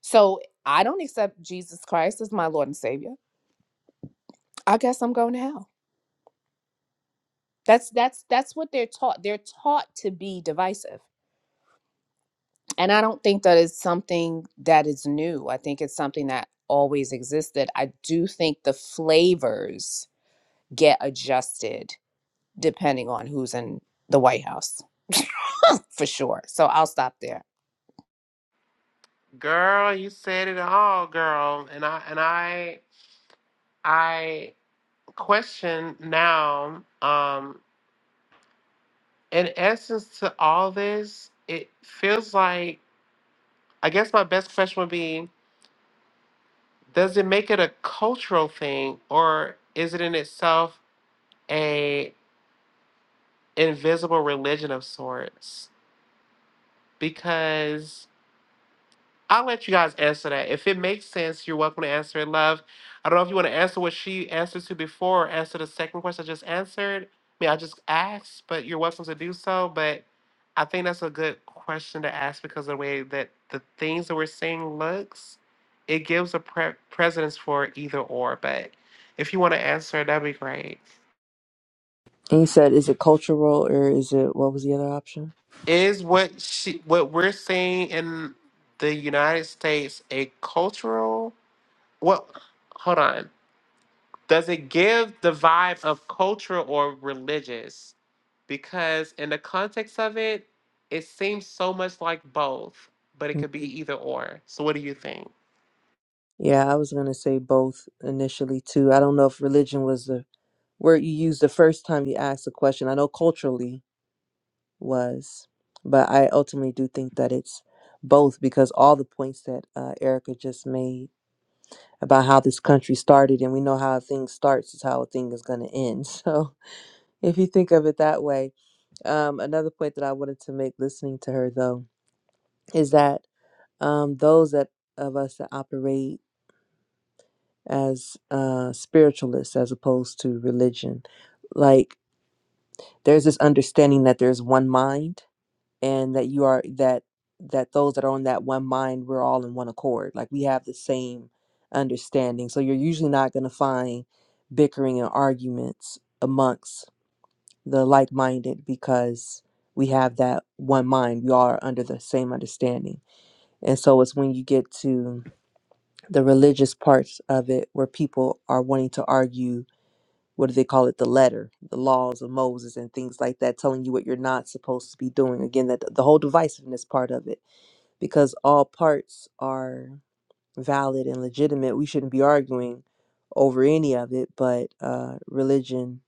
So I don't accept Jesus Christ as my Lord and Savior. I guess I'm going to hell. That's that's that's what they're taught. They're taught to be divisive. And I don't think that is something that is new. I think it's something that always existed. I do think the flavors get adjusted depending on who's in the White House, for sure. So I'll stop there. Girl, you said it all, girl. And I and I I question now, um, in essence to all this, it feels like I guess my best question would be Does it make it a cultural thing, or is it in itself a invisible religion of sorts? Because I'll let you guys answer that. If it makes sense, you're welcome to answer it, love. I don't know if you want to answer what she answered to before or answer the second question I just answered. I mean, I just asked, but you're welcome to do so. But I think that's a good question to ask because of the way that the things that we're seeing looks, it gives a pre- precedence for either or. But if you want to answer, it, that'd be great. And you said, is it cultural or is it what was the other option? Is what she what we're seeing in the United States a cultural what hold on. does it give the vibe of cultural or religious? Because in the context of it, it seems so much like both, but it Mm. could be either or. So what do you think? Yeah, I was gonna say both initially too. I don't know if religion was the word you used the first time you asked the question. I know culturally was. But I ultimately do think that it's both because all the points that uh, Erica just made about how this country started, and we know how a thing starts is how a thing is going to end. So if you think of it that way, um, another point that I wanted to make listening to her though is that um, those that of us that operate as uh, spiritualists as opposed to religion, like there's this understanding that there's one mind and that you are that that those that are on that one mind we're all in one accord like we have the same understanding so you're usually not going to find bickering and arguments amongst the like-minded because we have that one mind we all are under the same understanding and so it's when you get to the religious parts of it where people are wanting to argue what do they call it the letter the laws of moses and things like that telling you what you're not supposed to be doing again that the whole divisiveness part of it because all parts are valid and legitimate. We shouldn't be arguing over any of it, but uh, religion,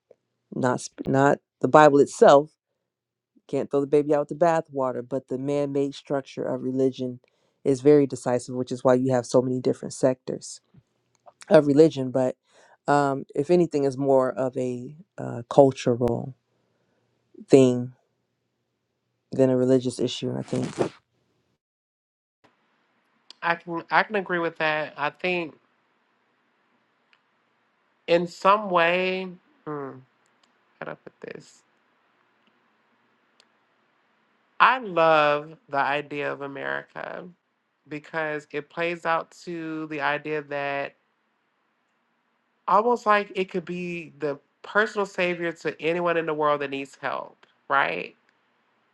not sp- not the Bible itself, can't throw the baby out with the bathwater. But the man-made structure of religion is very decisive, which is why you have so many different sectors of religion. But um, if anything, is more of a uh, cultural thing than a religious issue. I think. I can I can agree with that. I think in some way, hmm, how do I put this? I love the idea of America because it plays out to the idea that almost like it could be the personal savior to anyone in the world that needs help, right?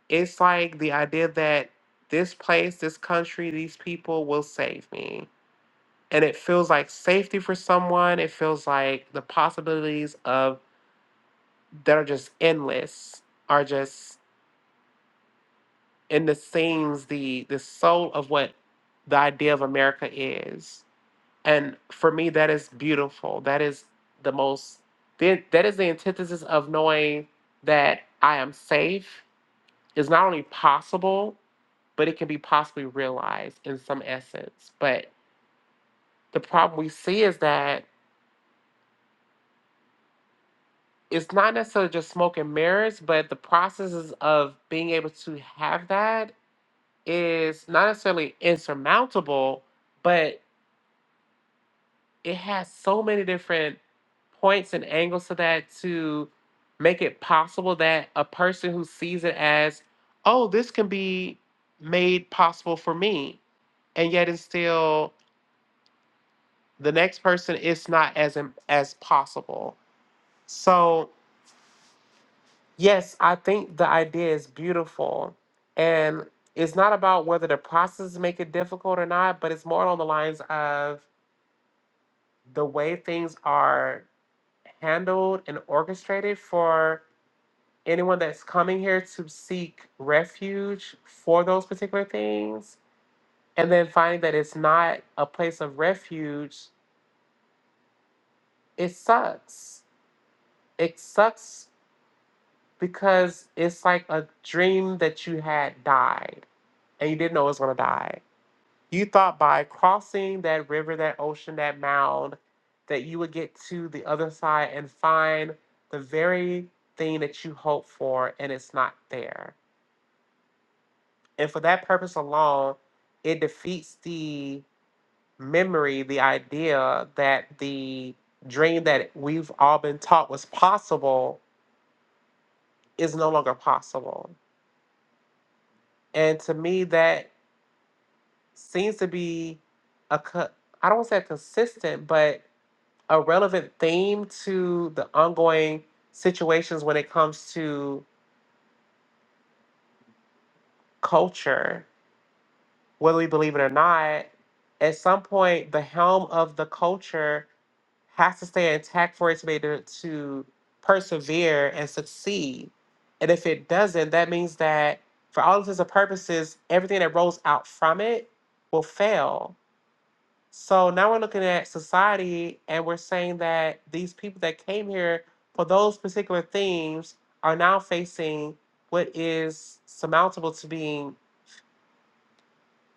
It's like the idea that this place, this country, these people will save me. And it feels like safety for someone. It feels like the possibilities of that are just endless are just in the seams, the the soul of what the idea of America is. And for me that is beautiful. That is the most that that is the antithesis of knowing that I am safe is not only possible, but it can be possibly realized in some essence. But the problem we see is that it's not necessarily just smoke and mirrors, but the processes of being able to have that is not necessarily insurmountable, but it has so many different points and angles to that to make it possible that a person who sees it as, oh, this can be made possible for me, and yet it's still the next person it's not as im- as possible so yes i think the idea is beautiful and it's not about whether the process make it difficult or not but it's more along the lines of the way things are handled and orchestrated for anyone that's coming here to seek refuge for those particular things and then finding that it's not a place of refuge it sucks it sucks because it's like a dream that you had died and you didn't know it was going to die. You thought by crossing that river, that ocean, that mound, that you would get to the other side and find the very thing that you hoped for, and it's not there. And for that purpose alone, it defeats the memory, the idea that the dream that we've all been taught was possible is no longer possible. And to me, that seems to be a co- I don't want to say a consistent, but a relevant theme to the ongoing situations when it comes to culture, whether we believe it or not. At some point, the helm of the culture has to stay intact for it to be able to persevere and succeed. And if it doesn't, that means that for all intents and purposes, everything that rolls out from it will fail So now we're looking at society and we're saying that these people that came here for those particular themes are now facing what is surmountable to being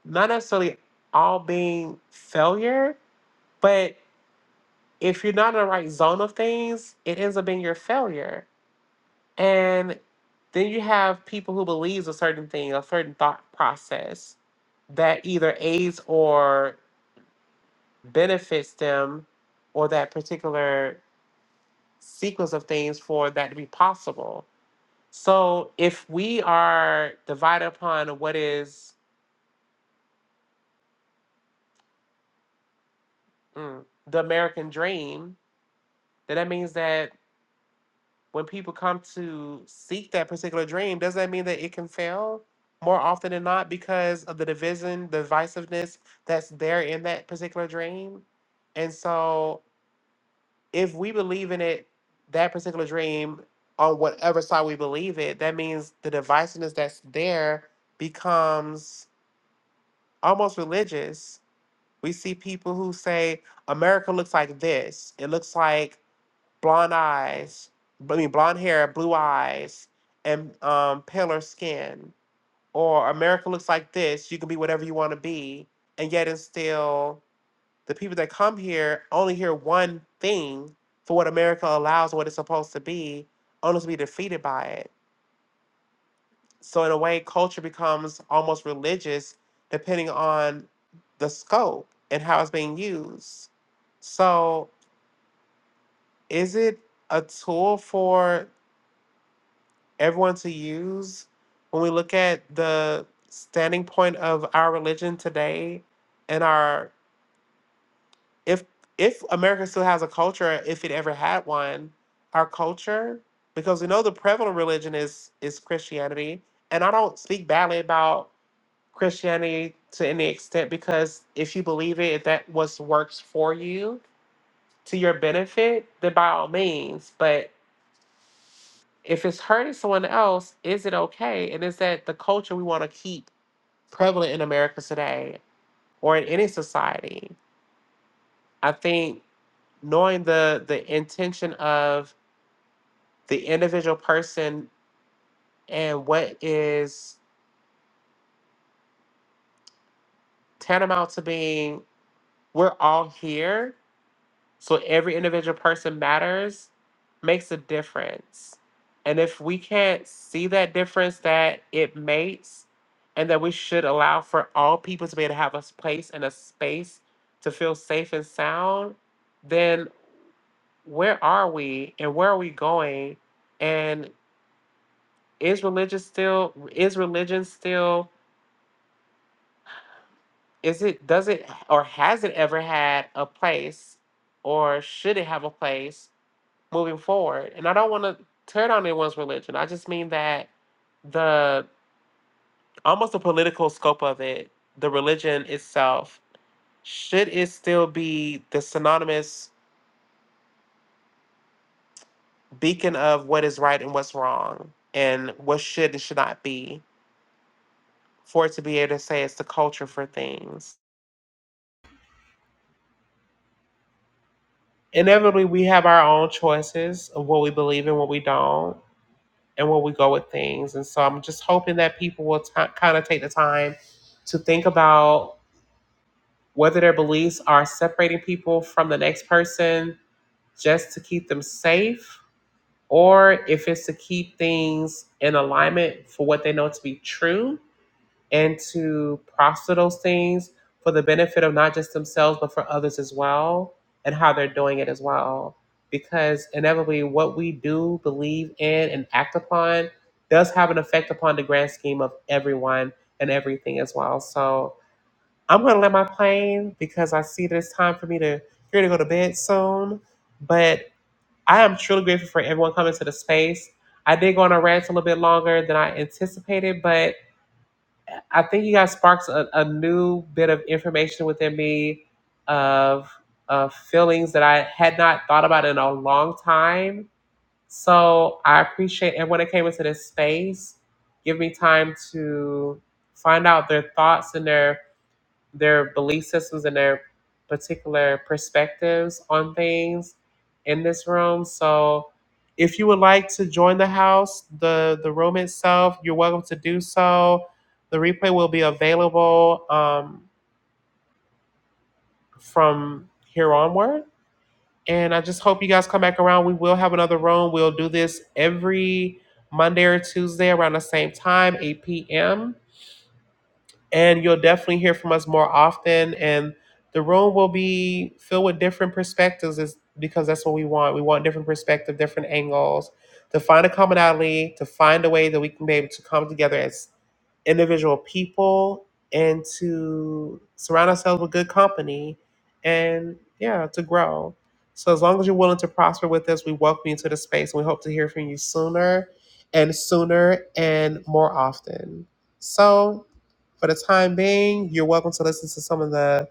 not necessarily all being failure, but if you're not in the right zone of things, it ends up being your failure. And then you have people who believes a certain thing, a certain thought process that either aids or benefits them or that particular sequence of things for that to be possible. So if we are divided upon what is mm, the American dream, then that means that when people come to seek that particular dream, does that mean that it can fail more often than not because of the division, the divisiveness that's there in that particular dream? And so if we believe in it, that particular dream, on whatever side we believe it, that means the divisiveness that's there becomes almost religious. We see people who say America looks like this. It looks like blonde eyes, I mean blonde hair, blue eyes, and um, paler skin. Or America looks like this. You can be whatever you want to be, and yet and still the people that come here only hear one thing for what America allows, and what it's supposed to be, only to be defeated by it. So in a way, culture becomes almost religious depending on the scope and how it's being used. So is it a tool for everyone to use when we look at the standing point of our religion today and our if if America still has a culture, if it ever had one, our culture, because we know the prevalent religion is is Christianity, and I don't speak badly about Christianity to any extent because if you believe it, if that was works for you to your benefit, then by all means. But if it's hurting someone else, is it okay? And is that the culture we want to keep prevalent in America today or in any society? I think knowing the the intention of the individual person and what is tantamount to being we're all here so every individual person matters makes a difference and if we can't see that difference that it makes and that we should allow for all people to be able to have a place and a space to feel safe and sound then where are we and where are we going and is religion still is religion still is it does it or has it ever had a place or should it have a place moving forward and i don't want to turn on anyone's religion i just mean that the almost the political scope of it the religion itself should it still be the synonymous beacon of what is right and what's wrong and what should and should not be for it to be able to say it's the culture for things inevitably we have our own choices of what we believe and what we don't and where we go with things. And so I'm just hoping that people will t- kind of take the time to think about whether their beliefs are separating people from the next person just to keep them safe or if it's to keep things in alignment for what they know to be true and to prosper those things for the benefit of not just themselves but for others as well and how they're doing it as well because inevitably what we do believe in and act upon does have an effect upon the grand scheme of everyone and everything as well so i'm going to land my plane because i see that it's time for me to here to go to bed soon but i am truly grateful for everyone coming to the space i did go on a rant a little bit longer than i anticipated but I think you guys sparked a, a new bit of information within me of of feelings that I had not thought about in a long time. So I appreciate everyone that came into this space. Give me time to find out their thoughts and their their belief systems and their particular perspectives on things in this room. So if you would like to join the house, the the room itself, you're welcome to do so. The replay will be available um, from here onward. And I just hope you guys come back around. We will have another room. We'll do this every Monday or Tuesday around the same time, 8 p.m. and you'll definitely hear from us more often and the room will be filled with different perspectives is because that's what we want we want different perspective different angles to find a commonality to find a way that we can be able to come together as individual people and to surround ourselves with good company and yeah to grow so as long as you're willing to prosper with us we welcome you to the space and we hope to hear from you sooner and sooner and more often so for the time being, you're welcome to listen to some of the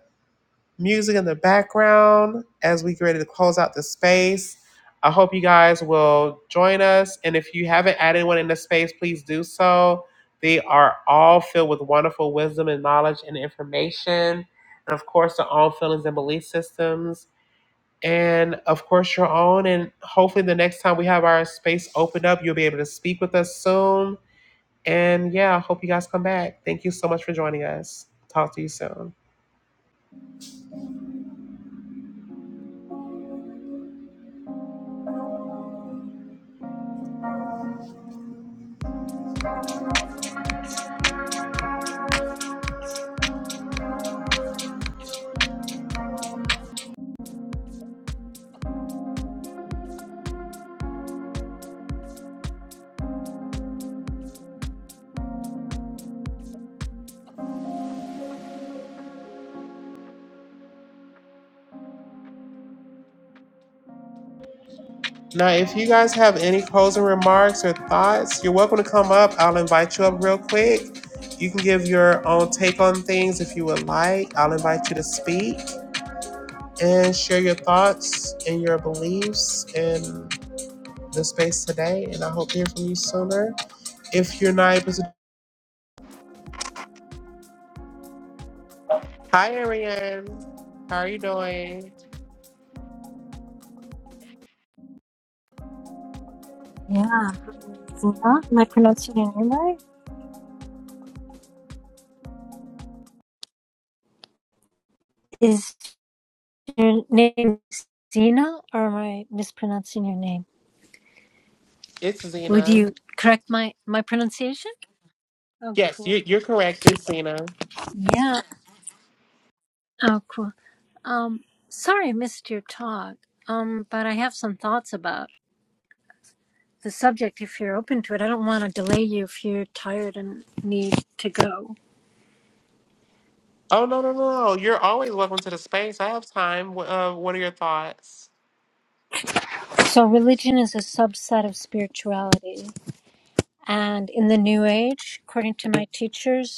music in the background as we get ready to close out the space. I hope you guys will join us. And if you haven't added anyone in the space, please do so. They are all filled with wonderful wisdom and knowledge and information. And of course, their own feelings and belief systems. And of course, your own. And hopefully, the next time we have our space opened up, you'll be able to speak with us soon and yeah, I hope you guys come back. Thank you so much for joining us. Talk to you soon. Now, if you guys have any closing remarks or thoughts, you're welcome to come up. I'll invite you up real quick. You can give your own take on things if you would like. I'll invite you to speak and share your thoughts and your beliefs in the space today. And I hope to hear from you sooner. If you're not able to, hi, Ariane. How are you doing? Yeah, Zena, am I pronouncing your name right? Is your name Zena or am I mispronouncing your name? It's Would Zena. you correct my my pronunciation? Oh, Yes, cool. you, you're correct. It's Zena. Yeah. Oh, cool. Um, sorry I missed your talk. Um, but I have some thoughts about the subject if you're open to it. I don't want to delay you if you're tired and need to go. Oh no no no! no. You're always welcome to the space. I have time. Wh- Uh, what are your thoughts? So, religion is a subset of spirituality. And in the New Age, according to my teachers,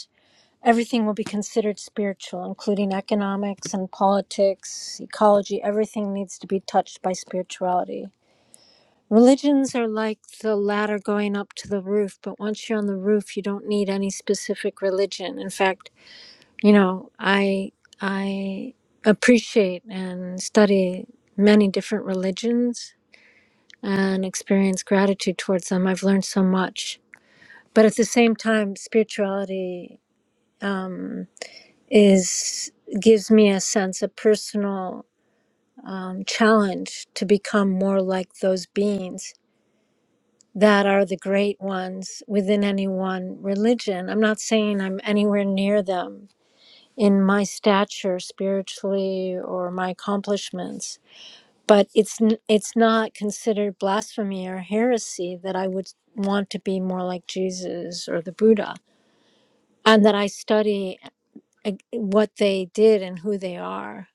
everything will be considered spiritual, including economics and politics, ecology. Everything needs to be touched by spirituality. Religions are like the ladder going up to the roof, but once you're on the roof, you don't need any specific religion. In fact, you know, I I appreciate and study many different religions and experience gratitude towards them. I've learned so much. But at the same time, spirituality um, is gives me a sense of personal um, challenge to become more like those beings that are the great ones within any one religion. I'm not saying I'm anywhere near them in my stature spiritually or my accomplishments, but it's n- it's not considered blasphemy or heresy that I would want to be more like Jesus or the Buddha, and that I study uh, what they did and who they are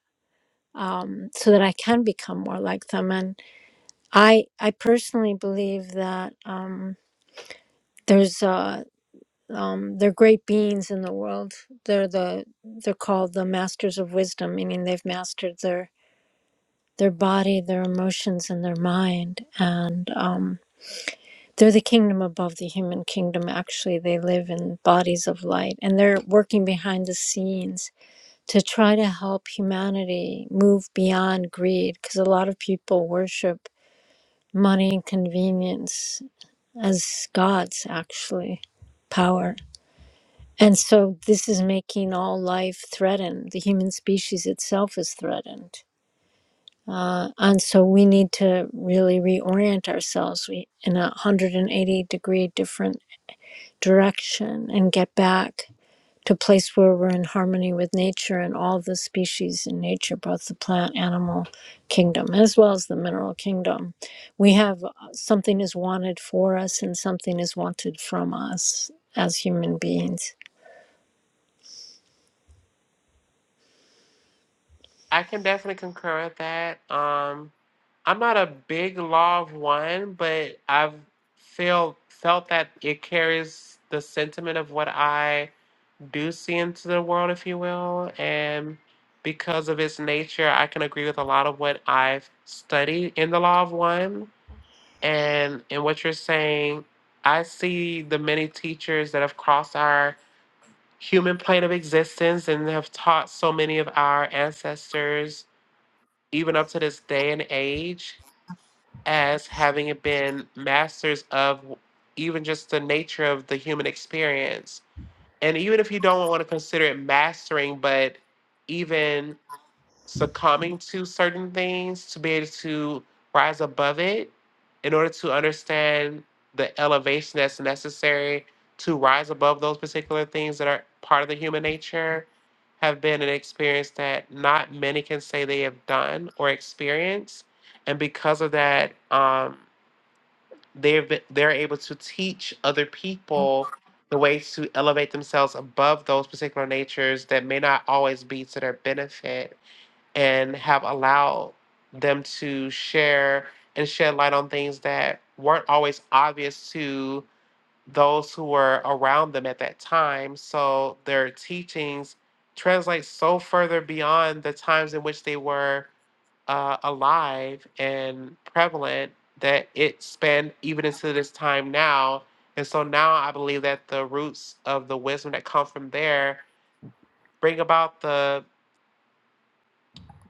um, so that I can become more like them. And I, I personally believe that um, there's uh, um, they're great beings in the world. They're the they're called the masters of wisdom, meaning they've mastered their their body, their emotions, and their mind. And um, they're the kingdom above the human kingdom. Actually, they live in bodies of light, and they're working behind the scenes to try to help humanity move beyond greed because a lot of people worship money and convenience as gods, actually, power. And so this is making all life threatened. The human species itself is threatened. Uh, and so we need to really reorient ourselves we, in a 180 degree different direction and get back to a place where we're in harmony with nature and all the species in nature, both the plant, animal kingdom, as well as the mineral kingdom. We have uh, something is wanted for us and something is wanted from us as human beings. I can definitely concur with that. Um, I'm not a big law of one, but I've feel felt that it carries the sentiment of what I do see into the world, if you will, and because of its nature, I can agree with a lot of what I've studied in the law of one. And in what you're saying, I see the many teachers that have crossed our human plane of existence and have taught so many of our ancestors, even up to this day and age, as having been masters of even just the nature of the human experience. And even if you don't want to consider it mastering, but even succumbing to certain things to be able to rise above it in order to understand the elevation that's necessary to rise above those particular things that are part of the human nature have been an experience that not many can say they have done or experienced and because of that um, they've they're able to teach other people the ways to elevate themselves above those particular natures that may not always be to their benefit and have allowed them to share and shed light on things that weren't always obvious to those who were around them at that time. So their teachings translate so further beyond the times in which they were uh, alive and prevalent that it spanned even into this time now. And so now I believe that the roots of the wisdom that come from there bring about the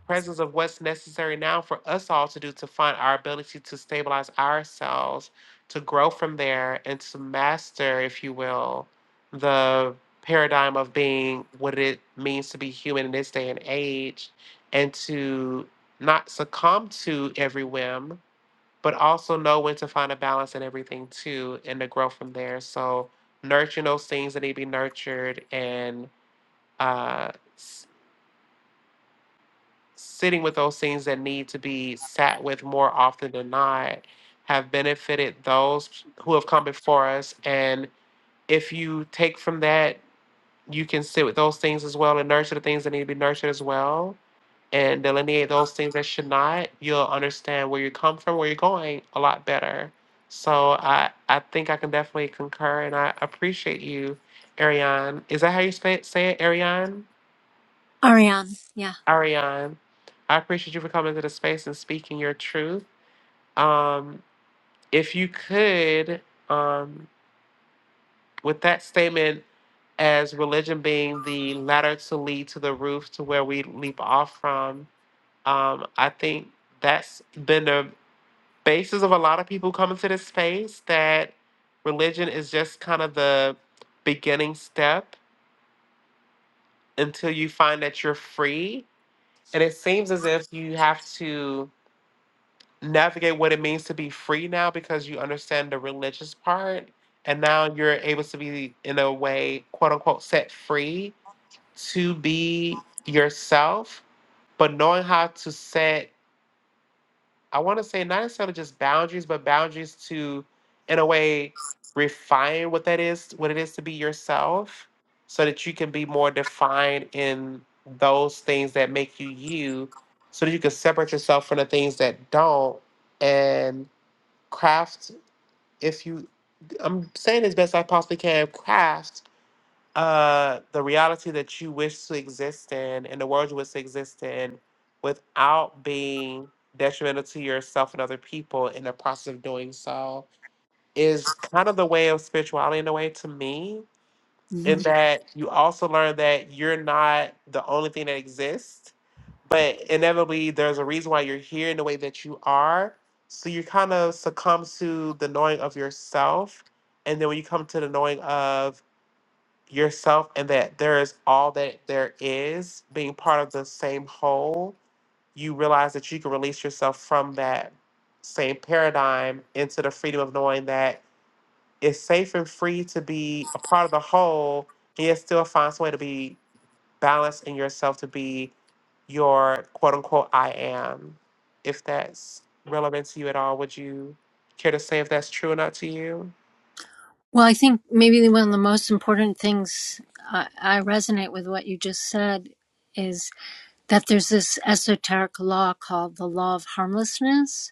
presence of what's necessary now for us all to do to find our ability to stabilize ourselves, to grow from there, and to master, if you will, the paradigm of being what it means to be human in this day and age, and to not succumb to every whim, but also know when to find a balance in everything too, and to grow from there. So, nurturing those things that need to be nurtured and uh, sitting with those things that need to be sat with more often than not have benefited those who have come before us. And if you take from that, you can sit with those things as well and nurture the things that need to be nurtured as well and delineate those things that should not, you'll understand where you come from, where you're going a lot better. So I, I think I can definitely concur and I appreciate you, Ariane. Is that how you say it, say it Ariane? Ariane, yeah. Ariane, I appreciate you for coming to the space and speaking your truth. Um, if you could, um, with that statement as religion being the ladder to lead to the roof to where we leap off from, um, I think that's been the basis of a lot of people coming to this space that religion is just kind of the beginning step until you find that you're free. And it seems as if you have to navigate what it means to be free now because you understand the religious part and now you're able to be in a way quote unquote set free to be yourself but knowing how to set i want to say not necessarily just boundaries but boundaries to in a way refine what that is what it is to be yourself so that you can be more defined in those things that make you you so that you can separate yourself from the things that don't craft if you i'm saying as best i possibly can craft uh the reality that you wish to exist in and the world you wish to exist in without being detrimental to yourself and other people in the process of doing so is kind of the way of spirituality in a way to me and hmm that you also learn that you're not the only thing that exists, but inevitably there's a reason why you're here in the way that you are. So you kind of succumb to the knowing of yourself, and then when you come to the knowing of yourself and that there is all that there is, being part of the same whole, you realize that you can release yourself from that same paradigm into the freedom of knowing that is safe and free to be a part of the whole, yet still finds a way to be balanced in yourself to be your quote unquote I am. If that's relevant to you at all, would you care to say if that's true or not to you? Well, I think maybe one of the most important things I, I resonate with what you just said is that there's this esoteric law called the law of harmlessness.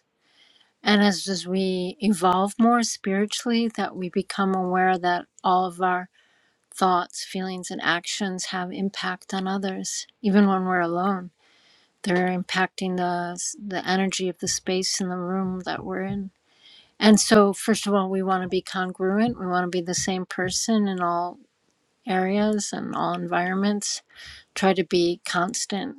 And as, as we evolve more spiritually, that we become aware that all of our thoughts, feelings, and actions have impact on others, even when we're alone. They're impacting the, the energy of the space in the room that we're in. And so, first of all, we want to be congruent. We want to be the same person in all areas and all environments. Try to be constant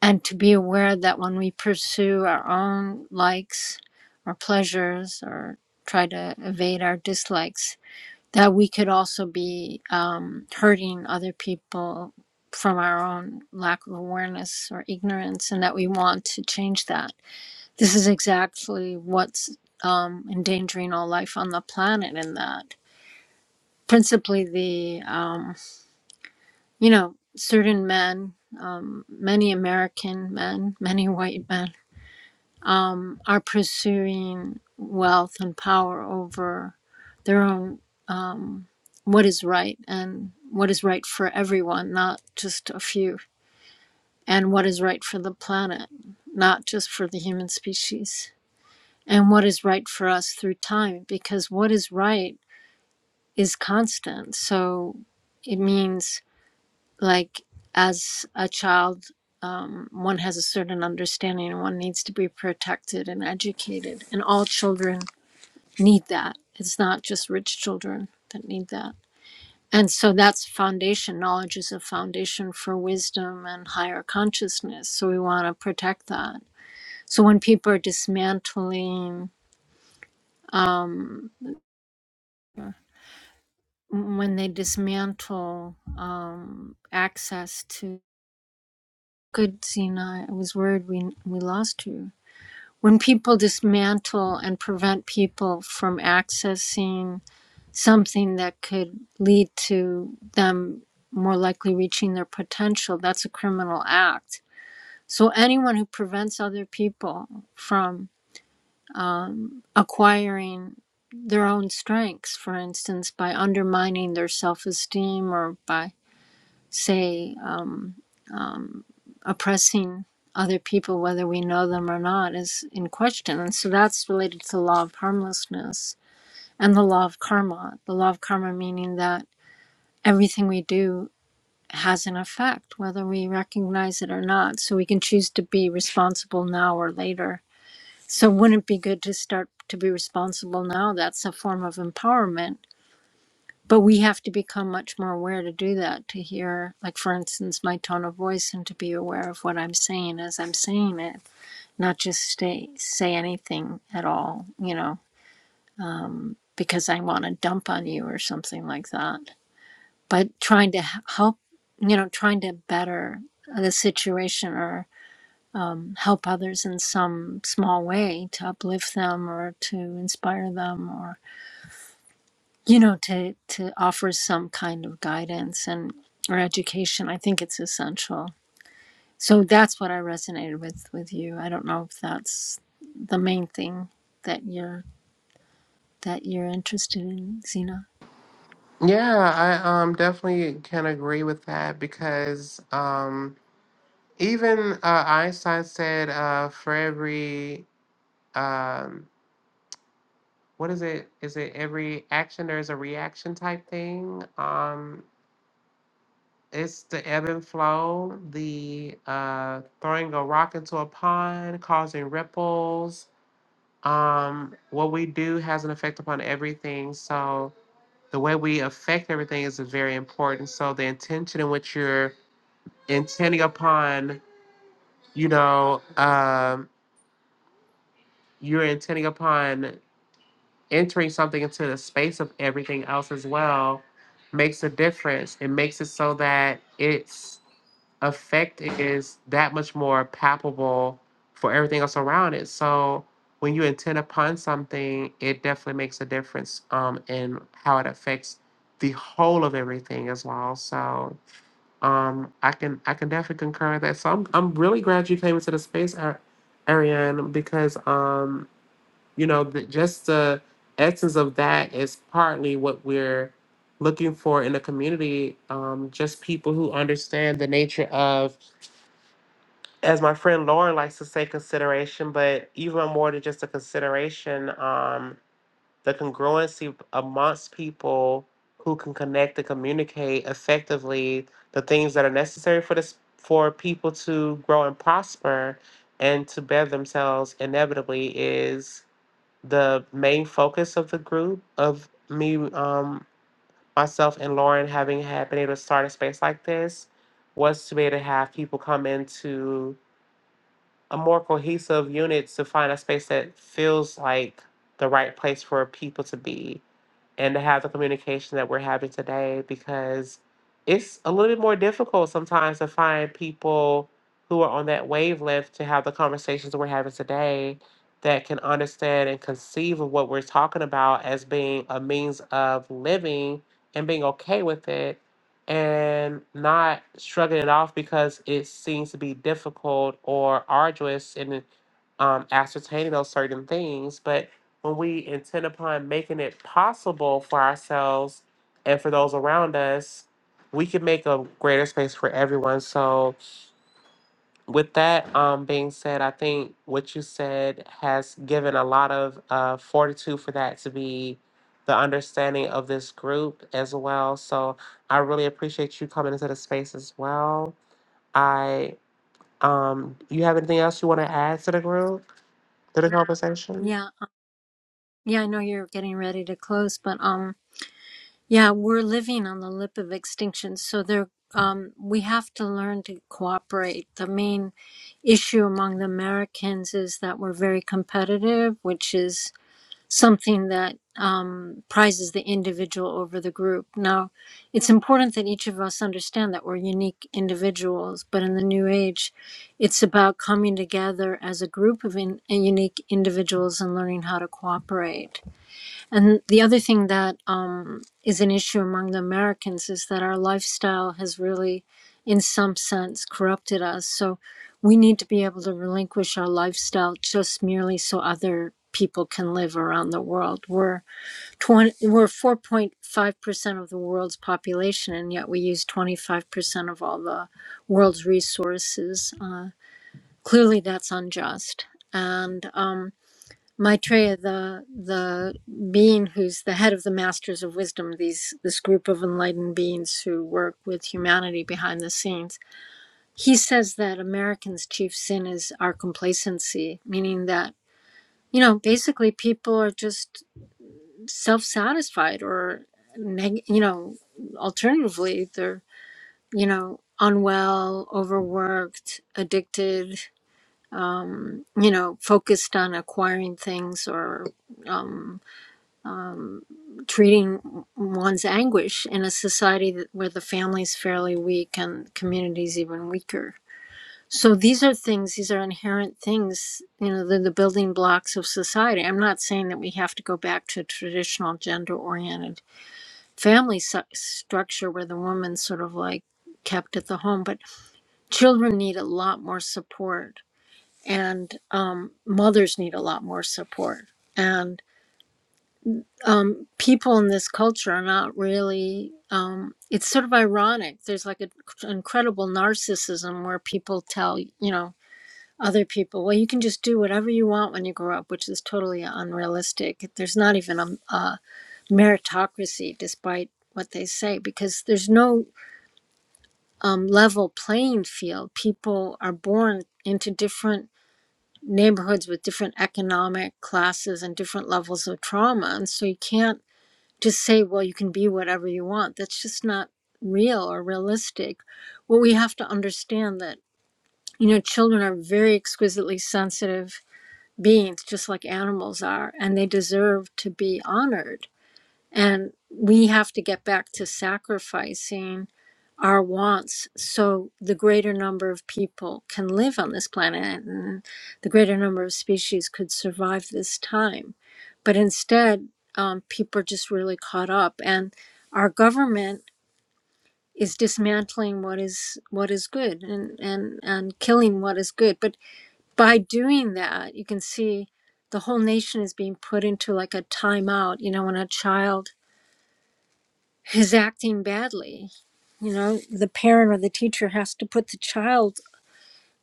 and to be aware that when we pursue our own likes or pleasures or try to evade our dislikes that we could also be um, hurting other people from our own lack of awareness or ignorance and that we want to change that this is exactly what's um, endangering all life on the planet in that principally the um, you know certain men um, many american men many white men um, are pursuing wealth and power over their own um, what is right and what is right for everyone, not just a few, and what is right for the planet, not just for the human species, and what is right for us through time, because what is right is constant. So it means like as a child um, one has a certain understanding and one needs to be protected and educated and all children need that it's not just rich children that need that and so that's foundation knowledge is a foundation for wisdom and higher consciousness so we want to protect that so when people are dismantling um, when they dismantle um, access to good Zena, i was worried we we lost you when people dismantle and prevent people from accessing something that could lead to them more likely reaching their potential, that's a criminal act. So, anyone who prevents other people from um, acquiring their own strengths, for instance, by undermining their self esteem or by, say, uh, oppressing other people, whether we know them or not, is in question. And so that's related to the law of harmlessness and the law of karma. The law of karma meaning that everything we do has an effect, whether we recognize it or not. So we can choose to be responsible now or later. So wouldn't it be good to start to be responsible now? That's a form of empowerment. But we have to become much more aware to do that, to hear, like, for instance, my tone of voice and to be aware of what I'm saying as I'm saying it, not just stay, say anything at all, you know, because I want to dump on you or something like that but trying to help, you know, trying to better the situation or help others in some small way to uplift them or to inspire them or, you know, to, to offer some kind of guidance and or education. I think it's essential. So that's what I resonated with with you. I don't know if that's the main thing that you're that you're interested in, Zena. Yeah, I um definitely can agree with that because um even uh, Einstein said uh for every um what is it? Is it every action there is a reaction type thing? Um It's the ebb and flow, the uh, throwing a rock into a pond, causing ripples. Um, what we do has an effect upon everything. So the way we affect everything is very important. So the intention in which you're intending upon, you know, um, you're intending upon entering something into the space of everything else as well makes a difference. It makes it so that it's effect is that much more palpable for everything else around it. So when you intend upon something, it definitely makes a difference um, in how it affects the whole of everything as well. So um, I can I can definitely concur with that. So I'm I'm really glad you came into the space, Ar- Ariane, because um, you know the, just the essence of that is partly what we're looking for in a community. Um, just people who understand the nature of as my friend Lauren likes to say, consideration, but even more than just a consideration, um, the congruency amongst people who can connect and communicate effectively the things that are necessary for this for people to grow and prosper and to better themselves inevitably is the main focus of the group of me um myself and Lauren having had been able to start a space like this was to be able to have people come into a more cohesive unit to find a space that feels like the right place for people to be and to have the communication that we're having today because it's a little bit more difficult sometimes to find people who are on that wavelength to have the conversations we're having today that can understand and conceive of what we're talking about as being a means of living and being okay with it and not shrugging it off because it seems to be difficult or arduous in um, ascertaining those certain things. But when we intend upon making it possible for ourselves and for those around us, we can make a greater space for everyone. So, with that um, being said, I think what you said has given a lot of uh, fortitude for that to be the understanding of this group as well. So, I really appreciate you coming into the space as well. I, um, you have anything else you want to add to the group, to the conversation? Yeah. Yeah, I know you're getting ready to close, but um Yeah, we're living on the lip of extinction, so there um, we have to learn to cooperate. The main issue among the Americans is that we're very competitive, which is something that um, prizes the individual over the group. Now, it's important that each of us understand that we're unique individuals, but in the new age, it's about coming together as a group of in, unique individuals and learning how to cooperate and the other thing that um, is an issue among the Americans is that our lifestyle has really, in some sense, corrupted us. So we need to be able to relinquish our lifestyle just merely so other people can live around the world. We're 20, we're 4.5% of the world's population, and yet we use 25% of all the world's resources. Uh, clearly, that's unjust. And um, Maitreya, the the being who's the head of the Masters of Wisdom, these this group of enlightened beings who work with humanity behind the scenes, he says that Americans' chief sin is our complacency, meaning that you know basically people are just self satisfied or neg- you know alternatively they're you know unwell, overworked, addicted, um, you know focused on acquiring things or um, um, treating one's anguish in a society that, where the family's fairly weak and communities even weaker. So these are things; these are inherent things. You know, they're the building blocks of society. I'm not saying that we have to go back to traditional gender-oriented family su- structure where the woman's sort of like kept at the home, but children need a lot more support, and um, mothers need a lot more support, and. um, people in this culture are not really um, it's sort of ironic there's like an incredible narcissism where people tell you know other people well you can just do whatever you want when you grow up which is totally unrealistic there's not even a, a meritocracy despite what they say because there's no um, level playing field people are born into different neighborhoods with different economic classes and different levels of trauma and so you can't to say, well, you can be whatever you want. That's just not real or realistic. What we have to understand that, you know, children are very exquisitely sensitive beings, just like animals are, and they deserve to be honored and we have to get back to sacrificing our wants so the greater number of people can live on this planet and the greater number of species could survive this time. But instead, um, people are just really caught up, and our government is dismantling what is what is good and, and and killing what is good. But by doing that, you can see the whole nation is being put into like a timeout. You know, when a child is acting badly. You know, the parent or the teacher has to put the child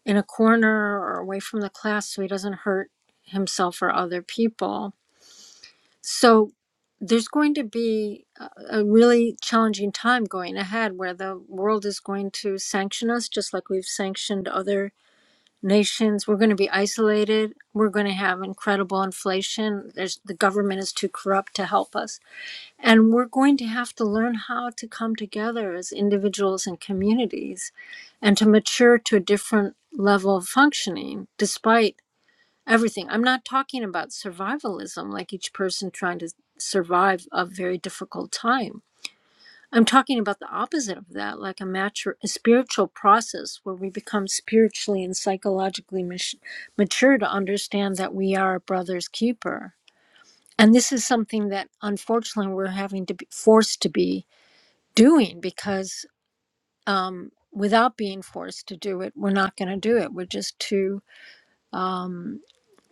in a corner or away from the class so he doesn't hurt himself or other people. So there's going to be a a really challenging time going ahead where the world is going to sanction us just like we've sanctioned other nations. We're going to be isolated. We're going to have incredible inflation. There's the government is too corrupt to help us and we're going to have to learn how to come together as individuals and communities and to mature to a different level of functioning despite everything. I'm not talking about survivalism, like each person trying to survive a very difficult time. I'm talking about the opposite of that, like a, mature, a spiritual process where we become spiritually and psychologically mach- mature to understand that we are a brother's keeper. And this is something that unfortunately we're having to be forced to be doing because um, without being forced to do it, we're not going to do it. We're just too um,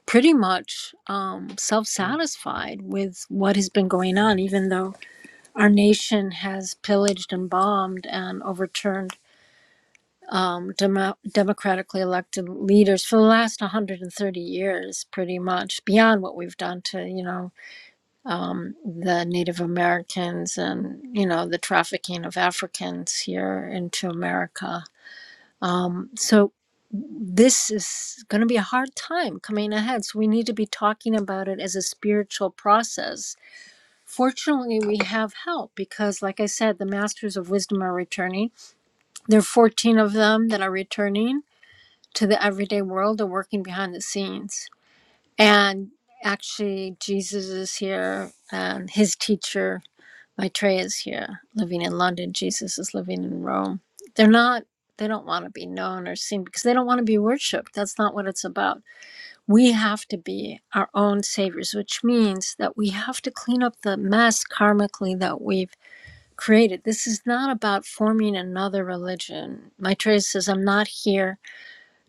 pretty much um, self satisfied with what has been going on, even though our nation has pillaged and bombed and overturned. Um, demo- democratically elected leaders for the last 130 years, pretty much beyond what we've done to, you know, um, the Native Americans and, you know, the trafficking of Africans here into America Um, so this is going to be a hard time coming ahead. So we need to be talking about it as a spiritual process. Fortunately, we have help because, like I said, the masters of wisdom are returning. There are 14 of them that are returning to the everyday world. They're working behind the scenes. And actually, Jesus is here and his teacher Maitreya is here, living in London. Jesus is living in Rome. They're not, they don't want to be known or seen because they don't want to be worshiped. That's not what it's about. We have to be our own saviors, which means that we have to clean up the mess karmically that we've created. This is not about forming another religion. Maitreya says, I'm not here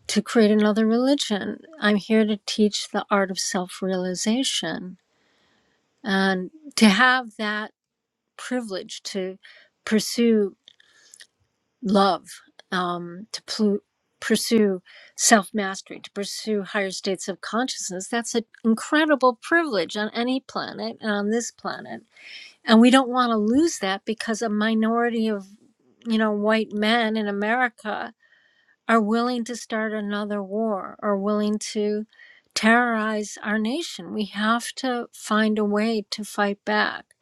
to create another religion. I'm here to teach the art of self realization. And to have that privilege to pursue love um, to plu- pursue self mastery, to pursue higher states of consciousness. That's an incredible privilege on any planet and on this planet. And we don't want to lose that because a minority of, you know, white men in America are willing to start another war or willing to terrorize our nation. We have to find a way to fight back.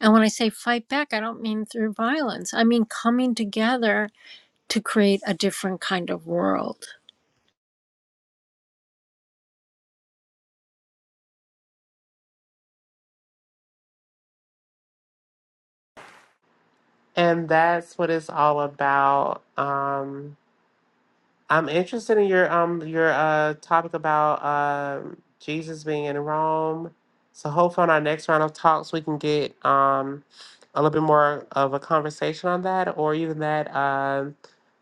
And when I say fight back, I don't mean through violence. I mean coming together to create a different kind of world. And that's what it's all about. Um, I'm interested in your um your uh topic about um Jesus being in Rome. So hopefully on our next round of talks we can get um a little bit more of a conversation on that, or even that um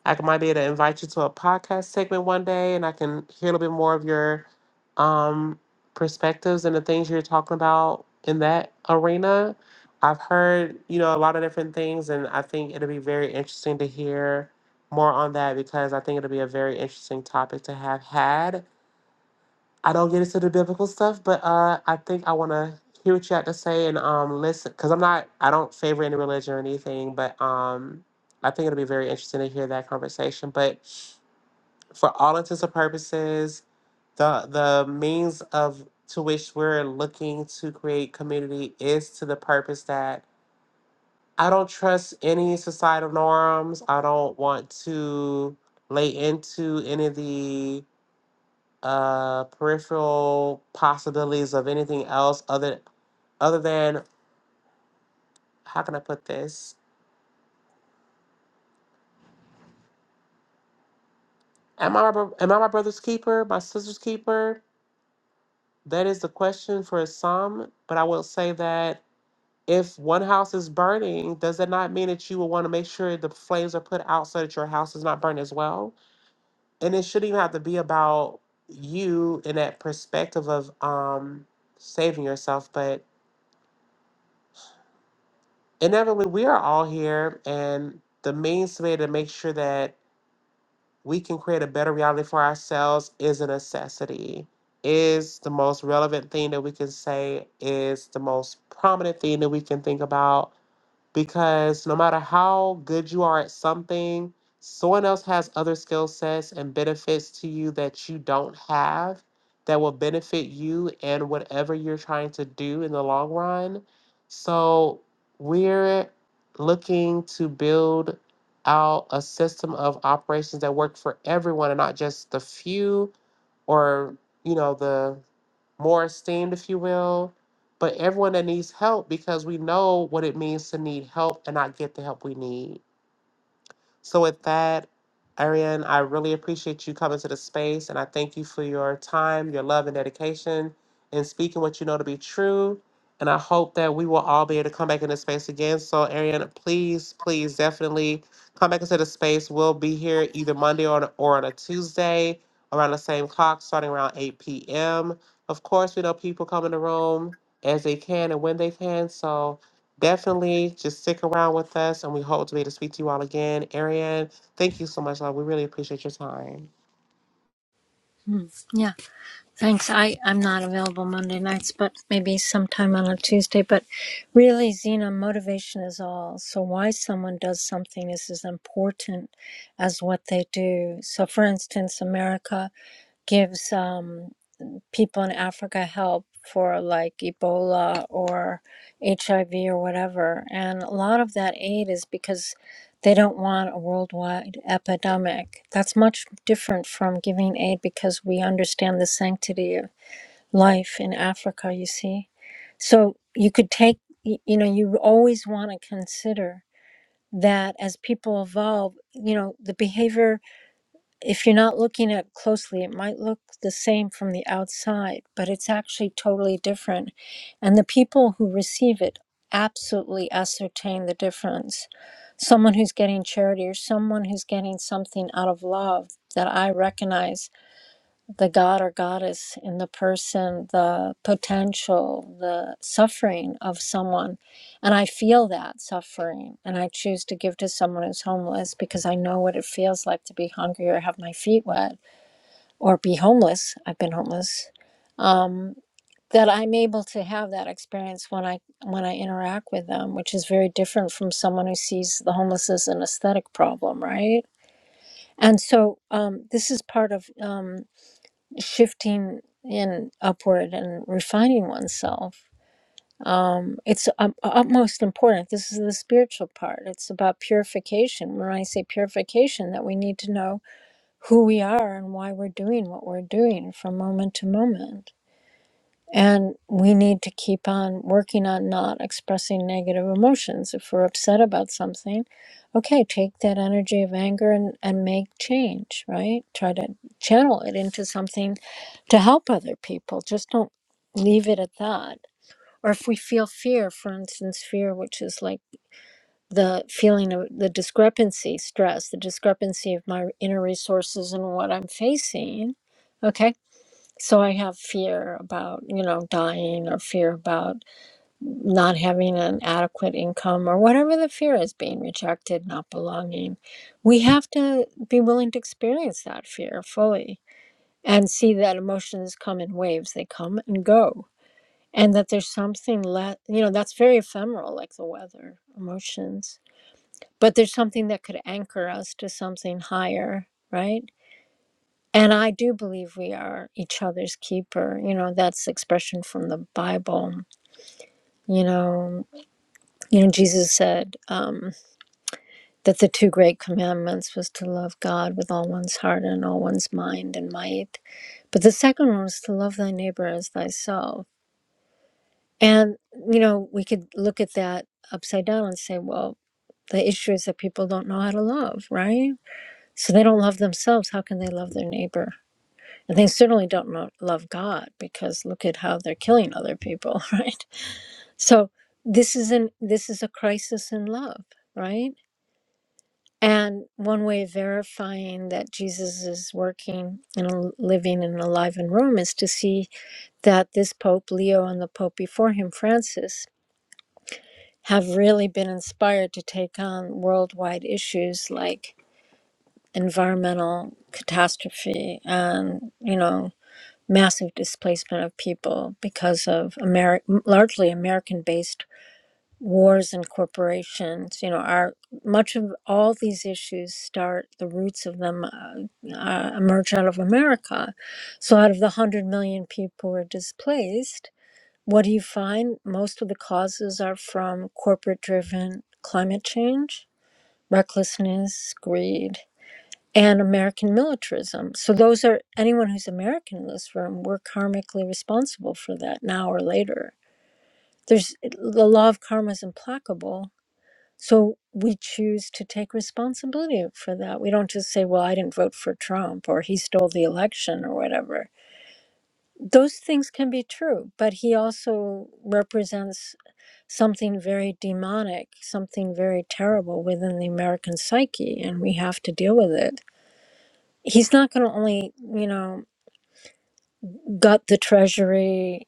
I might be able to invite you to a podcast segment one day, and I can hear a little bit more of your um perspectives and the things you're talking about in that arena. I've heard you know a lot of different things, and I think it'll be very interesting to hear more on that because I think it'll be a very interesting topic to have had. I don't get into the biblical stuff, but uh, I think I want to hear what you had to say and um, listen because I'm not, I don't favor any religion or anything, but um, I think it'll be very interesting to hear that conversation. But for all intents and purposes, the the means of to which we're looking to create community is to the purpose that I don't trust any societal norms. I don't want to lay into any of the uh, peripheral possibilities of anything else other other than how can I put this? Am I my bro- am I my brother's keeper? My sister's keeper? That is the question for some. But I will say that if one house is burning, does that not mean that you will want to make sure the flames are put out so that your house is not burned as well? and it shouldn't even have to be about you in that perspective of um saving yourself but inevitably we are all here and the means way to make sure that we can create a better reality for ourselves is a necessity is the most relevant thing that we can say is the most prominent thing that we can think about because no matter how good you are at something, someone else has other skill sets and benefits to you that you don't have that will benefit you and whatever you're trying to do in the long run. So, we're looking to build out a system of operations that work for everyone and not just the few or you know the more esteemed, if you will. But everyone that needs help, because we know what it means to need help and not get the help we need. So with that, Ariane, I really appreciate you coming to the space and I thank you for your time, your love and dedication and speaking what you know to be true. And I hope that we will all be able to come back into space again. So Ariane, please, please definitely come back into the space. We'll be here either Monday or on, or on a Tuesday around the same clock, starting around 8 p.m. Of course, we know people come in the room as they can and when they can. So Definitely just stick around with us and we hope to be able to speak to you all again. Ariane, thank you so much, love. We really appreciate your time. Hmm. Yeah, thanks. I, I'm not available Monday nights, but maybe sometime on a Tuesday. But really, Zena, motivation is all. So, why someone does something is as important as what they do. So, for instance, America gives. Um, people in Africa help for like Ebola or HIV or whatever. And a lot of that aid is because they don't want a worldwide epidemic. That's much different from giving aid because we understand the sanctity of life in Africa, you see. So you could take, y- you know, you always want to consider that as people evolve, you know, the behavior if you're not looking at closely, it might look the same from the outside, but it's actually totally different. And the people who receive it absolutely ascertain the difference. Someone who's getting charity or someone who's getting something out of love that I recognize the god or goddess in the person, the potential, the suffering of someone. And I feel that suffering. And I choose to give to someone who's homeless because I know what it feels like to be hungry or have my feet wet or be homeless. I've been homeless. Um, that I'm able to have that experience when I when I interact with them, which is very different from someone who sees the homeless as an aesthetic problem, right? And so um, this is part of um, shifting in upward and refining oneself um, it's um, utmost important this is the spiritual part it's about purification when i say purification that we need to know who we are and why we're doing what we're doing from moment to moment and we need to keep on working on not expressing negative emotions. If we're upset about something, okay, take that energy of anger and, and make change, right? Try to channel it into something to help other people. Just don't leave it at that. Or if we feel fear, for instance, fear, which is like the feeling of the discrepancy, stress, the discrepancy of my inner resources and what I'm facing. okay. So I have fear about, you know, dying or fear about not having an adequate income or whatever the fear is being rejected, not belonging. We have to be willing to experience that fear fully and see that emotions come in waves, they come and go. And that there's something less, you know, that's very ephemeral, like the weather, emotions. But there's something that could anchor us to something higher, right? And I do believe we are each other's keeper. You know, that's expression from the Bible. You know, you know, Jesus said um, that the two great commandments was to love God with all one's heart and all one's mind and might, but the second one was to love thy neighbor as thyself. And you know, we could look at that upside down and say, well, the issue is that people don't know how to love, right? So they don't love themselves. How can they love their neighbor? And they certainly don't know, love God because look at how they're killing other people, right? So this is an this is a crisis in love, right? And one way of verifying that Jesus is working and living and alive in Rome is to see that this Pope Leo and the Pope before him, Francis, have really been inspired to take on worldwide issues like environmental catastrophe and you know massive displacement of people because of Ameri- largely American based wars and corporations. You know, our much of all these issues start, the roots of them uh, uh, emerge out of America. So, out of the 100 million people who are displaced, what do you find? Most of the causes are from corporate driven climate change, recklessness, greed and American militarism. So those are anyone who's American in this room, we're karmically responsible for that now or later. There's the law of karma is implacable. So we choose to take responsibility for that. We don't just say, well, I didn't vote for Trump or he stole the election or whatever. Those things can be true, but he also represents something very demonic, something very terrible within the American psyche, and we have to deal with it he's not going to only you know gut the treasury,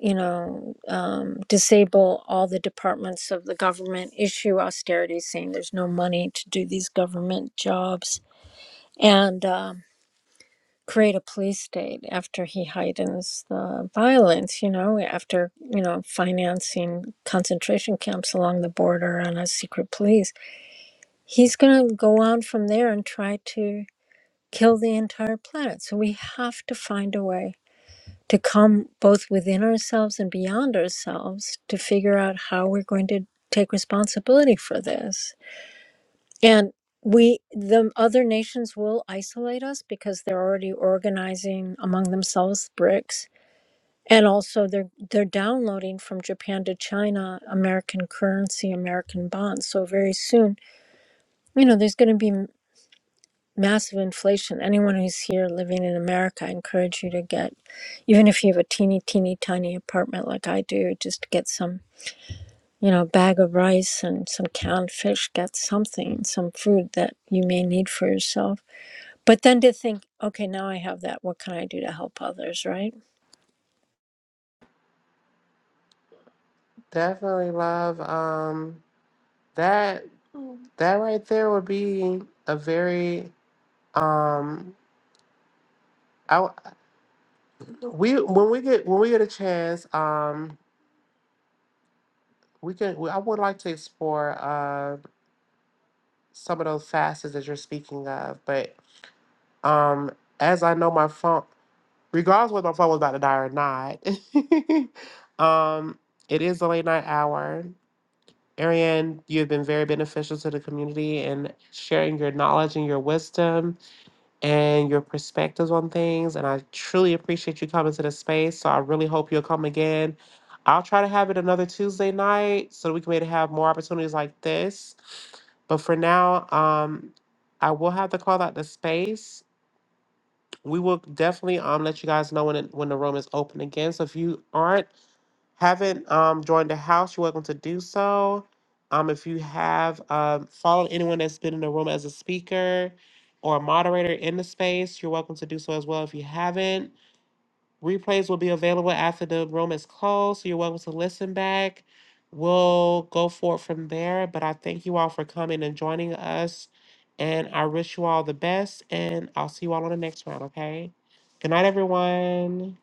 you know, um, disable all the departments of the government, issue austerity, saying there's no money to do these government jobs, and um, create a police state after he heightens the violence, you know, after, you know, financing concentration camps along the border and a secret police. He's going to go on from there and try to kill the entire planet. So we have to find a way to come both within ourselves and beyond ourselves to figure out how we're going to take responsibility for this. And we, the other nations will isolate us because they're already organizing among themselves BRICS. And also, they're they're downloading from Japan to China American currency, American bonds. So very soon, you know, there's going to be massive inflation. Anyone who's here living in America, I encourage you to get, even if you have a teeny, teeny, tiny apartment like I do, just get some, you know, bag of rice and some canned fish, get something, some food that you may need for yourself. But then to think, okay, now I have that. What can I do to help others, right? Definitely, love. Um that that right there would be a very um I we when we get when we get a chance, um we can I would like to explore uh some of those facets that you're speaking of, but um as I know my phone. regardless whether my phone was about to die or not. um, it is the late night hour. Ariane, you've been very beneficial to the community and sharing your knowledge and your wisdom and your perspectives on things. And I truly appreciate you coming to the space. So I really hope you'll come again. I'll try to have it another Tuesday night so that we can maybe have more opportunities like this. But for now, um, I will have to call out the space we will definitely um let you guys know when it, when the room is open again. So if you aren't haven't um joined the house, you're welcome to do so. Um, if you have um followed anyone that's been in the room as a speaker or a moderator in the space, you're welcome to do so as well. If you haven't, Replays will be available after the room is closed, so you're welcome to listen back. We'll go forward from there, but I thank you all for coming and joining us, and I wish you all the best, and I'll see you all on the next round, okay? Good night, everyone.